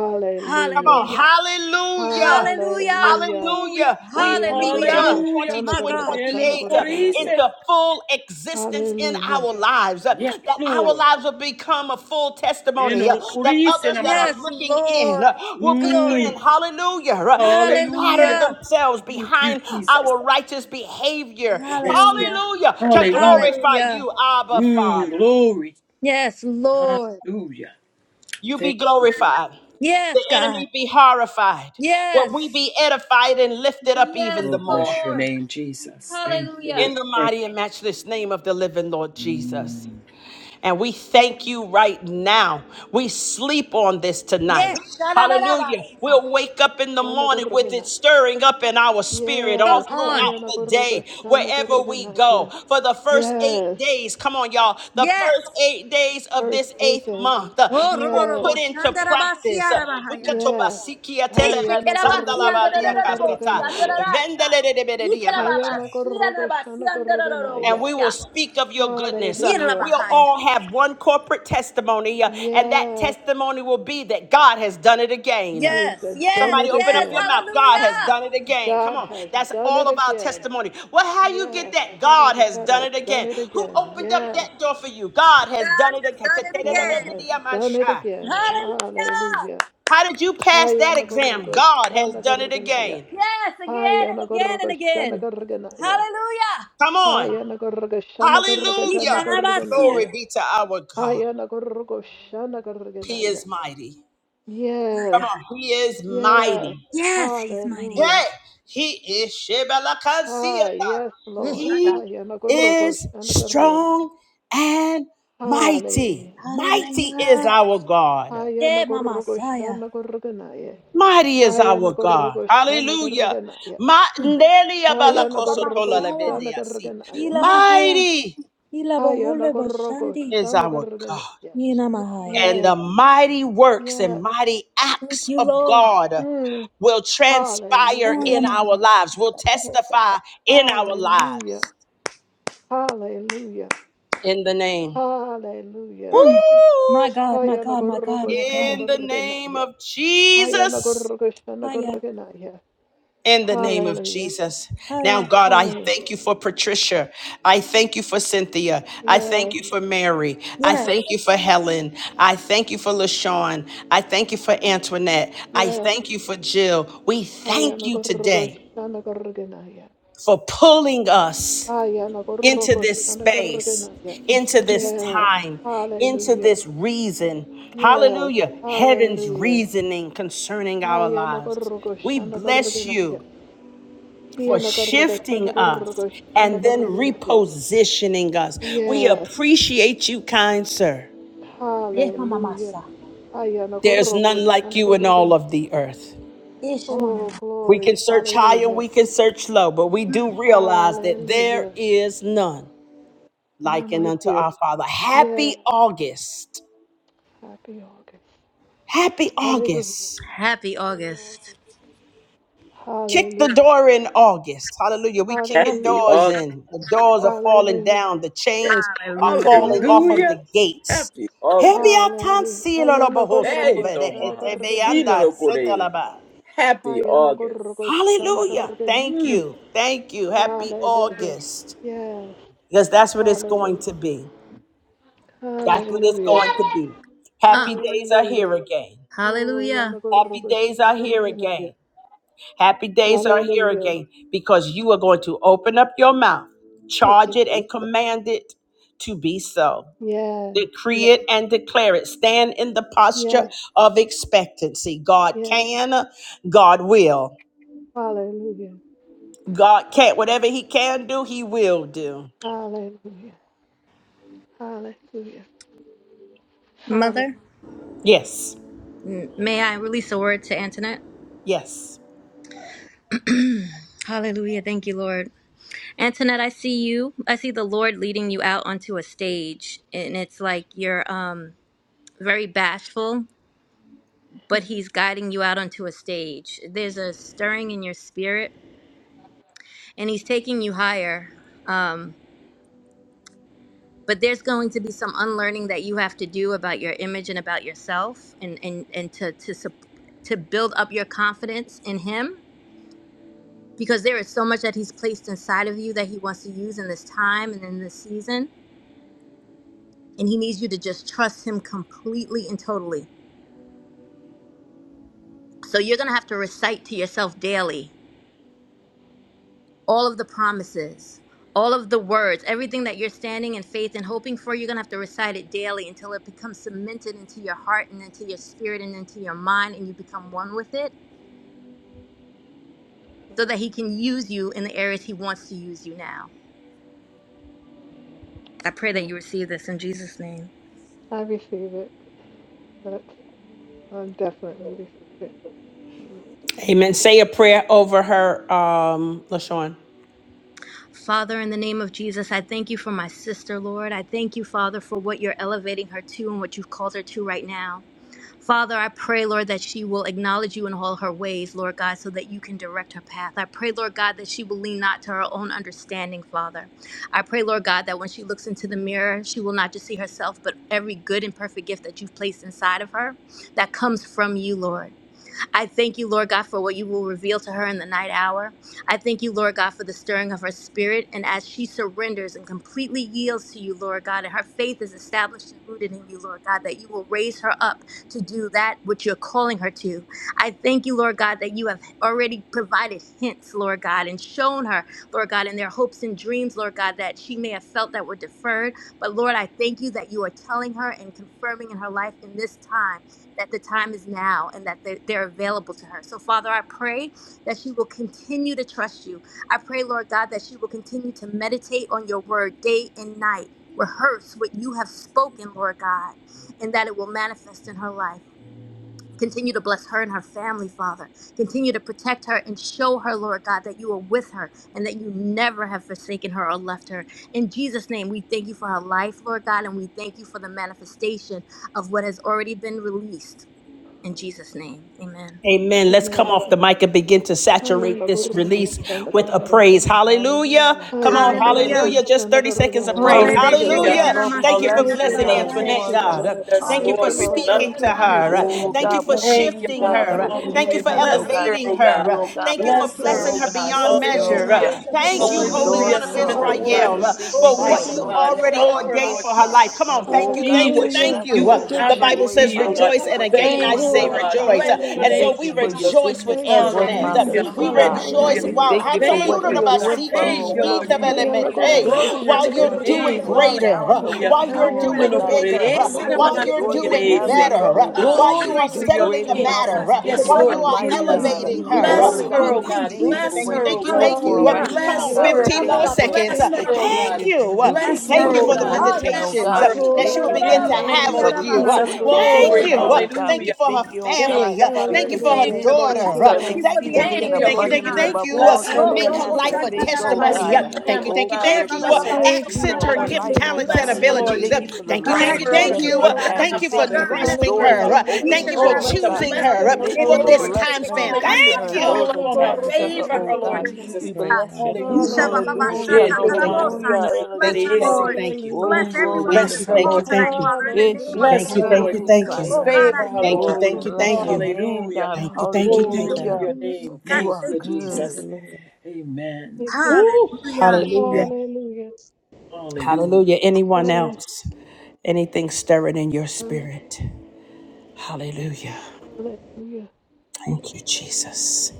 Come
Hallelujah.
on, hallelujah.
Hallelujah.
Hallelujah.
Hallelujah.
Hallelujah. We
Hayana
speak Job
Hallelujah.
Hallelujah.
42
Gorokoshana
My
and
God.
Gorgatana
28 uh,
Gorgana.
into full existence in
Hallelujah.
our lives, uh,
Yes,
that our
Lord.
lives will become a full
In
testimony, uh,
all
that others that are
Yes,
looking in
Lord.
uh, will
Glory.
Mm.
begin, hallelujah, uh, to pattern
Hallelujah.
Hallelujah.
themselves
Thank you,
behind
Jesus.
our righteous behavior.
Yes, Lord.
Hallelujah.
Hallelujah. To
Hallelujah.
glorify
Hallelujah.
you, Abba
Mm.
Father.
Glory.
Yes, Lord.
Hallelujah.
You be
Thank
glorified. The
Yes, God.
enemy be horrified. But we
Yes.
be edified and lifted up
Yes,
you,
even the
Lord.
more.
Bless your
Lord.
name, Jesus. Thank you,
Hallelujah.
Lord.
In the
Thank
mighty and matchless name of the living Lord
you.
Jesus.
Mm.
And we thank you right now. We sleep on this tonight.
Yes.
Hallelujah.
Sha-da-da-da-ba-sia.
We'll wake up in the morning with
Shana
it stirring up in our spirit all
Yes.
Come on.
throughout the day, wherever we go.
Hayanagorogoshanagoroganaya.
For the first eight
Yes.
days, come on, y'all, the
Yes.
first eight days of
Verse
this eighth
18.
month, uh,
Oh,
we will
Yes.
rororobo,
put into
shandarabasi
practice. uh,
arabahaya.
Yes.
Ukatobasikia telebe
Ishikerabasi
sandalabalia
andarararabosi
kastata.
Hayanagorogoshanagoroganaya.
andararasa.
Vendelelebedediamancha
Ikerababasi andarabasi
and
Hayanagorogoshanagoroganaya.
we will
andarararabosia.
speak of your goodness. Uh,
Hallelujah.
we'll
Yirabahaya.
all have one corporate testimony, uh, and that
Yes.
testimony will be that God has done it again.
He's
Yes,
done
yes,
Somebody
it
open up
yes.
your
again.
mouth. God has
Hallelujah.
done it again. Come
God
on.
has
That's
done it
all of our
again.
testimony. Well, how you get
Yes.
that? God
Hallelujah.
has
God
done
has
it
done
again.
it
Who
again.
opened up
Yes.
that door for you? God has
God
done it
has done it
God
again.
has done it
again.
again.
Hallelujah.
Hallelujah.
How did you pass
Haya
that exam?
nagorgo
God has
shana
done it again.
garganaya.
Yes, again
Haya
and again
nagorgo
and
shana
again.
garganaya.
Hallelujah.
Come on.
Haya nagorgo shana gargatana
Hallelujah.
Ishanabasia.
Glory
garganaya.
be to our God.
Haya nagorgo shana
He is
garganaya.
mighty.
My
Come
Yes,
God.
on. He is mighty.
yes.
Yes, he's mighty.
Hey,
Hallelujah.
he is
Ah,
Shebelakasiata.
yes,
Mm,
Lord.
my God.
He
Haya nagorgo
is
shana garganaya.
strong and mighty.
Hallelujah.
Mighty is
Hallelujah.
our God.
Haya
Ye mama
nagorgo
saya.
shana garganaya.
Mighty is
Haya
our God.
nagorgo shana
Hallelujah.
garganaya.
Ma- Ndeli
Ye
Haya
baba
Abalakosotola
nagorgo
saya.
shana
Lebediasi.
garganaya.
Ila mahaya.
Mighty
Ila
Haya
bohole
Nagoroko
boshandi.
is our God.
Shanagaraganaya.
Nina mahaya.
and the
Yes, yes.
mighty works and
yes.
mighty acts
Thank you,
of
Lord.
God
Mm.
will transpire
Oh,
Hallelujah.
in our
yama.
lives, will testify in our
Hallelujah.
lives.
Hallelujah.
In the name. Woo!
Hallelujah.
Mm. My God, my
Haya
God, my God,
Nagoroko
my God.
In the name
Shanagaraganaya.
of
Haya
Jesus.
Nagoroko
Haya.
Shanagaraganaya.
In the name of
Hallelujah.
Jesus. Now,
Haya.
God, I
Hallelujah.
thank you for Patricia. I thank you for Cynthia. I thank
Yes,
you for Mary. I
Yes.
thank you for Helen. I thank you for LaShawn. I thank you for Antoinette. I
yes.
thank you for Jill. We
Haya
thank you
Nagoroko
today
Shanagaraganaya.
for pulling us
Haya
into
Nagoroko
this space,
Shanagaraganaya. Yes.
into this
yes,
time, into
Hallelujah.
this reason.
Yes.
Hallelujah. Heaven's
Hallelujah.
reasoning concerning our
Haya
lives.
nagargo
We
shana
bless you
garganaya.
for
Hiya nagarga
shifting
tana
us
gargo shana
and then
garganaya.
repositioning us. We
Yes.
appreciate you, kind sir.
Ye mama
Hallelujah.
masa.
Haya
There's
nagargo
none like
shana
you in all of
garganaya.
the earth.
Yes, mama.
Oh,
We can
glory.
search high and
Hallelujah.
we can search low, but we do realize that there
Hallelujah.
is none
None
likened
like
unto
you.
our Father.
Yeah.
Happy August.
Happy August.
Happy
Hallelujah.
August.
Happy August.
Kick the
Hallelujah.
door in August. Hallelujah. We kicking
Happy
Hallelujah.
doors
August.
in. The doors are falling
Hallelujah.
down. The chains are
Hallelujah.
falling off of
Hallelujah.
the
Hallelujah.
gates.
Happy August.
Hallelujah. Haya
Hey,
nagargo shana
Tomaha.
garganaya.
Sino lo kore. Happy
Haya
August.
nagargo shana
Hallelujah.
garganaya.
Thank
Mm.
you. Thank you. Happy
Hallelujah.
August.
Yes.
Because that's what it's going
Hallelujah.
to be. That's what it's
Hallelujah.
going to be. Happy
Um,
days are here
Hallelujah.
again.
Oh,
hallelujah.
Happy
yanagorgo-
days are here again.
yanagorgonaya.
Happy days are here
Hallelujah.
again because you are going to open up your mouth,
Thank
charge
you,
it, and
Jesus.
command it to be so.
Yes.
Decree
Yes.
it and declare it. Stand in the posture
Yes.
of expectancy. God
Yes.
can, God will.
Hallelujah.
God can't. Whatever He can do, He will do.
Hallelujah. Hallelujah.
Mother,
Hallelujah.
Yes.
m- may I release a word to Antoinette?
Yes.
Hallelujah. Thank you, Lord. Antoinette, I see you. I see the Lord leading you out onto a stage, and it's like you're um, very bashful, but He's guiding you out onto a stage. There's a stirring in your spirit, and He's taking you higher. Um, but there's going to be some unlearning that you have to do about your image and about yourself, and and and to to sup- to build up your confidence in Him, because there is so much that He's placed inside of you that He wants to use in this time and in this season and he needs you to just trust him completely and totally. So you're going to have to recite to yourself daily all of the promises, all of the words, everything that you're standing in faith and hoping for. You're going to have to recite it daily until it becomes cemented into your heart and into your spirit and into your mind, and you become one with it so that he can use you in the areas he wants to use you now. I pray that you receive this in Jesus' name.
I receive it. That's, I definitely receive it. Mm.
Amen. Say a prayer over her, um, LaShawn.
Father, in the name of Jesus, I thank you for my sister, Lord. I thank you, Father, for what you're elevating her to and what you've called her to right now. Father, I pray, Lord, that she will acknowledge you in all her ways, Lord God, so that you can direct her path. I pray, Lord God, that she will lean not to her own understanding, Father. I pray, Lord God, that when she looks into the mirror, she will not just see herself, but every good and perfect gift that you've placed inside of her that comes from you, Lord. I thank you, Lord God, for what you will reveal to her in the night hour. I thank you, Lord God, for the stirring of her spirit. And as she surrenders and completely yields to you, Lord God, and her faith is established and rooted in you, Lord God, that you will raise her up to do that which you're calling her to. I thank you, Lord God, that you have already provided hints, Lord God, and shown her, Lord God, in their hopes and dreams, Lord God, that she may have felt that were deferred. But Lord, I thank you that you are telling her and confirming in her life in this time that the time is now and that they- they're available to her. So, Father, I pray that she will continue to trust you. I pray, Lord God, that she will continue to meditate on your word day and night, rehearse what you have spoken, Lord God, and that it will manifest in her life. Continue to bless her and her family, Father. Continue to protect her and show her, Lord God, that you are with her and that you never have forsaken her or left her. In Jesus' name, we thank you for her life, Lord God, and we thank you for the manifestation of what has already been released. In Jesus' name, amen.
Amen. Let's come
Amen.
off the mic and begin to saturate this
Hayanagorgo-
release with a
yanagorgonaya.
praise.
Hallelujah.
Hallelujah.
Hallelujah.
Come
Thank
on.
you, God.
Hayanagorgo-
Hallelujah.
Hallelujah.
Just 30 seconds of
Oh,
yanagorgonaya.
praise.
Hallelujah,
Rebe
Thank you,
Hallelujah.
Lord.
Hallelujah.
Hallelujah.
Sheketena
Lord,
Jesus.
we
Thank you for
Masianda
Thank
bless
Thank
you,
you,
you,
blessing
Hallelujah.
God.
Lord.
Lord, for
You
Rabasaya.
Thank
Thank
Antoinette,
are
you,
you,
shifting,
God. Uh,
Lord.
good.
Jesus,
Thank you
Thank
Lord.
for
you,
Lord. We
Hallelujah,
Lord.
Hallelujah.
love
speaking
Lord
Thank
you.
to
you,
Thank
God. I
her.
you,
Uh,
Jesus.
thank
God,
Lord,
Oh
you.
for
Thank
God.
we
you
God,
for
we
covering
thank
her
thank you,
you,
with
shifting
your
God,
Thank
Father.
her.
you,
Uh,
for
blood,
I
Lord.
Thank you
Hallelujah.
meeting
Lord,
thank
for
us.
you,
in the
Lord
Bless
Oh
name
God,
of
her,
God.
elevating
oh
thank
God.
Jesus.
her.
you,
Uh,
oh God,
Thank you
for
Hallelujah.
for
Thank
Bless
you,
Father,
her,
blessing
oh
I
Lord.
her
blessing my
God.
thank
beyond
you.
Oh,
I
sister, oh
Rebe
measure. Uh,
Hallelujah.
Rebe
God.
Thank
bless
Sheketena
you,
Thank
Open
you,
you and
Holy
I
Lord.
Masianda
Hallelujah.
One
doors
of
for her,
Cement the
oh
Rabahaya.
glorify
God.
word
Israel,
We
uh,
Hallelujah.
thank you
for
Oh,
for your
life,
Thank
what
you,
oh
Jesus'
you
Rosso
name.
Lord.
anointing
God.
already
over
Help
her
her,
Kotoro
ordained
Lord
life,
for her
Jesus,
God.
life. Come on.
to
Oh
Thank you.
be
God,
Thank you.
we
Hallelujah,
what she
I
Thank
Hallelujah.
bless
you
you.
you,
Uh,
oh
Thank
would
you,
hallelujah,
God.
The
have
We
her to
Bible
Jesus.
says,
be,
glorify
oh God.
you
rejoice.
for
And
what you're
again, I
Thank
doing
you,
for
say
oh
Oh,
her,
God.
hallelujah,
God.
rejoice.
Bless
Uh,
We
your
And
hallelujah.
hallelujah,
so
name,
thank
we
you for your
Jesus.
Jesus.
rejoice with
goodness
Thank you,
towards
Antoinette.
my
Uh,
Hallelujah.
Jesus.
sister,
We
Hallelujah,
thank
God.
you for our
Hallelujah.
rejoice.
We
hallelujah,
Wow.
Hallelujah.
ministry,
thank you for
Thank
Jesus.
Lord
you,
Thank
what
God.
you're
you,
Lord.
oh God.
I
doing for her,
thank you
Thank
oh
for
you,
what
God.
Lord
you're
We
doing,
Jesus.
Hallelujah!
thank
Lord
you,
da
oh
God.
da
God.
Glory
I
While
to
pray,
you're
We
your
Lord
thank
God,
you
doing
name.
that
for
Hayanagorgoshanagorgenaya.
it is
greater,
strong
endowing
uh,
her with
Hallelujah.
Hallelujah,
while
on
you're
good
power,
No,
oh
no,
ground,
doing
God.
hallelujah,
Lord
por
Thank
bigger,
you
God.
for
uh,
ese
every
I
nada
pray
while
más
that
open
it
you're
door
takes
que
you
de
doing
root
have
and
for
it
her,
better,
Hayanagorgoshanagorgethanagorgenaya.
grows
uh,
oh
Thank
up
God.
you,
while you
strong
Glory
are
and
to
Jesus.
Do
your
great
settling
healthy,
a
and
name.
Lord
Thank
matter,
you,
God,
marvelous
uh,
God,
to
things
for
Yes,
in
while
what
build
her
Lord
up
you
Thank
your
are
you've
you,
life,
done in
kingdom
Jesus.
and to
her
God.
Jesus.
elevating
give you
life,
her. uh,
Oh
Bless
Lord.
glory.
her,
We
God,
oh
Hallelujah.
Thank
we
In
thank
God.
you,
you,
thank you
thank you,
for
Jesus'
God,
Bless
thank you,
for
what
her,
the
name.
you're
thank
oh
you,
God.
shift
doing
thank
for her
you. Uh,
in
right
Hallelujah.
me,
Come
now,
God.
on,
Bless
Hallelujah.
Oh,
God. We
her,
Thank
oh
15
you,
thank
Rabba
more
you
God.
Lord.
Thank
Baba,
for
you
seconds. Uh,
for
Bless
Thank
her
Shanda
you,
her, oh
Rabahaya.
God.
Thank
boldness,
Jesus.
expectation.
you. Uh,
We
Lord.
I
thank
Bless
you
Thank
for
her,
Thank
you
thank
oh
you
for the
for
God.
you,
Hallelujah.
all
promotion,
your
oh
God.
Bless
visitations
mama.
uh,
God.
her,
We
Lord.
that
Thank you
she
thank
will
you,
Oh,
for
begin
the
thank
to
God,
In the
uh,
you,
name
strength.
have
for
of
with
Lord.
you.
I
Uh,
blessing
am a
Bahaya.
Jesus.
her and
guru
Thank
Thank
Glory.
you
keeping
Oh,
her,
for
you.
Lord.
Uh,
oh God.
your
Thank you
We
Hallelujah.
for her
thank
person,
you, oh
God.
God
Thank
family.
you,
Uh, Thank
Father.
you
because
for
you
Thank
her
Hallelujah.
did
you,
And
Lord
Thank
Thank
I
daughter.
you,
you
Uh,
so
Jesus.
thank
for
Lord.
you
them
for
Thank you,
the
thank you,
exceedingly and
thank
Thank
all,
you,
you,
thank
Thank
you,
Lord
activation,
you,
Lord,
thank you,
abundantly
God.
God.
Jesus.
thank
above
Thank
Jesus.
you. Uh,
all
you
Bless
for
she
her,
her
I
Oh,
could
Lord
Make
am
her
a
Robo
ask or
Jesus.
life
ministry,
a
guru
think,
Lord.
oh
gushana
In
Bless
the
testimony.
God.
Uh,
Shantatarabasia.
her
name of
Thank you,
family,
Oh
thank you,
Eh,
Jesus.
God,
Father.
thank
we
you.
Baba
Uh,
Bless her
Baba
bless
Thank
you
Thank
you,
you
Accent
for
children,
her
for
her
Lord.
gift,
Shantatarabasia.
life,
Jesus.
oh
talents,
elevating
God.
and
her
Bless her,
now
We
Lord
in
abilities.
thank
Uh,
Hallelujah.
you
Jesus.
for the
Jesus'
Thank you,
God,
Bless
thank
I
lives
you,
name.
she's
her on
thank
Father,
her
thank
going
Thank
you,
to
you.
you,
we
Uh,
Lord
know
God,
that
for
Lord.
impact.
the
We
Thank
all
job,
you for
thank you
Father.
for the
power
stirring,
is
Bless
Lord.
thrusting
in
her,
your
doors
her.
you're
Uh,
Hallelujah.
Father.
hands. We
I
thank
Thank
opening
am
you
a
you for
for
for
Oh,
her,
your
oh
let
guru
the
God.
power
choosing
and
blessings
your
gushana
her
We
uh,
guru
of
grace
the
thank you
and
for
for
your
this
Lord,
mercy,
time
blessing her and
span.
Lord.
keeping
hallelujah,
Thank
her
Ishakarabasandarabarebebebesheketerabasaya.
and
I
you.
fall
those
am
over
a
upon
her
Even
her.
our
guru
life
attached to
in
her,
Favor
gushana
hands,
oh
her,
Jesus'
Lord
God.
our
name. We
Jesus.
We
hands,
pray,
God.
bless your
God.
name.
Hallelujah.
Hallelujah.
Thank you,
Hallelujah,
Thank
Yeah,
thank
you,
you,
todo
thank
más
you.
Jesus.
hallelujah,
fino
Ishabababasatakaraboosaya.
Thank
Bless
you,
her,
de
hallelujah.
thank
ese.
you,
Lord.
thank you.
Hallelujah.
Oh,
Bless
Mm,
glory
everyone on
to
Thank
Bless
this
you,
her,
thank
God.
call
Lord
you,
Hallelujah,
thank
tonight,
you.
Father, in the
hallelujah,
name
Hallelujah.
of
God.
Thank
Bless her,
you,
Thank
Jesus.
you,
thank
Lord
you,
Lord.
thank
Thank
you.
you
Jesus.
Oh,
Ishakarabusaya.
for
God, I
Favor
loving
her,
me,
thank
Thank
Lord.
you,
you,
Lord.
Oh, we
thank
Lord.
you,
Thank you,
bless
thank
your
you.
God.
name,
Hallelujah.
God.
Thank
I
you, thank
thank
you,
Thank
you,
you
Hallelujah,
thank
Glory
for
you.
to
Hallelujah.
your
God.
loving me, Lord.
name.
God. I
You
Thank
are
thank
you,
you,
Thank
Thank
good.
you,
Jesus.
Jesus.
Lord.
Amen.
thank you.
Woo!
Hallelujah.
Amen.
Hallelujah.
Hallelujah.
Hallelujah.
Hallelujah.
Hallelujah,
Anyone
Jesus.
Hallelujah.
else? Anything stirring in your
Hallelujah.
spirit? Hallelujah.
Hallelujah. Thank
Thank you, Jesus.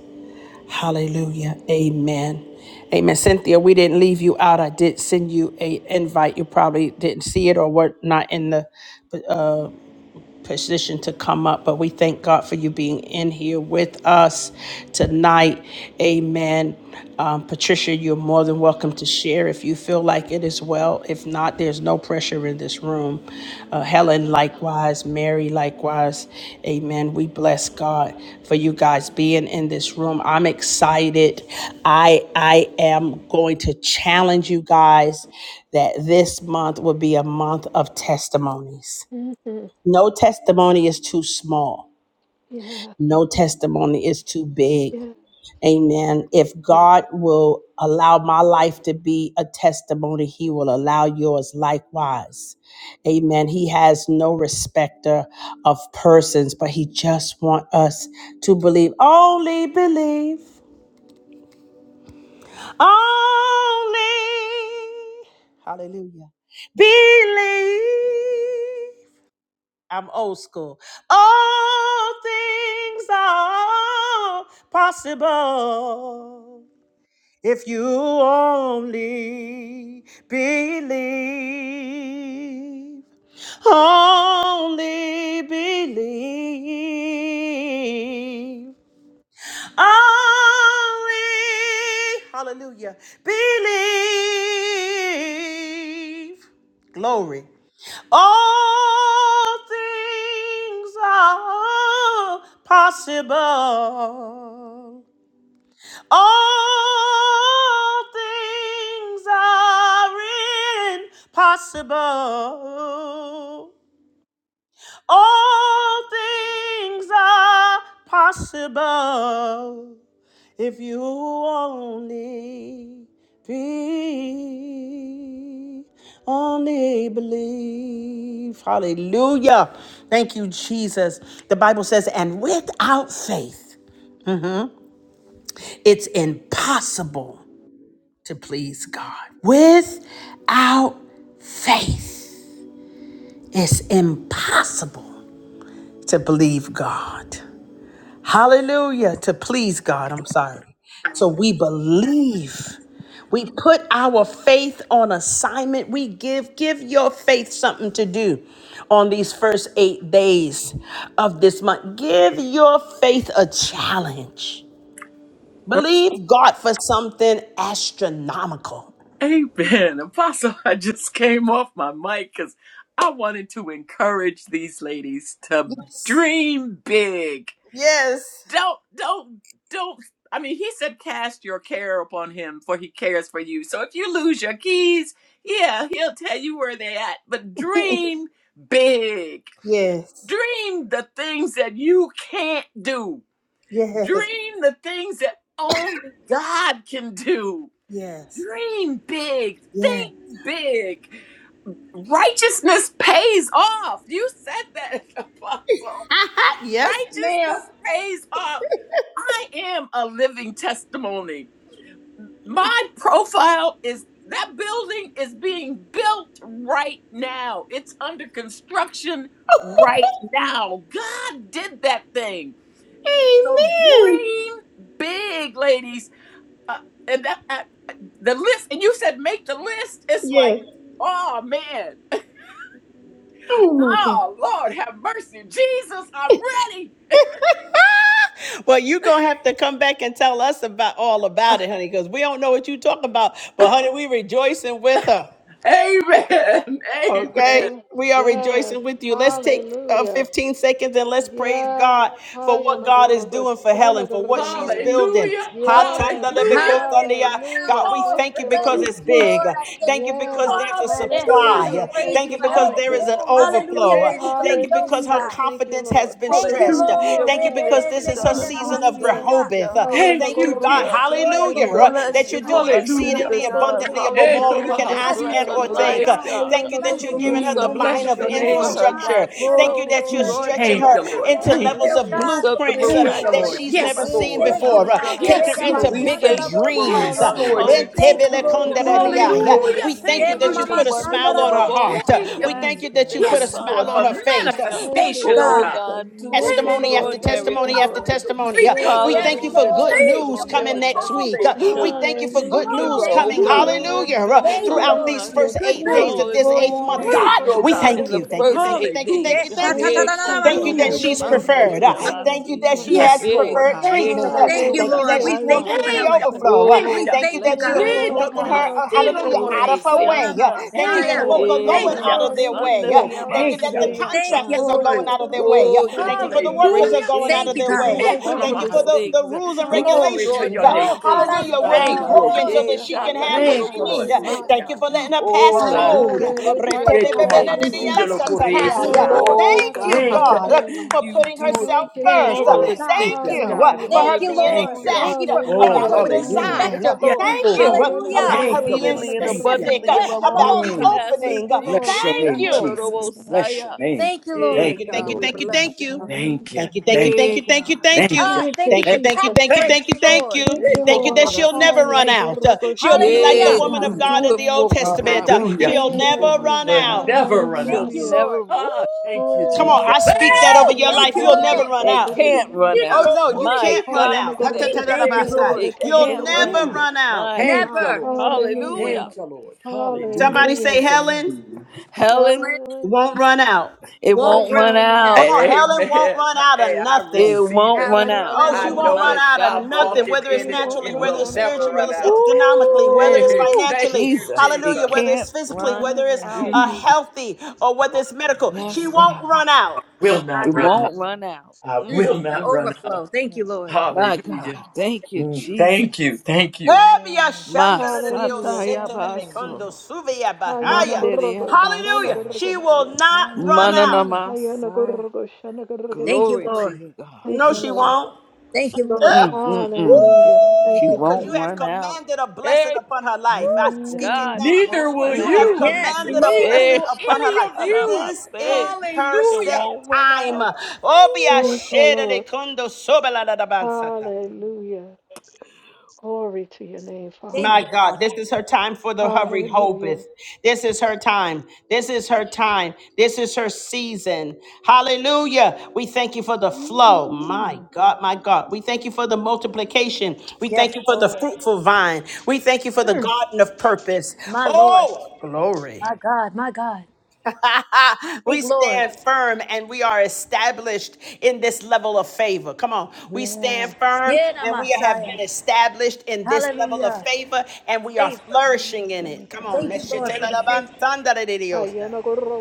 Hallelujah. Amen. Amen. Cynthia, we didn't leave you out. I did send you a invite. You probably didn't see it or were not in the uh, position to come up, but we thank God for you being in here with us tonight. Amen. Um, Patricia, you're more than welcome to share if you feel like it as well. If not, there's no pressure in this room. Uh, Helen, likewise. Mary, likewise. Amen. We bless God for you guys being in this room. I'm excited. I I am going to challenge you guys that this month will be a month of testimonies.
you. hmm
No testimony is too small.
Yeah.
No testimony is too big.
Yeah.
Amen. If God will allow my life to be a testimony, He will allow yours likewise. Amen. He has no respecter of persons, but He just wants us to believe. Only believe. Only. Hallelujah. Believe. I'm old school. All things are possible if you only believe. Only believe. Only, hallelujah, believe. Glory. All things are possible. All things are impossible. All things are possible. If you only be, only believe. Hallelujah. Thank you, Jesus. The Bible says, and without faith, it's impossible to please God. Without faith, it's impossible to believe God. Hallelujah. To please God. I'm sorry. So we believe. We put our faith on assignment. We give give your faith something to do on these first 8 days of this month. Give your faith a challenge. Believe God for something astronomical.
Amen. Apostle, I just came off my mic because I wanted to encourage these ladies to dream big.
Yes.
don't don't don't i mean he said cast your care upon him for he cares for you so if you lose your keys yeah he'll tell you where they at but dream big
Yes.
dream the things that you can't do
Yes.
dream the things that only god can do
Yes.
dream big
Yes.
think big righteousness pays off you said that apostle
Yes, ma'am.
righteousness pays off. I am a living testimony. My profile is that building is being built right now. It's under construction right now. God did that thing. So dream big, ladies. Uh, and that uh, the list, and you said make the list. It's like, oh man, oh Lord, have mercy, Jesus, I'm ready.
well, you gonna have to come back and tell us about all about it, honey, because we don't know what you talk about. But honey, we rejoicing with her.
Amen. Amen.
Okay,
Yeah.
we are
Yes.
rejoicing with you. Let's take uh,
Hallelujah.
15 seconds and let's praise
Yes.
God for
Haya
what
na
God is
gorro
doing for Helen,
shana
for
gorro
what she's building.
Hallelujah.
Ha
Yes.
tanda de
Hallelujah.
beko tandia. God,
Hallelujah.
Hallelujah.
we
Oh,
Thank
thank you
you,
thank
Bless
because
Lord.
you,
you,
it's big.
Jesus.
Lord. I thank
Thank you
you.
because
Yes.
there's a
Yes, God,
Hallelujah.
we
supply.
Hallelujah.
praise
Thank
Thank
you
you
you,
for
because
Helen.
Oh,
there is
Jesus.
an
glory to your
Hallelujah.
overflow.
Thank
name,
you for the
Thank you
Jesus.
because
building,
her
Hallelujah.
God.
Thank you,
confidence has
Lord.
been
Thank you,
stretched.
Hallelujah.
Hallelujah.
Lord.
Thank
We
you
Yes,
because
thank
Rebebe
this
you,
Thank
is her
you,
God.
sheketena
season of
Jesus.
hallelujah.
masianda.
Rehoboth.
Hallelujah.
Haya na
Thank
Thank you,
you,
Mm,
God.
Jesus.
The
Hallelujah.
gorgosha
joy
na
of
Hallelujah.
We
the
uh,
Lord is her
bless
That
gorgenaya.
you
you're
strength.
for
doing
my
Thank you,
Hallelujah.
Haya
sister,
God.
exceedingly
na
God.
abundantly
gorgosha
above
na
all
Eto
you can
Hallelujah.
I
ask
Bless
gorgenaya.
mahasino
and
thank
no
her
or
you, Lord
think.
life,
Uh,
ponerese.
God, for
God.
the
Haya
Thank you
na
that you're
blessings.
giving
Do
her the
Mm,
gorgosha na
mind
something
bless
of
your
big for
name,
Oh,
gorgenaya.
her,
God,
Jesus.
infrastructure.
God.
the
Do
Thank
blessings,
you
something
the
that you're
Oh,
Mm,
blessings,
yes,
the
stretching
thank
extraordinary
her
you,
Lord.
blessings.
for
Lord.
her,
into
Thank
God.
you,
Thank you.
levels
Lord
of
Do
Hallelujah.
God, for
something
blueprints
Thank
uh,
you,
blessing
Thank you,
that
Lord.
Lord.
miraculous
Helen.
she's
for
never
my
Yes,
Thank
seen
you,
sister
Lord.
Thank you,
before.
Helen,
Uh,
Jesus.
Father.
God.
Take her
Yes,
into
Thank
Lord.
We
you,
bigger
thank you
Jesus.
for
Yerabashandarabosa.
it,
dreams. Uh,
Yes,
God.
Lord
Hallelujah.
Jesus.
Hallelujah,
Thank you,
Uh,
Hallelujah.
Lord.
Jesus.
Yeah.
Do
Hallelujah.
it
Hallelujah.
We thank
Yeah,
Thank
you
you,
that
exceedingly
mama,
and
you've
ma,
put a
Jesus.
abundantly
smile on her
above
shandara,
all
heart.
osia.
Uh,
she
Thank
can
you,
We
Lord.
thank
ask
Hallelujah,
you
or
that
God.
you've put
think,
a
Yes,
Father.
smile
Lord,
on
for
her
Hallelujah.
face.
Thank
Hallelujah.
you.
Uh,
Thank
Thank
you,
you,
manifestation, oh
Oh
God.
God.
Jesus.
God, do it
Thank
Thank
you,
you
Testimony
Mm,
Lord.
after
Lord.
Thank
for
extraordinary,
you,
testimony after
Lord.
God.
preferential
Thank
testimony. Uh,
treatment,
you.
We
Yes,
thank
Lord.
Yes,
you
Hallelujah.
for
Hallelujah.
For her
good
Lord.
Thank you,
news
Testimony
testimony,
hallelujah.
coming
after
Lord.
God,
next
what
week.
you've
Uh,
testimony,
We
Hallelujah.
God.
done.
thank you for good
Give
Hallelujah.
her,
news
Thank
oh
Thank
coming.
you.
you,
Hallelujah.
God, good
God.
Hallelujah. Uh,
Yes.
news,
Thank
Thank
oh
you,
you,
Throughout
Lord
Lord,
these
Mercy.
God.
for the
Hallelujah.
first
Jesus.
good
eight
Thank
days
you.
of this
news.
Oh,
Glory,
eighth month.
glory,
Hallelujah.
Thank
God,
you, oh
we
glory.
God.
In
thank
the
you. Thank you.
first
Hallelujah,
Thank you.
yanagorogoshanagoroganaya.
eight
Thank you.
days,
Thank
Hallelujah.
you.
Yes,
Jesus.
God.
Thank
Thank
you.
you,
Hey,
shatatarara,
Thank
Jesus.
you
Thank
that
osia.
Shatarobo
Mm,
she's
you,
thank you,
preferred.
Sandere
God.
Uh,
Jesus.
Thank you
Abasi.
that
Hallelujah,
she
Ayanagorogoshanagoroganaya.
God.
has
Yes,
Yeah,
Lord.
preferred
Lord
God.
Thank
Hey,
you,
treatment.
Jesus,
Uh,
Lord
Thank you,
Jesus.
Thank
Shatarobo
you that
Lord.
Hallelujah.
We
she's
Saya.
Thank
thank you
walking
you,
in
for
preferred
the
Thank
Helen.
you, Lord.
Jesus.
overflow.
treatment,
Uh,
Thank
We
God.
Oh,
you.
we
Thank you
thank you,
that
bless
you're
God.
you.
Hey,
Hallelujah,
Oh,
blessing
God.
God,
her.
I
uh,
thank
Tomahasino
you,
Hallelujah.
Kiandarobo
Thank
Out
Lord.
you,
of her
Rokorese.
Oh,
God, that
way.
Rama
Uh,
you
Sikianda.
Thank
have
you
Thank
that
Messiah.
you,
folk
Lord.
are
preferential
Eh,
Thank
Thank
going
you,
Hallelujah.
you.
out of
Lord.
treatment,
their
God.
way.
Nanamasata
Uh,
Hallelujah.
Oh,
Thank you
thank
that
Hallelujah,
you.
the
Hallelujah.
Abasi,
God.
yeah,
Thank
contract
Yes,
you,
God.
acceptors are
Oh,
Lord.
going
Lord.
out of their
Thank
way.
you,
Uh,
Oh,
thank
you're
you
Thank you
for
for
doing
the
the
workers
great
are
yanagorogoshanagoroganaya.
Hallelujah.
contract
going out
you're
Thank
of
you,
things.
their
You're
God.
way.
filling
Thank
Uh,
doing
you,
in
Thank
our
you
marvelous
for
way.
Jesus.
the,
Etonomahasi.
the
things, uh,
rules and
Glory to
regulations.
Hallelujah.
your
Uh,
Thank
extraordinary
name,
Oh,
you for
God,
the
Jesus.
I
things,
Hallelujah
words of
will
thank
be
God.
you,
Thank
Uh,
you, oh God.
broken so
Lord.
eh,
that
Hallelujah.
she
revelation.
can have what
Hallelujah.
Thank
she
you, Lord.
needs.
Thank
Thank
Hallelujah.
you
you.
Thank you
shakarabosah.
for
for
the
letting her
hard work
Oh,
pass
you
God,
do.
you
code.
Hallelujah.
do
Thank you for
Hallelujah.
the
remarkable
uh,
things,
Hallelujah.
Hallelujah,
oh,
Etomahasino
God.
inspections
God.
Rokorese
Thank
passing,
Retebebebenedidiansatandiaya.
you,
na.
God.
Lord.
Oh,
Oh,
Thank
God, I
you,
Thank you.
thank
God,
Hallelujah,
God,
uh,
you.
for
you
hallelujah.
putting
Thank
do
you,
herself
Thank you,
God.
Thank
first.
you,
Uh,
Oh,
Lord.
Jesus.
marvelous
God.
Thank
Thank
You
you.
things,
put
you
it
uh,
for
God.
Hallelujah.
for
putting
Thank
her
you,
being
herself
Thank
Lord.
you.
Hallelujah.
Thank
first,
you
exact uh,
for
God.
Oh,
In
about
Hallelujah.
favor
the
with the
Thank
Jesus'
you,
name.
hallelujah.
Lord.
Hallelujah.
design. Uh,
inspector,
Yes,
Lord.
Thank
Lord.
Thank
you
you
uh,
Thank
for doing
you,
Hallelujah.
about her
thank
Thank you,
you,
being
Lord.
thank
exceedingly and
you.
Thank you.
specific
abundantly
uh,
Yes,
Hayanagorogoshanagoroganaya.
above
Hallelujah,
all
about
we
the
can
Shababosa.
Mm.
hallelujah.
ask or
Thank
opening.
you,
Uh,
think.
Thank
Lord.
Bless your
you,
Thank
Thank
name,
you.
Lord.
you.
Thank you,
Jesus.
God.
Bless your
Shatarabosaya.
name.
Thank you,
Thank you,
Hey,
Lord.
thank
Thank
you,
you,
thank
God,
you,
we
Thank
Lord.
you,
thank you,
God.
bless
thank
you.
you.
Thank you.
Thank
Hallelujah.
you, thank you,
Thank
Thank
you, thank
you.
thank
Hey,
you,
you,
thank you,
thank
God.
thank
you,
you.
Thank you.
God.
Ah,
Thank
thank
you,
you
Thank you,
for
Thank you.
thank you,
tax
Jesus.
thank you,
Thank
Thank
breaks,
thank
you.
you,
you, thank
thank
Lord.
you,
you.
Thank
Yeah,
you,
thank you,
to
Thank
my
you
Lord.
that
heart.
Lord,
she'll
See,
Sandarabas-
never
God.
run
Thank you,
out. Uh,
Lord.
You
she'll
that
be like the
Yay,
she'll
Hallelujah.
woman
Hallelujah.
of
God.
never
Hayanagorogoshanagoroganaya.
God
Do
in
it
run
the Old
for
out
her,
of your
Testament.
God.
Uh,
We
Hallelujah.
she'll
thank
faithful
you
never
Yes.
for it,
flow,
run
Will
God.
out.
never run
She'll
Thank
out.
you,
God.
Hallelujah.
never.
Lord.
Ooh!
Ah, thank you,
Oh,
Come on,
Jesus.
yes,
Praise
I
Eh,
the
speak
Lord.
that
Lord.
over your
Thank
life.
you,
amor,
You'll
Hallelujah.
never
mi
Lord.
run
You
amor,
It
out.
sí.
can't
didn't
run
Hayanagorogoshanagoroganaya.
know.
Oh
out.
Dígalo,
no, you
My
can't run
puridísima.
God,
out.
today.
Thank
Dígalo,
you,
Ha-ta-ta-da-da-ba-sa.
boy.
Lord.
It
eh.
You'll
can't
You will never,
run
never
Mm.
Hayanagorogoshanagorogatanagoraganaya.
out.
run out.
My
you
Thank you,
God.
Never,
Lord.
will never run
Hallelujah.
Hallelujah.
out.
Thank you, Lord.
Your
Hallelujah.
Somebody say,
Hallelujah.
goodness and
Helen
mercy. Helen.
Helen,
Helen
won't run out.
It
won't
won't
won't run
run
run
Come
out.
out.
out.
on,
Mm,
Helen won't
Amen.
run out of
Hey, I
It
nothing.
receive
won't
it.
run
Helen,
Helen
run
out.
run
Oh,
out of
she
I
out of
Oh
won't
know
nothing.
run
my
it.
out of
God,
I'm
nothing,
today.
walking
whether it's
in
you
it.
won't
naturally,
It
Mm-mm-mm.
run
whether
will
it's
out of
never
spiritually,
run
whether it's
anything.
out.
economically, whether it's
mm,
Hallelujah.
Hey,
Ooh,
thank
financially,
you,
Jesus. It
hallelujah,
Jesus.
whether
can't
it's physically,
run
whether it's
Never.
out.
uh,
Mm,
healthy, or whether it's medical. She
Yes,
Um,
won't
God.
run out.
will
My
It
not run
God,
uh,
out.
won't run out.
I will
the
not
Mm-mm-mm.
run
overflow.
out.
Thank
no.
you,
Yes.
Lord.
My
Hallelujah.
God. Thank you,
Mm,
Jesus.
thank you. Thank you.
Hallelujah.
Masatayabaso.
Hallelujah.
Hayana Gorogo shana
Hallelujah.
Mandereyabasaya.
She will not run out.
Hallelujah.
Mananamasaya.
Hayanagorgo shanagorgenaya. shana
Thank you,
Glory
shanagorgenaya.
to
Lord.
you, God.
Thank
No,
you,
she
Lord.
won't.
Thank you,
Yeah.
Lord.
Mm-mm-mm.
Hallelujah.
Hallelujah. Thank
She
you,
Woo! Because
won't
you
Hallelujah.
Jesus.
have
run out.
commanded a blessing
Hey.
upon her life. I
Woo!
speak it
God,
Ooh.
it
now.
Neither
won't
will
run
You
Thank
have
you,
out,
you.
Jesus.
Yes,
commanded a
Jesus.
Neither
Lord.
blessing
Hey,
will
upon her life.
any of you.
This is
Shakarabase. It
her
Hallelujah.
set
won't run
time.
out.
Obia
Thank you,
shede de
Lord.
kundo sobela da da bansata.
Hallelujah. Glory to your name,
Thank
Father.
My
you,
God,
Father.
this is her time for the hurry
Hallelujah.
hobeth. This is her time. This is her time. This is her season. Hallelujah. We thank you for the flow. My
Ooh.
God, my God. We thank you for the multiplication. We
Yes,
thank you for the
Lord.
fruitful vine. We thank you for the
Mm,
garden of purpose.
my Lord.
Oh, glory.
My God. My God.
We
Speak, Lord.
stand firm and we are established in this level of favor. Come on. We
Yeah.
stand firm
Yeah, na
and we have
Messiah.
been established in this level of
Hallelujah.
favor and we are
Favor.
flourishing
Yes,
in
thank
it. Come on.
Thank you, Lord, for the
Hallelujah.
favor.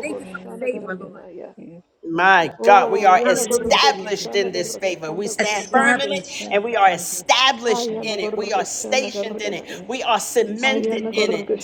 Thank
Yes,
you for the favor, Lord.
Shanagorganaya.
Yes, Lord.
My God,
Yes,
we
Oh,
are
Lord. In
Hallelujah.
Yanagorgo
Jesus'
established in
name.
this favor. We
You
stand
Shanagorgatandagorganaya.
firm
are
in it
Establish.
and we are
establishing this
established in it.
place.
We
Ayanagorgo
are stationed in it.
Shanagorganaya.
We are cemented in
Stationary
Ayanagorgo
it
in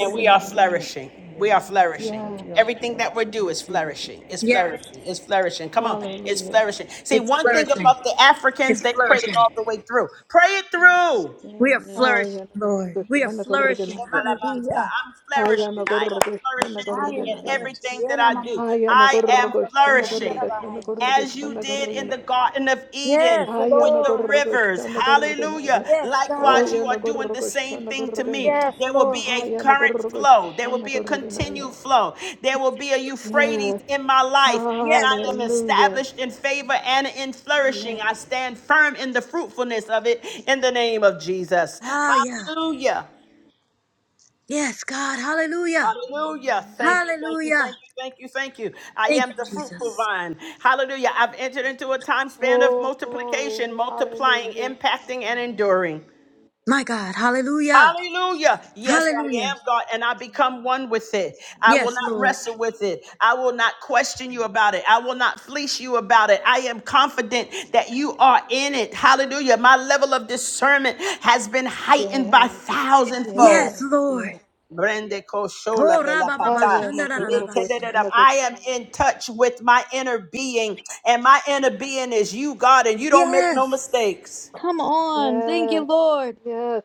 and we are
error
flourishing.
in the
We are
name
flourishing.
of
Yes,
your
Everything that
flesh.
we
I
do
mean,
is
Jesus, is
flourishing. It's
Yes.
flourishing. It's flourishing. Come on. It's
hallelujah.
flourishing. See,
It's
one thing
flourishing.
about the Africans,
It's
they pray it
flourishing.
all the way through. Pray it
gonna
through.
We are
establish.
flourishing, Lord.
Ayanagorgo
We are flourishing.
Shanagorganaya.
Mhm.
Hallelujah.
I'm flourishing. I am
Ayanagorgo
flourishing
I am
in
Shanagorganaya.
flourishing.
everything
Yes.
Yeah,
that
na
I
ma-
do. I am
Ayanagorgo
flourishing
Shanagorgatandagorgo
as you did in the
Flourishing.
Shanagorganaya.
Garden of Eden
Yes,
with the
Lord.
Ayanagorgo
rivers. Hallelujah.
Shanagorganaya.
Yes,
Oh,
Likewise,
God.
you are doing the
Yanagorgo
same thing to me.
Shanagorganaya.
Yes,
There will be
Lord.
a current flow, there will be a continued
Hayanagorgoshanagorganaya.
flow, there will be a Euphrates
Yes,
in my life, and
Yes,
I am
Lord.
hallelujah.
established in favor and in flourishing.
Yes.
I stand firm in the fruitfulness of it in the name of Jesus.
Ah, yeah.
Hallelujah.
Yes, God. Hallelujah.
Hallelujah. Thank you, thank you, thank
Hallelujah.
you, thank you, thank you. I
Thank
am
you,
the fruitful
Jesus.
vine. Hallelujah. I've entered into a time span of
Oh, glory,
multiplication, multiplying,
hallelujah.
impacting, and enduring.
My God. Hallelujah.
Hallelujah. Yes, I
Hallelujah.
am God, and I become one with it. I will
Yes,
not
Lord.
wrestle with it. I will not question you about it. I will not fleece you about it. I am confident that you are in it. Hallelujah. My level of discernment has been heightened by
Yes,
thousandfold.
Yes,
yes,
Lord.
yes.
Brende koshola
Oh, rabababa,
belakata.
shandarararabasia.
Lekedededam.
Hayanagorgoshanagor-
I am in touch with my inner being, and my inner being is you, God, and you don't make no
Yes.
mistakes.
Come on. Thank you,
Yes,
Lord.
yes,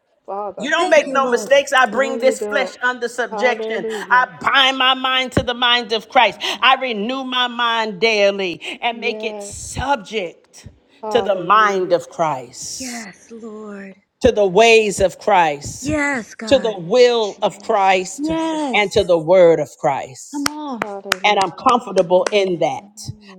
You
Father.
don't
Thank
make
you,
no
Lord.
mistakes. I
No,
bring
you
this flesh
don't.
under subjection. I
Hallelujah.
bind my mind to the mind of Christ. I renew my mind daily and make it
Yes,
subject to the mind
hallelujah.
of Christ,
Yes, Lord.
to the ways of Christ,
Yes,
to the
God.
will of
Jesus.
Christ, and
Yes.
to the word of Christ.
Come on.
and
Hallelujah.
I'm
Hallelujah,
comfortable in
hallelujah,
that.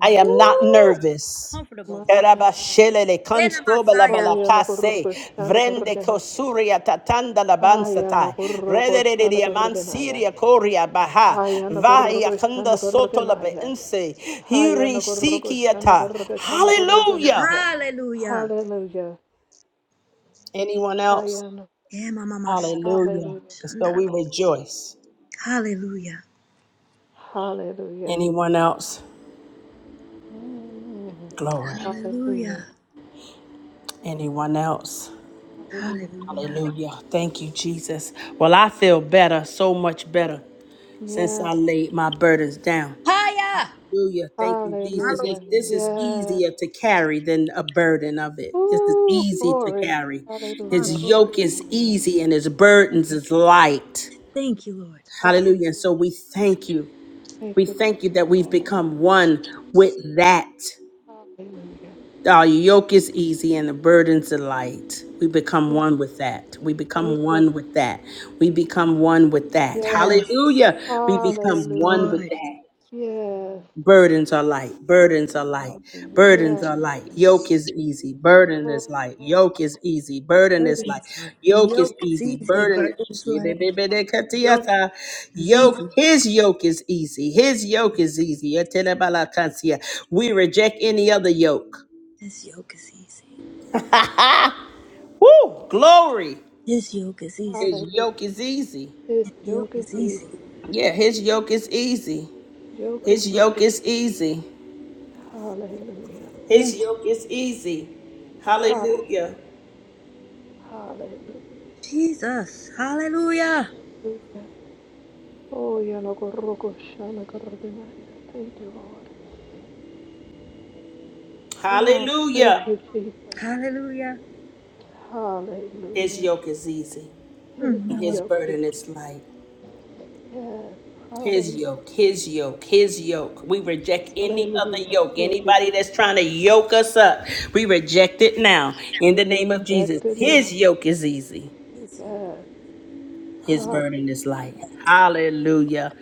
I am not
Woo.
nervous.
Comfortable.
My.
Erabashelele
Ena
Oh,
Masaya.
konsobalabalakase, vrende
Yanagorgoshanagorganaya.
kosuria tatanda labansatai, rederedia
Hayanagorgoshanagorganaya.
mansiria koria baha, vaya
Hayanagorgo
kanda soto
Shanagorganaya.
labeense, hiri
Hayanagorgo
sikiata. Hallelujah.
Shanagorgatanagoranaya.
Hallelujah.
Hallelujah.
Anyone else?
Hayan.
Ema mama sandara-
Hallelujah.
Hallelujah.
And so we
shandara-
rejoice.
Hallelujah.
Hallelujah.
Anyone else?
hallelujah,
Glory.
Hallelujah.
Hallelujah.
Anyone else?
Hallelujah.
Hallelujah.
Hallelujah. Thank you, Jesus. Well, I feel better, so much better, since
Yeah.
I laid my burdens down.
Higher,
Hallelujah. Thank you,
My
Jesus.
Lord.
If
Hallelujah.
this is
hallelujah,
Yeah.
easier to carry than a burden of it. This is
Ooh,
easy to
glory.
carry.
My
Hallelujah.
His
Lord.
yoke is
hallelujah,
easy and his burdens is light.
Thank you, Lord.
Hallelujah.
Hallelujah. And so we thank you.
Thank
We
you, Jesus.
thank you that we've become one with
Jesus.
that.
Hallelujah.
Our yoke is easy and the burdens are light. We become one
Yeah.
with that. We
Thank
become
you. Lord.
one with that. We become one with that.
Yeah.
Yes.
Hallelujah. We
Yes,
become one
Hallelujah.
with
Lord.
that.
Yes.
Burdens are light. Burdens are light.
Hallelujah,
Burdens
Yes.
are light. Yoke is
Jesus.
easy. Burden is
Oh,
light. Yoke is easy. Burden is light.
Burdens light.
Yoke is
Yoke is
easy.
easy.
Burden is
Burdens light. Yoke is
yoke.
easy.
His yoke is easy. His yoke is easy. We reject any other yoke.
His yoke is easy.
Woo! Glory.
His yoke is easy.
His yoke
hallelujah.
is easy.
His
His yoke
yoke is
is easy.
easy
Yeah, his yoke is easy.
Yoke is
His
easy.
yoke is easy.
Hallelujah.
His
Yes,
yoke is easy.
Ha-
Hallelujah.
Hallelujah.
Jesus. Hallelujah.
Oh, Yanakoroko Shanakaradinaya. Thank you, Lord. Oh, thank
Hallelujah.
you, Jesus.
Hallelujah.
His
Hallelujah.
yoke is easy.
His
Mm, my Lord.
His
yoke is
burden is light.
yes.
His
Hallelujah.
yoke, his yoke, his yoke. We reject any other
Hallelujah.
yoke.
Thank you,
Anybody
Jesus.
that's trying to yoke us up, we reject it now in the
We
name of Jesus.
reject it
His
now.
yoke is easy.
His yoke
Yes.
His
is
Hallelujah.
burden is light.
light.
Hallelujah.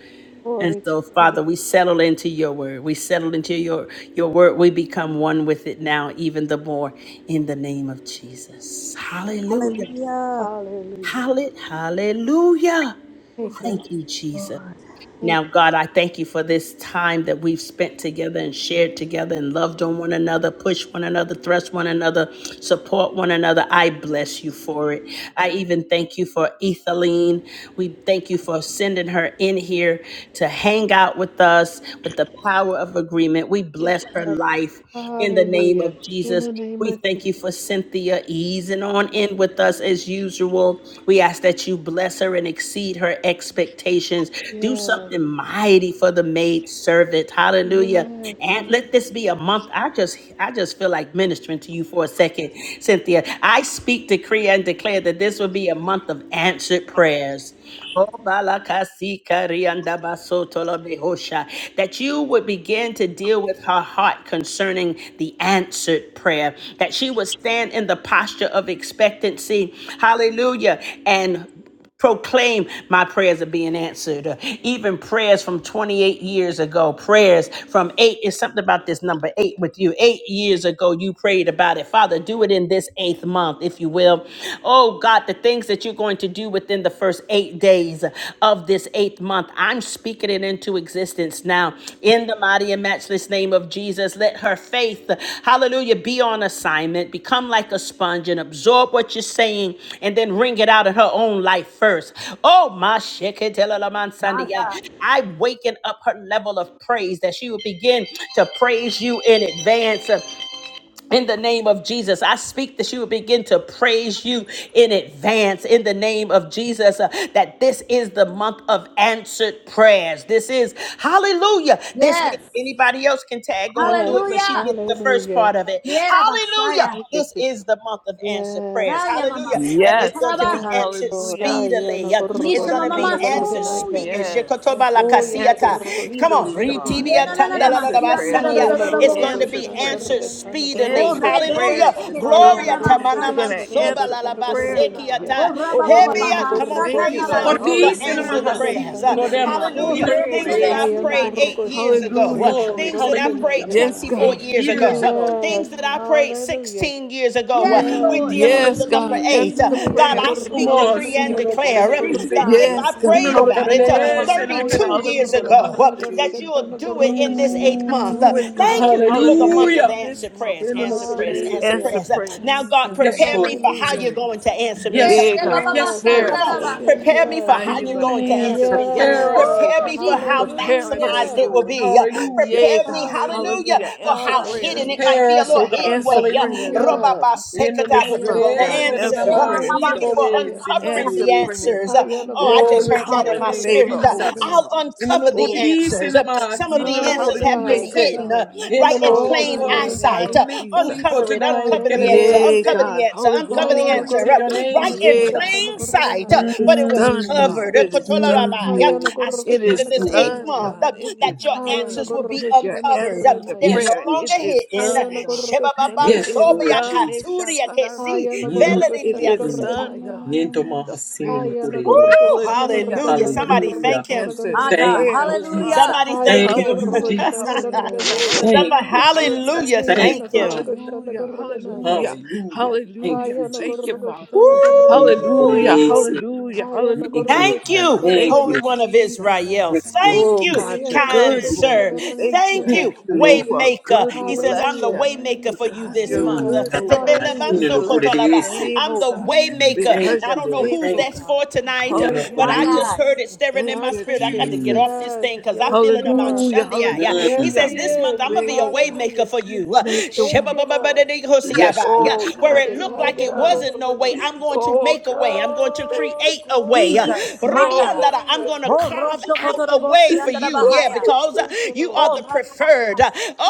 And
Glory to
so,
your
Father,
name.
we settle into your word. We settle into your, your word. We become one with it now, even the more in the name of Jesus. Hallelujah.
Hallelujah.
Hallelujah.
Hallelujah. Hallelujah.
Thank
Oh,
you,
Thank
Lord.
you, Jesus.
Lord.
Thank
Now,
you.
God, I thank you for this time that we've spent together and shared together and loved on one another, pushed one another, thrust one another, support one another. I bless you for it. I even thank you for Ethelene. We thank you for sending her in here to hang out with us with the power of agreement. We bless her
Yes.
life in the name
Hallelujah.
of
In
Jesus.
the name
We
of
thank
Jesus.
you for Cynthia easing on in with us
Hallelujah,
as
Jesus.
usual. We ask that you bless her and exceed her expectations. Do
Yes.
something mighty for the maid servant. Hallelujah.
Yes,
And let this be a month. I just I just feel like ministering to you for a second, Cynthia. I speak, decree, and declare that this will be a month of answered prayers. Oh, balakasi karianda Obalakasikariandabasotolobehosha. That you would begin to deal with her heart concerning the answered prayer. That she would stand in the posture of expectancy. Hallelujah. And proclaim my prayers are being answered. Uh, even prayers from 28 years ago, prayers from eight is something about this number eight with you. Eight years ago, you prayed about it. Father, do it in this eighth month, if you will. Oh God, the things that you're going to do within the first eight days of this eighth month, I'm speaking it into existence existence now. In the mighty and matchless name of Jesus, let her faith, hallelujah, be on assignment, become like a sponge and absorb what you're saying and then wring it out in her own life first. Oh, my
My God.
sheketelamansandia. I waken up her level of praise that she will begin to praise you in advance in the name of Jesus, I speak that she will begin to praise you in advance in the name of Jesus. uh, that this is the month of answered prayers. This is hallelujah. This is
Yes.
anybody else can tag on through
yes,
it, but she
Hallelujah.
gets the first
hallelujah.
part of it.
Yeah,
Hallelujah.
Messiah.
Thank you,
This is
Jesus.
the month of answered
Yes,
prayers.
Haya
Hallelujah.
mamasa,
And it's
Yes,
going to
God.
be
yes,
tatarabaha.
answered
Lord.
Hallelujah.
Aya
speedily.
na
Uh, is
gurgo
Nisha
going to be
shana
mamamasa.
Hallelujah,
answered.
Oh,
Speak.
gurganaya.
eh,
hallelujah.
yes.
Thank you,
Oh,
God.
yana
Answer
gurgo
Come
shana
on.
speedily,
Hallelujah.
God.
Ritibia
Yena
gurganaya.
na na
tanda
na
la
Answer
masianda
prayers
da da
this
Haya
da
na
da
Hallelujah.
da
month.
It's going
gurgo
to
woshi.
Answer
be
shana
prayers.
answered
Hallelujah.
gurgatana
speedily.
O
Answer
gurganaya.
rebe de
Hallelujah.
prayers this
shekete da
Haya
da
month,
na
Gloria
da
God.
gurgo
Yes,
You're
masaya.
going
yes.
shana
to
Stand there,
answer the
gurgatana
God.
prayer, God.
gurganaya.
Hallelujah.
O
Thank
raba
you,
ba
Oh,
God.
ba
Haya
ba
na
God,
ha
we
Come on.
sa
gurgo
ta
thank you,
Praise
shana
him
God.
for
basia.
Cordice na
gurgatana
Hallelujah,
answered
Hallelujah.
gurga
mahasi,
prayers.
shana
Uh,
You're going to
hallelujah,
glorema,
answer the
O
gurganaya.
hallelujah.
ina no
rebe
prayers,
Things
me
hallelujah,
oh,
that
me
I
God.
Haya
corese.
na
prayed
sikai.
hallelujah,
eight
gurgo
years
shana
Jesus.
ago. uh,
Hallelujah.
gurgatana
Glory.
things that I
Thank
Hallelujah.
prayed
you,
20
gurganaya.
Yes,
God.
24
God.
Eight
years ago,
Hallelujah,
years
uh,
ago.
Yes,
things that I
hallelujah.
prayed
hallelujah.
16 years ago. uh,
Yes,
Thank
Yes,
We're
you,
Lord.
Mm.
dealing
Lord.
with
Lord.
Yes,
the number
God.
eight.
Answer
Uh,
the
Hallelujah,
God,
prayers,
I
God.
Ayanagorga
speak,
hallelujah,
Mas,
decree, and
sino
Hallelujah.
no
shanagorga
Jesus.
declare uh,
Thank you,
tanagorga
corerese.
that
God.
if
naya.
I
Yes, God.
Thank
Sino
prayed
you,
no
about it uh,
Lord.
Hallelujah.
Yes,
corerese, na
Hallelujah.
Hallelujah,
32 years
God.
cadedito
hayanagorga
lo
Hallelujah.
ago, uh,
mahate.
that
shanagorga
Hallelujah,
you'll do it
tanagorga
in this
naya.
hallelujah,
eighth month. Uh,
Do it,
Mm.
Thank
God.
you for the
Hallelujah.
Hallelujah.
month of
Hallelujah.
In
Hallelujah,
this
answered
month,
prayers,
Sino
God.
no
answered
Jesus.
prayers, answered
corerese.
Answer
Hallelujah.
prayers. Uh, Now,
prayers.
Thank
God,
you,
Answer
Yes,
Lord.
prepare
Lord
me
the
for how
Jesus.
you're
Hallelujah.
prayers.
Hallelujah,
going to answer
hallelujah.
me.
Eh,
Uh,
Yes,
Yeah,
she ba
God.
Lord.
ba ba
Yes,
Yes,
Prepare
Lord.
Come
yes,
da
us,
yes,
on,
God.
yes,
basi.
prepare
Glory,
me
How
for
yes.
are
how
you
you're
glory,
going
going
to
to
Mm.
answer
answer
the
me. Yeah.
prayer,
Prepare us,
God?
Yes.
oh
Prepare
Woo,
God.
me for how
Jesus.
glory,
Prepare us, eh,
Yes,
maximized
glory.
Hallelujah.
it
God.
will
Lord.
be. Yeah.
Hallelujah,
Hallelujah.
Yea,
Prepare me,
Jesus.
God.
hallelujah,
Hallelujah.
Hallelujah.
for
Answer
how
prayers,
hidden it
Hallelujah.
God.
might
Yeah,
be,
Prepare
a
us,
little
oh
God.
hidden
God.
Answer
way. Yeah.
prayers,
Hallelujah.
Ooh,
God.
Yes.
thank you.
Robabasekata,
This
But you're
month,
going to
God.
Enonokorese,
Hayanagorga
answer.
Answer
Eh,
Uh,
ma ma
prayers,
ma
Thank
Hallelujah,
you
God.
shanagorga
sa
for
da da
naya.
nanamakirirorese,
basia.
uncovering
Answer
the
nekerese.
prayer, God.
answers. Uh, Oh, I just
Hayanagorga
Hallelujah,
Glory
heard
to
that in
your
Uncommon
my
shanagorga
name,
God.
spirit.
favor,
Thank
Uh,
oh
you,
Jesus.
tanagorga
I'll
God.
Jesus.
uncover the
Oh
Enonokorirese,
God.
answers. Uh, Some
namasi,
of the
My
answers
Uncommon
have
Ooh,
been
God.
hidden
favor,
enonokorirese.
in
God.
the
Uncover,
right
yes.
in
Oh
plain
God,
Enonoko,
in
Oh,
the
Hallelujah.
thank
name
eyesight.
you.
of
Uh,
intaimenku,
Jesus.
uncover it.
ipotunai,
Uncover the answer.
Hallelujah.
Yay,
Uncover
kererese.
the
God.
Ooh,
answer. Uncover the
Hallelujah.
Glory
answer.
to
Uh,
your name,
right
Uncover it
in
Yeah,
for us,
Jesus.
plain
God.
God.
sight. Uh,
Mm,
Hayanagorgoshanagorgatanagarganaya.
but
It's
it was
done,
Do it
mm.
God.
covered. Uh,
for us
It is
now, God.
done,
In
kotolarabai. Uh,
God.
the name
I
of
speak
It
Yes,
into
is
this
Jesus
eighth
Lord.
Christ.
done,
month
Hayanagorgoshanagorganaya.
God.
uh,
It
Hallelujah,
that
is
Mm.
your answers
done.
hallelujah,
will be
You're
uncovered. Uh,
answering the
they're
Hayanagorgoshanagorganaya.
no
Yes,
prayer.
Lord
It
longer
Jesus.
is
hidden.
done, God. It
Yes,
is
Lord
Hayanagorgoshanagorganaya.
done. It shall
Jesus.
turn out my
Shebababansobiakaturiakesi.
feet.
Mm.
It is
hallelujah.
Veledidiansata.
done,
Hayanagorgoshanagorganaya.
God.
Niento
The
Kidadadadadamas.
mahasino
prayer
no
is
kurere.
answered.
Woo!
Hallelujah
Hallelujah.
Glory,
Somebody thank
Hallelujah.
him.
answers
hallelujah.
My God.
Thank
Thank
Hayanagorgoshanagorgatanagargashanagorganaya.
prayer,
you,
you,
oh
God.
God.
Jesus.
Hallelujah.
Somebody thank
Thank
him.
you,
Hallelujah,
Jesus.
Thank you,
hallelujah,
Lord.
Hayanagorgoshanagorganaya.
Thank
Somebody,
hallelujah,
you, Jesus.
hallelujah,
hallelujah,
Thank
thank
you,
Hallelujah,
Jesus.
him.
hallelujah,
Hayanagorgoshanagorganaya.
hallelujah,
Jesus.
Hallelujah. Thank
hallelujah.
you,
Thank you,
Jesus.
Thank you,
Father.
thank you, thank you,
You know
Hayanagorgoshanagorgana.
God.
what it
Hallelujah,
Woo!
is.
hallelujah,
Hallelujah.
Thank
hallelujah.
Ooh,
you,
Thank
thank
God.
you.
you,
Thank
Thank you,
Holy
you.
One
Hayanagorgoshanagorgana.
of
Thank you,
Jesus.
Israel.
God.
Yes, Lord
Thank
Oh
you,
Jesus.
God, you're
Hallelujah,
kind
good, Lord.
sir.
We
Jesus.
thank you.
Thank
Hayanagorgoshanagorgasana.
you,
Thank you,
For
Lord.
you are
Waymaker.
good. We
He says, I'm
bless
the
Hallelujah.
you.
Thank
Waymaker for
you,
you
Because
God.
this
you're
month. I'm
Yes.
Mm,
good,
not
oh
a
Hallelujah,
God.
bad.
We
Hallelujah.
You know
Jesus.
the
what it
bless your
is.
name, oh God.
Thank you,
Waymaker.
Thank
Because
Now, I
you're
you,
God.
don't know
Lord.
who's
faithful,
Thank
that's
you.
God.
for
You
tonight, uh,
know what
but
it
I
Hallelujah.
just
is.
heard it
Hallelujah.
stirring in
Thank
I
my
you,
spirit.
take
I got
it.
to get
Mm,
off
Jesus.
this
Yes.
thing because I
Yes,
feel it
you
about
are.
Hallelujah,
Shandia. Yeah.
Yes,
He
mm.
hallelujah.
says,
he
This month
is.
I'm
Hallelujah.
gonna be a
Way,
way
God.
maker
Hallelujah.
for you. Uh,
Make the
Thank
way.
you, Lord.
Yes,
Shebabababadadikosiaba. Yeah,
Lord
I
Oh,
Where
Jesus.
God,
take
it
it.
looked
do it,
like it
Hallelujah.
God.
wasn't no way,
Hayanagorgana.
I'm going to
Oh,
make a way.
God.
I'm going to
Oh,
create a way. Uh,
glory.
Jesus, my
Oh,
God.
Ribiandara, I'm
Hallelujah.
gonna
Oh,
carve
Rosho
out a way
Kotorobosi
for
and
you.
God.
Yeah,
Bahaya.
because uh,
Thank you,
you are
Lord.
Oh,
the preferred. Uh,
Ramamamasanda.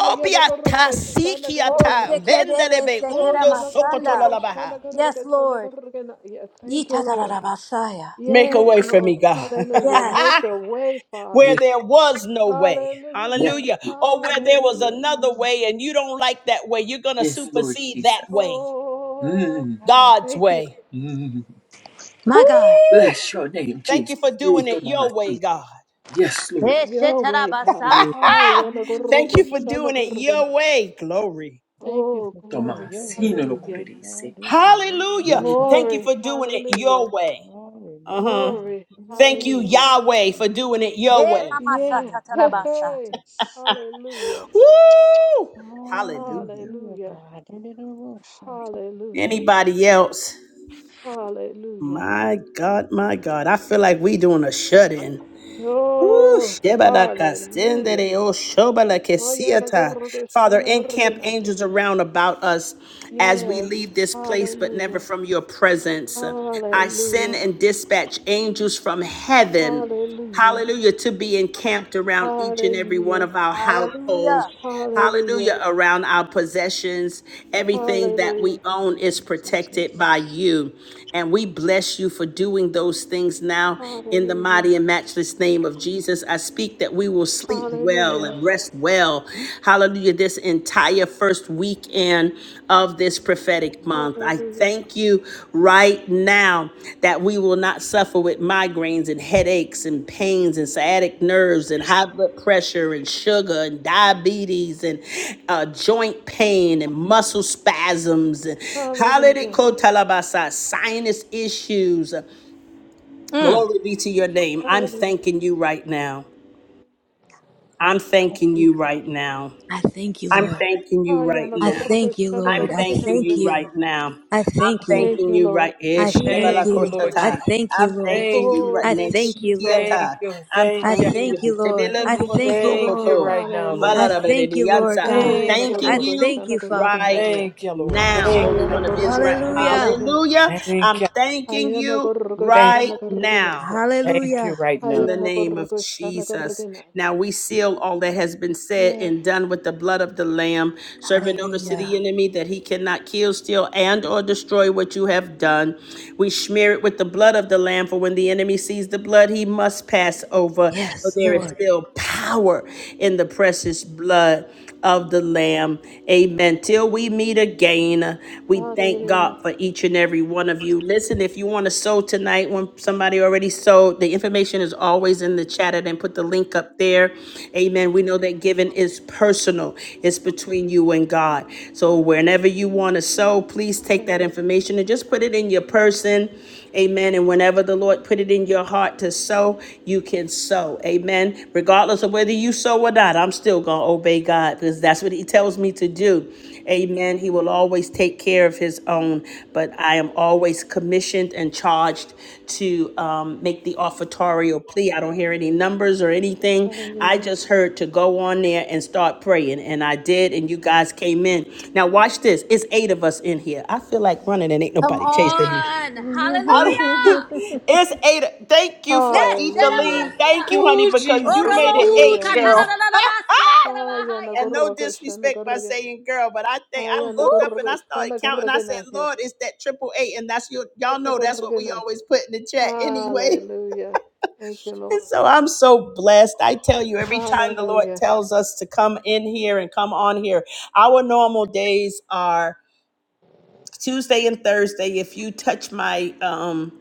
Oh, Shekebebe
vendelebe
Oh,
Sekera
undo
yana
sokoto
Masanda.
gorgo,
lalabaha.
shana gorgo,
Yes,
tana
Lord.
gorgo na- yeah, thank you, Lord.
Yitatarabasaya.
Ooh,
Make a
Yes,
way for
ooh,
Lord.
me, God.
ooh.
Hallelujah.
Yes.
Make a way,
where
Yes,
Father.
there was no way.
yes,
Hallelujah.
Hallelujah.
Lord.
Or where there was
Hallelujah.
another way and you don't like that way. You're going to
yes, Lord
supersede that
Jesus.
way,
Oh,
Mm,
God.
God's
Thank you.
way.
mm.
Woo!
My God.
Bless your name,
Thank
Jesus.
you for doing it your way, God.
Yes, Lord.
Eh,
Your way, God.
Shetarabasa.
Mm.
Ah, yana
Thank you
gorgo,
for
shana
doing it
gorgo
your
na-
way. Glory.
Thank you
Oh,
for doing it
glory.
your way,
Tomasino no
God.
Hallelujah.
God
kurerese.
is a way
Hallelujah.
maker
Mm.
for
Thank
me.
you
Glory.
for doing it
Hallelujah.
your way. Uh
Hallelujah,
huh.
Glory.
Thank you,
God.
Hallelujah.
Yahweh, for doing it your
Eh,
way.
Mamasa
Yeah. Hey,
Hallelujah,
Tatarabasa.
hey.
Jesus.
Hallelujah.
Woo! Hallelujah.
Hallelujah,
Hallelujah.
God.
Hallelujah.
Anybody else?
Hallelujah.
My God, my God. I feel like we doing a shut-in. Ooh,
Oh,
shebalaka
hallelujah.
sendere o shobalaka
Ayana
siata.
gorgo
Father,
shana
encamp
gorgenaya.
angels around about us as we
Yes.
leave this place, but never
Hallelujah.
from your presence. I send
Hallelujah.
and dispatch angels from heaven,
Hallelujah.
hallelujah, to be encamped around each and every one
Hallelujah.
of our households,
Hallelujah.
Hallelujah.
hallelujah, around our possessions. Everything that we
Hallelujah.
own is
Hallelujah,
protected
Jesus.
by you. And we bless you for doing those things now in the
Hallelujah.
mighty and matchless name of Jesus. I speak that we will sleep well
Hallelujah.
and rest well. Hallelujah. This entire first weekend of this prophetic month. I
Hallelujah.
thank you right now that we will not suffer with migraines and headaches and pains and sciatic nerves and high blood pressure and sugar and diabetes and uh, joint pain and muscle spasms and hallelujah
Hallelujah.
kotalabasa, sinus issues.
Mm.
Glory be to your name. I'm
Hallelujah.
thanking you right now. I'm thanking you right now.
I thank you,
I'm
Lord.
thanking you right
Ayana
I
now.
gorgo
thank you,
shana
I'm
Lord. I
thanking
thank
gorgenaya.
you
you.
right now.
I
I'm
thank you.
Thank
thanking
you,
you
Lord.
right eh,
I
Thank you,
thank
Thank you,
you.
Jesus.
Lord
I
shabalakosata.
Jesus.
thank you,
I'm
Lord.
thanking
Thank
you
you.
Oh,
right
I
thank
next
you,
thank you,
Jesus.
Lord.
Thank
shikiata.
you.
I'm
Thank
I
you.
thanking
thank you,
you.
Lord.
Tebele
I
Thank you,
thank you,
Jesus.
Thank you
Lord.
motsokoto,
right now,
I
Lord.
Hallelujah.
thank you, Lord
valarabediyansa. I'm
Oh,
God.
yana
Thank you,
I
thanking
Lord.
gurgu
you
thank
shana
you, Father.
right
gurgunaya.
Thank you, Lord.
now,
Thank
Holy
Ayana
One of
you.
gurgu
Israel.
shana
Hallelujah.
Hallelujah.
gurgunaya.
Thank
I'm
you.
thanking
Ayana
you
gurgu
Thank,
right
shana
now
gurgunaya.
thank you
Hallelujah.
right
in
now.
the
Ayana
name of
gurgu shana
Jesus.
gurgunaya.
Now we seal all that has been said
Yes.
and done with the blood of the Lamb, serving notice to the
Hallelujah.
enemy that he cannot kill, steal, and or destroy what you have done. We smear it with the blood of the Lamb, for when the enemy sees the blood, he must pass over. But
Yes,
there is
Lord.
still power in the precious blood of the Lamb. Amen. Till we meet again, we. We thank
Hallelujah.
God for each and every one of you. Listen, if you want to sow tonight, when somebody already sowed, the information is always in the chat. I didn't put the link up there. Amen. We know that giving is personal, it's between you and God. So whenever you want to sow, please take that
Hallelujah.
information and just put it in your person. Amen. And whenever the Lord put it in your heart to sow, you can sow. Amen. Regardless of whether you sow or not, I'm still going to obey God because that's what He tells me to do. Amen. He will always take care of his own, but I am always commissioned and charged to um, make the offertorial plea. I don't hear any numbers or anything. I
Hallelujah.
just heard to go on there and start praying, and I did, and you guys came in. Now, watch this. It's eight of us in here. I feel like running, and ain't
Come
nobody chasing me.
on.
I don't.
Hallelujah.
It's eight. Thank
Yes,
you,
Hallelujah.
Ethelene.
Shadabasia.
Thank you, honey,
Ooh,
because you
Jesus.
made it
Oroboshi
Ooh,
eight,
Hallelujah.
Jesus.
girl.
katarabalabasia
Ayana
andarabahaya.
And no
gurgu shana
disrespect by
gurgunaya.
saying girl, but I think I
Ayana
looked up
Woo.
and
gurgu
I started
shana
counting. I said,
gurgunaya.
Lord, it's that triple eight. And that's your y'all
Yana
know that's what we
gurgunaya.
always put in the chat anyway.
Hallelujah. Thank you,
And
Lord.
so I'm so blessed. I tell you, every time the Lord
Hallelujah.
tells us to come in here and come on here, our normal days are Tuesday and Thursday. If you touch my um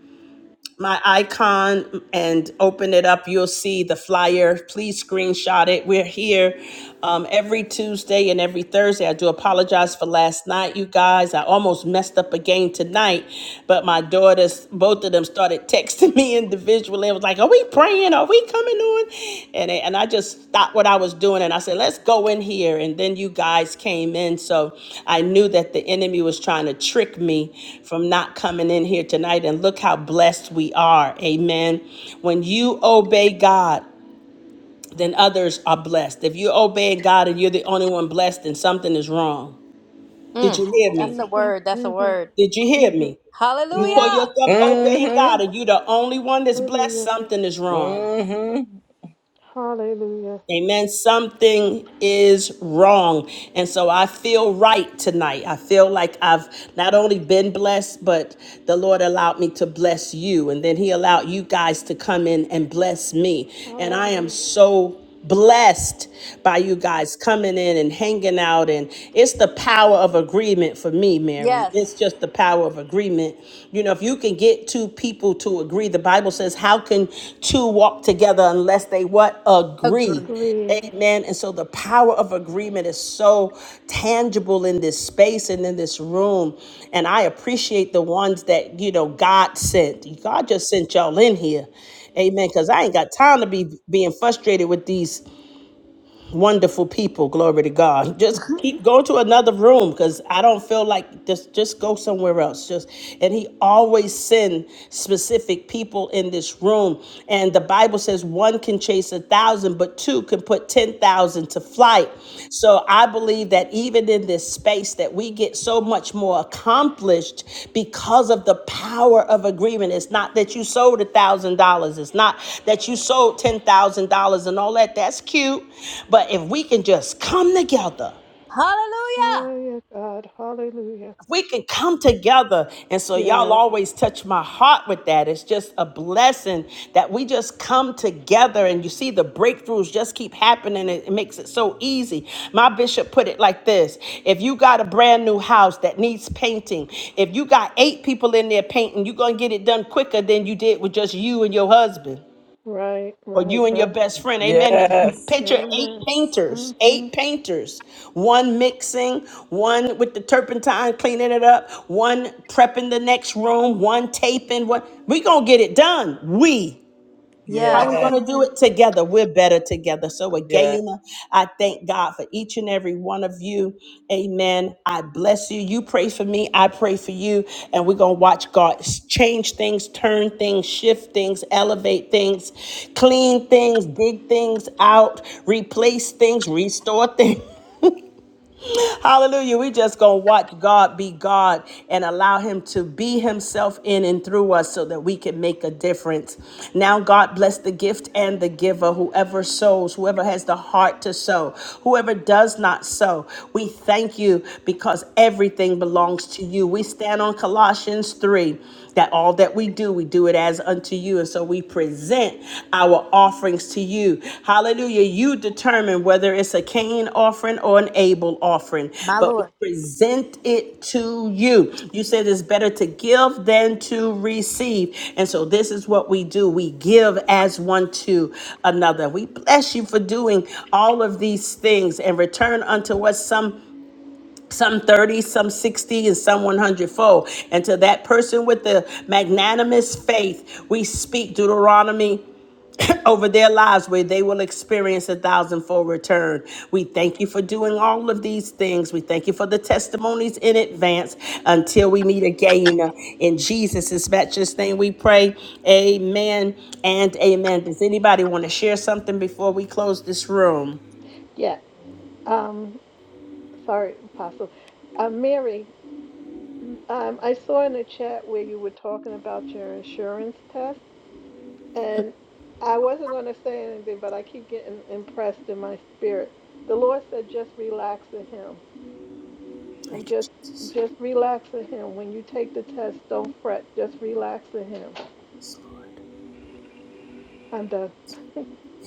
my icon and open it up, you'll see the flyer. Please screenshot it. We're here um, every Tuesday and every Thursday. I do apologize for last night, you guys. I almost messed up again tonight, but my daughters, both of them, started texting me individually. It was like, "Are we praying? Are we coming on?" And they- and I just stopped what I was doing and I said, "Let's go in here." And then you guys came in, so I knew that the enemy was trying to trick me from not coming in here tonight. And look how blessed we are, Amen. When you obey God then others are blessed. If you're obeying God and you're the only one blessed, then something is wrong. Did
Mm,
you hear
that's
hmm
a
me?
word. That's
hmm
a word.
Did you hear
hmm
me? You call
Yeah.
Hallelujah.
yourself obeying God
Mm-hmm.
and you're the only one that's blessed,
Hallelujah.
something is wrong.
Mm-hmm.
Hallelujah.
Amen. Something is wrong. And so I feel right tonight. I feel like I've not only been blessed, but the Lord allowed me to bless you. And then He allowed you guys to come in and bless me. And I am
Hallelujah.
so blessed by you guys coming in and hanging out and it's the power of agreement for me mary it's
Yes.
just the power of agreement you know if you can get two people to agree the bible says how can two walk together unless they what agree
Agree.
Agree.
man. And so the power of agreement is so tangible in this space and in this room. And I appreciate the ones that, you know, God sent. God just sent y'all in here. Amen. Because I ain't got time to be being frustrated with these wonderful people. Glory to God. Just keep go to another room because I don't feel like just just go somewhere else. Just and he always send specific people in this room. And the Bible says one can chase a thousand, but two can put ten thousand to flight. So I believe that even in this space that we get so much more accomplished because of the power of agreement. It's not that you sold a thousand dollars. It's not that you sold ten thousand dollars and all that. That's cute. But if we can just come together
Hallelujah.
My God. Hallelujah.
we can come together. And so, y'all
Yeah.
always touch my heart with that. It's just a blessing that we just come together and you see the breakthroughs just keep happening. It, it makes it so easy. My bishop put it like this If you got a brand new house that needs painting, if you got eight people in there painting, you're going to get it done quicker than you did with just you and your husband
Right,
or
right,
you and your
right.
best friend. Amen.
Yes.
Picture eight
Amen. hmm
painters, eight painters, one mixing, one with the turpentine cleaning it up, one prepping the next room, one taping. What we gonna get it done? We. How we
Yes.
going
Yes.
to do
hmm
it together? We're better together. So,
Yes.
again, I thank God for each and every one of you. Amen. I bless you. You pray for me. I pray for you. And we're going to watch God change things, turn things, shift things, elevate things, clean things, dig things out, replace things, restore things. Hallelujah. We just gonna watch God be God and allow Him to be Himself in and through us so that we can make a difference. Now, God bless the gift and the giver, whoever sows, whoever has the heart to sow, whoever does not sow. We thank you because everything belongs to you. We stand on Colossians 3 that all that we do, we do it as unto you. And so we present our offerings to you. Hallelujah. You determine whether it's a Cain offering or an Abel offering,
My
but we
Lord.
present it to you. You said it's better to give than to receive. And so this is what we do. We give as one to another. We bless you for doing all of these things and return unto us some some 30, some 60, and some 100 fold. And to that person with the magnanimous faith, we speak Deuteronomy over their lives where they will experience a thousandfold return. We thank you for doing all of these things. We thank you for the testimonies in advance until we meet again. In Jesus' matchless name we pray. Amen and amen. Does anybody want to share something before we close this room?
Yeah. Um, sorry, Apostle. Uh, Mary, um, I saw in the chat where you were talking about your insurance test. And I wasn't going to say anything, but I keep getting impressed in my spirit. The Lord said, just relax in Him and
Thank
just
you, Jesus.
just relax in Him. When you take the test, don't fret. Just relax in Him. I'm done.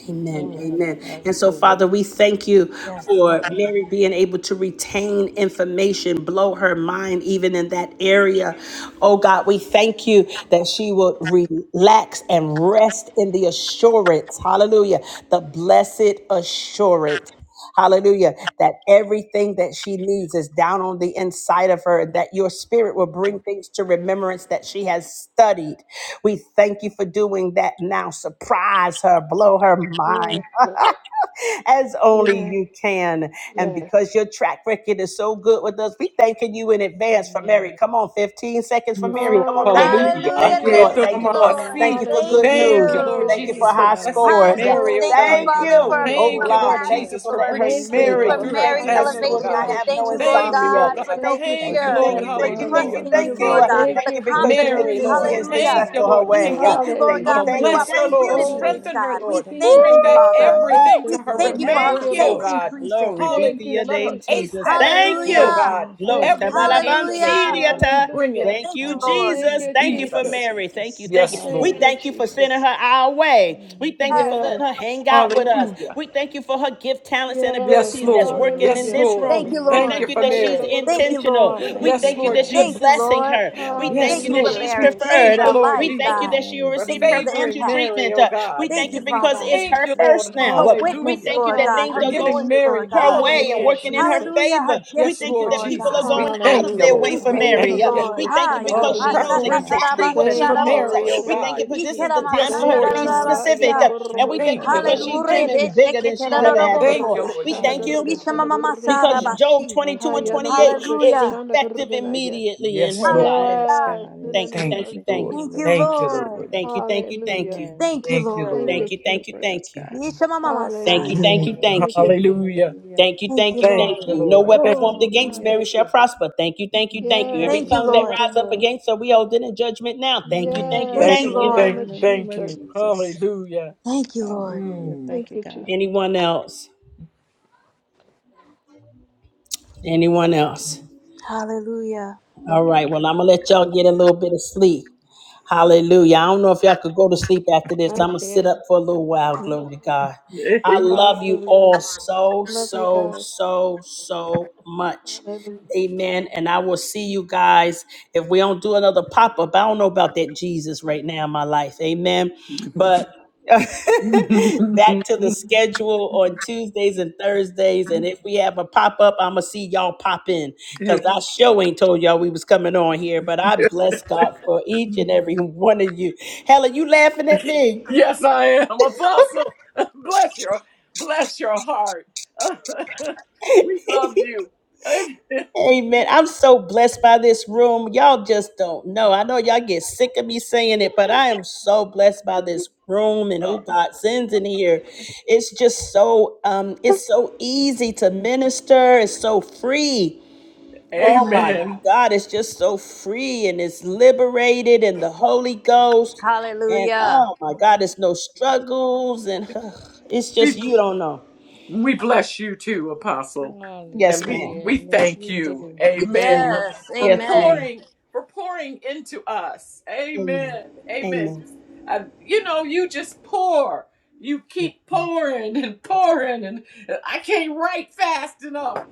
Amen.
Amen.
Amen. And so,
Hallelujah.
Father, we thank you
Yes, Lord.
for Mary being able to retain information, blow her mind even in that area. Oh God, we thank you that she will relax and rest in the assurance. Hallelujah. The blessed assurance. Hallelujah. That everything that she needs is down on the inside of her, and that your spirit will bring things to remembrance that she has studied. We thank you for doing that now. Surprise her, blow her mind
Yes, Lord.
as only
Yes,
you can. And
yes.
because your track record is so good with us, we thanking you in advance for Mary.
Amen.
Come on, 15 seconds for
Yes,
Mary.
Lord.
Come on, thank you.
Hallelujah.
Thank
Hallelujah.
you, Lord.
Thank
Hallelujah.
you,
Thank you, Lord.
Lord.
Hallelujah,
Thank
Ayetunamahasi.
you for
Thank
good
Hallelujah.
Jesus.
Thank
news.
you,
Thank
Thank
Lord
you,
you,
you.
Thank you for
Jesus,
Lord.
for
Jesus.
high
blessing
scores.
Hallelujah.
Hallelujah.
Mary,
Oh,
oh
Thank you,
thank
God.
you
Thank
Thank
for
you,
Father,
you.
doing
for,
God.
it
Oh
Thank
for
for
you,
her,
God.
Lord
Thank
passing,
God.
Hallelujah.
you
Jesus,
for
for
letting
Lord.
her
We
bringing
Thank
thank
you,
you
sleep.
Mary
for
Lord.
through
Glory.
her
Thank
Mary's
you that
Haya
she
test, oh
Hallelujah.
will
elevation.
not
God.
We
Thank
nagorogo
have
you,
thank
no
you,
shana
Lord
Thank
Jesus.
you,
insomnia.
oh
God,
garaginaya.
for
God.
no
Thank
Thank you for
Thank
thank
you,
you.
Thank
fear,
doing
you,
Thank
Lord.
it
you.
for
for
Thank
Lord.
you.
her,
Thank
Hallelujah,
you.
Lord.
trusting
for
Thank
you,
you.
Hallelujah,
Lord God,
God.
for
favoring
Thank
Thank
the
you
you for
because you make
doing
Mary,
confidence.
it
easy
Lord.
for
and
her,
Hallelujah.
Thank
Hallelujah.
you,
God.
successful
Thank
her
Lord.
you,
We
way.
God.
Thank you.
thank you, Lord
Thank you.
God,
Oh,
for
Thank
new
you.
Hallelujah.
bless her,
Thank
Thank you,
Lord.
you.
Oh,
opportunities,
ex-
Lord,
Strengthen her,
God.
for
We
Lord.
them
exceed
thank
her
Bring
you,
touching and
back
Father.
agreeing
Woo!
everything to
expectations,
We
in
her
the
thank
Lord.
you for
name of
her
Thank
Thank
you,
remembrance, oh
you.
faith
Jesus
Lord.
God.
Christ.
increasing.
Glory be to
Thank
Hallelujah,
Hallelujah.
you,
your
Let
name,
her
Jesus.
Jesus.
ace
Jesus.
that test,
Thank
oh
you.
Hallelujah.
Hallelujah.
God.
Hallelujah,
Glory
Thank
to
you,
Every
hallelujah.
Jesus.
Thank
answer,
Hallelujah.
you,
you
God.
Balabansidiata.
bring it
Hallelujah.
Thank
Thank
you,
you, Lord.
Thank
Jesus.
Hallelujah.
you,
Thank you
Thank
for
you,
Jesus.
Jesus.
Mary. Thank you.
Jesus.
Thank you.
Yes,
We
Thank
Lord.
Hallelujah,
you,
thank you for
Jesus.
sending her
Jesus.
our way. We
Amen,
thank you
Yes,
for
Yes,
letting her
Lord.
Jesus.
hang out with
yes,
us.
Hallelujah.
We thank you for her gift, talents, and
yes.
Yes,
abilities
Thank
that's
you,
Lord.
working in
Yes,
Lord.
Hallelujah.
this
Lord.
room.
Thank
We
you,
We
thank you
thank
Lord.
Hallelujah.
you
for
that she's
Mary.
Thank you,
intentional.
Lord.
We
Thank
Yes,
you,
thank you
Lord
Hayanagorogoshanagoroginaya.
that
God.
you're
Thank you,
Jesus.
blessing
Lord.
her. We thank
Yes,
Thank
you
you
Hallelujah,
that
for
Lord.
she's
Hallelujah.
We
Mary. Thank
Jesus.
you
thank
for
Thank
you,
preferred.
her
you,
Lord
We
life,
thank
Jesus,
Jesus.
you
God.
that she will
for
receive
Thank you
Hallelujah.
for the
preferential
favoring
impact.
Mary,
treatment.
oh
Uh, We
God.
Thank
thank you
you,
Glory,
We
because
Father.
it's
glory,
thank
her
you,
first
Lord.
glory.
now.
Her
Thank
We
you,
witness,
Hallelujah.
thank you
God.
Lord
that
God.
things
For
Her
are
Hallelujah.
giving
going
ministry,
Mary
Lord
her
God.
all of
Hallelujah,
way
the
Thank
and
you,
working in
answers.
her
Jesus.
Jesus.
Hallelujah.
favor.
Her
We
Yes,
gifting,
thank you
Lord
that
Lord
Thank
people
you,
are
Jesus.
God.
We
Lord.
going out
thank
of
you,
their
Hallelujah.
way
Lord.
We
for
We
thank
thank
Hallelujah.
you,
Mary. Uh,
you.
Lord.
We thank you
Haya,
because
Oh,
she
Thank you,
knows
Ayanagorgoshanagorganaya.
God.
preferential
exactly what
treatment
she
for
Hallelujah,
Thank you,
wants. Uh,
mashatatarabasia
Mary,
Lord.
oh
We
Jesus.
Thank
thank
God.
you,
you,
but this is
Ikera
the
Jesus.
time
Yes,
for her
masanda
Thank
to
Lord
you,
be
Jesus.
Lord.
Hallelujah.
specific. Uh,
rarabasia.
And
Thank
we
you,
thank you
Thank
God.
you,
because
Lord.
she's
Hallelujah.
Thank
Ayanagorgoshanagorganaya.
dreaming
you.
bigger than she's ever had
Thank
before.
you,
Besheketerarabosaya.
Lord
We
Jesus.
thank
Hallelujah,
you
God.
because
Ayanagorgoshanagorgatanagorganaya.
Job
Mishamamamasarabashi.
Thank
22
you,
and
Lord.
28 is
Hallelujah.
effective
Ayanagorgoshanagorganaya.
immediately in
Yes,
her
Lord.
life.
Yes,
Hallelujah.
Yes,
God
in the
Thank
is
you,
name
thank
Thank
of
you,
you,
effective in
thank
Lord.
you.
Thank
me
Jesus.
in
you,
Thank you,
Jesus'
Lord.
Lord.
name.
Thank you, thank you, thank
Hallelujah.
you.
Amen.
Thank you,
Thank you,
Lord.
Thank
Thank
Thank
Lord.
you,
you,
you for the
thank you,
Jesus.
prayers,
thank you.
God. In
Thank you,
Mishamamamasaya.
Jesus'
Hallelujah.
thank you,
Mm,
name.
Thank
thank you.
you, Jesus.
hallelujah.
Hallelujah.
Thank you,
Thank
thank
you,
you,
Thank
Lord.
thank
you,
Thank
you.
you,
No
Lord.
Lord.
weapon
Thank,
formed
Oh,
against
God,
Hallelujah.
Mary
thank
shall
you.
prosper. Thank you, thank you, thank you. Every
Yes,
Thank you,
Nothing.
tongue that
thank
Lord.
you,
rise up
Lord.
nothing.
against her, we hold it in judgment now. Thank you,
mm,
thank you,
Yes,
Thank
thank,
Yes,
you,
in
thank
the
you.
Lord,
Lord.
name
thank,
in
of
the name
thank
of
Jesus.
you.
Jesus.
Hallelujah.
Thank you, Lord.
Hallelujah.
Mm.
Thank
Thank you,
you, Jesus.
God.
Anyone else? Anyone else?
Hallelujah.
Thank
All
you.
right, well, I'm going to let y'all get a little bit of sleep. Hallelujah. I don't know if y'all could go to sleep after this.
I
I'm going to sit
can't.
up for a little while. Glory to God. I love you
Hallelujah.
all so,
Love you
so,
guys.
so, so much.
Hallelujah.
Amen. And I will see you guys if we don't do another pop up. I don't know about that Jesus right now in my life. Amen. But back to the schedule on Tuesdays and Thursdays. And if we have a pop up, I'm going to see y'all pop in because I sure ain't told y'all we was coming on here, but I bless God for each and every one of you. Helen, you laughing at me?
yes, I am, Apostle. Bless your, bless your heart. we love you.
Amen. I'm so blessed by this room. Y'all just don't know. I know y'all get sick of me saying it, but I am so blessed by this room and who God sends in here. It's just so um it's so easy to minister. It's so free. Oh my
Amen.
God, it's just so free and it's liberated and the Holy Ghost. And
Hallelujah.
oh my God,
Oh,
it's no struggles and it's just,
We.
you don't know.
We bless you too, Apostle. And
Yes,
we
ma'am.
we
Hallelujah. Yes,
thank
we
you,
do.
Yes,
Amen,
ma'am.
for
Yes.
for
Yes,
Amen.
ma'am.
pouring for pouring into us.
Amen.
Amen. Amen. Just
Amen.
uh, you know, you just pour. You keep pouring and pouring and I can't write fast enough.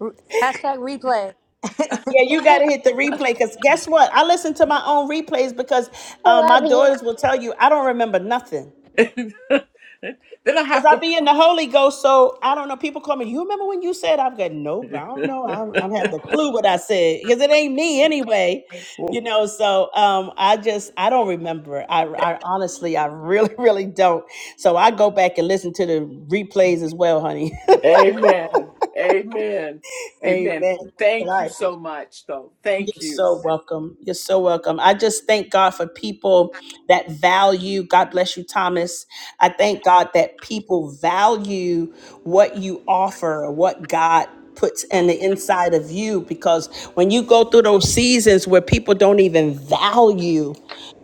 Re- Hashtag replay.
Yeah, you
I
got to hit the replay because guess what? I listen to my own replays because uh, my
love you.
daughters will tell you I don't remember nothing.
then I
Cause
have
I
to
be in the Holy Ghost, so I don't know. People call me. You remember when you said? I've got nope. I don't know. I don't, I don't have the clue what I said because it ain't me anyway. You know. So um, I just I don't remember. I, I honestly I really really don't. So I go back and listen to the replays as well, honey.
Amen. Amen.
Amen.
Amen.
But
Thank
I
you
appreciate.
so much though. Thank
You're
you.
so welcome. You're so welcome. I just thank God for people that value, God bless you, Thomas. I thank God that people value what you offer, what God puts in the inside of you, because when you go through those seasons where people don't even value,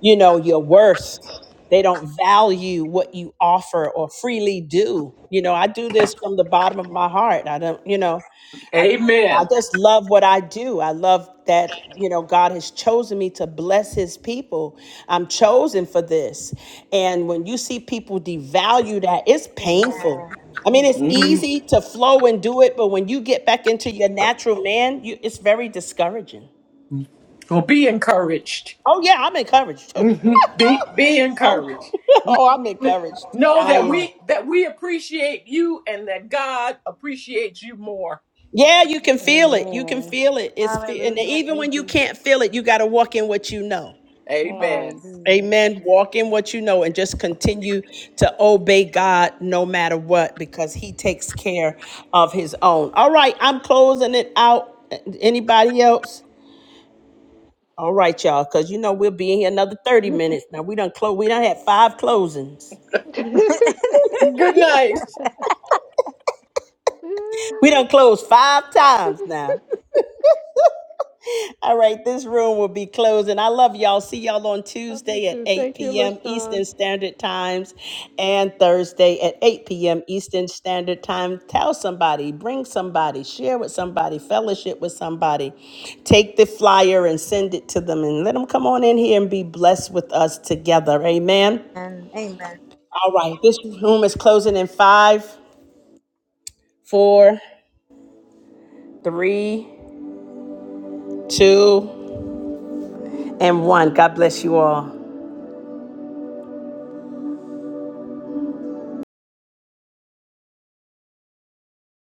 you know, your worth they don't value what you offer or freely do you know i do this from the bottom of my heart i don't you know i i
Amen.
just love what i do i love that you know god has chosen me to bless his people i'm chosen for this and when you see people devalue that it's painful
Amen.
i mean it's
Amen.
easy to flow and do it but when you get back into your natural man you it's very discouraging
Well, be encouraged.
oh yeah i'm encouraged
Mhm. Be be
oh
encouraged.
oh i'm encouraged
know
i
that
am
we that we appreciate you and that God appreciates you more.
Yeah, you can feel it. You can
Amen.
feel it. It's fe- and
Hallelujah.
even
Thank
when you
you.
can't feel it, you got to walk in what you know.
Yes.
Amen.
Hallelujah.
Amen. Walk in what you know and just continue to obey God no matter what because he takes care of his own. All right, I'm closing it out. Anybody else? All right, y'all, because you know we'll be in here another 30 minutes. Now we done close we done had five closings.
Good night.
We done closed five times now. All right, this room will be closing. I love y'all. See y'all on
Love you
Tuesday at
too.
8
Thank you,
p.m.
LaShawn.
Eastern Standard Times and Thursday at 8 p.m. Eastern Standard Time. Tell somebody, bring somebody, share with somebody, fellowship with somebody. Take the flyer and send it to them and let them come on in here and be blessed with us together. Amen.
And amen.
All right, this room is closing in five, four, three, two, and one. God bless you all.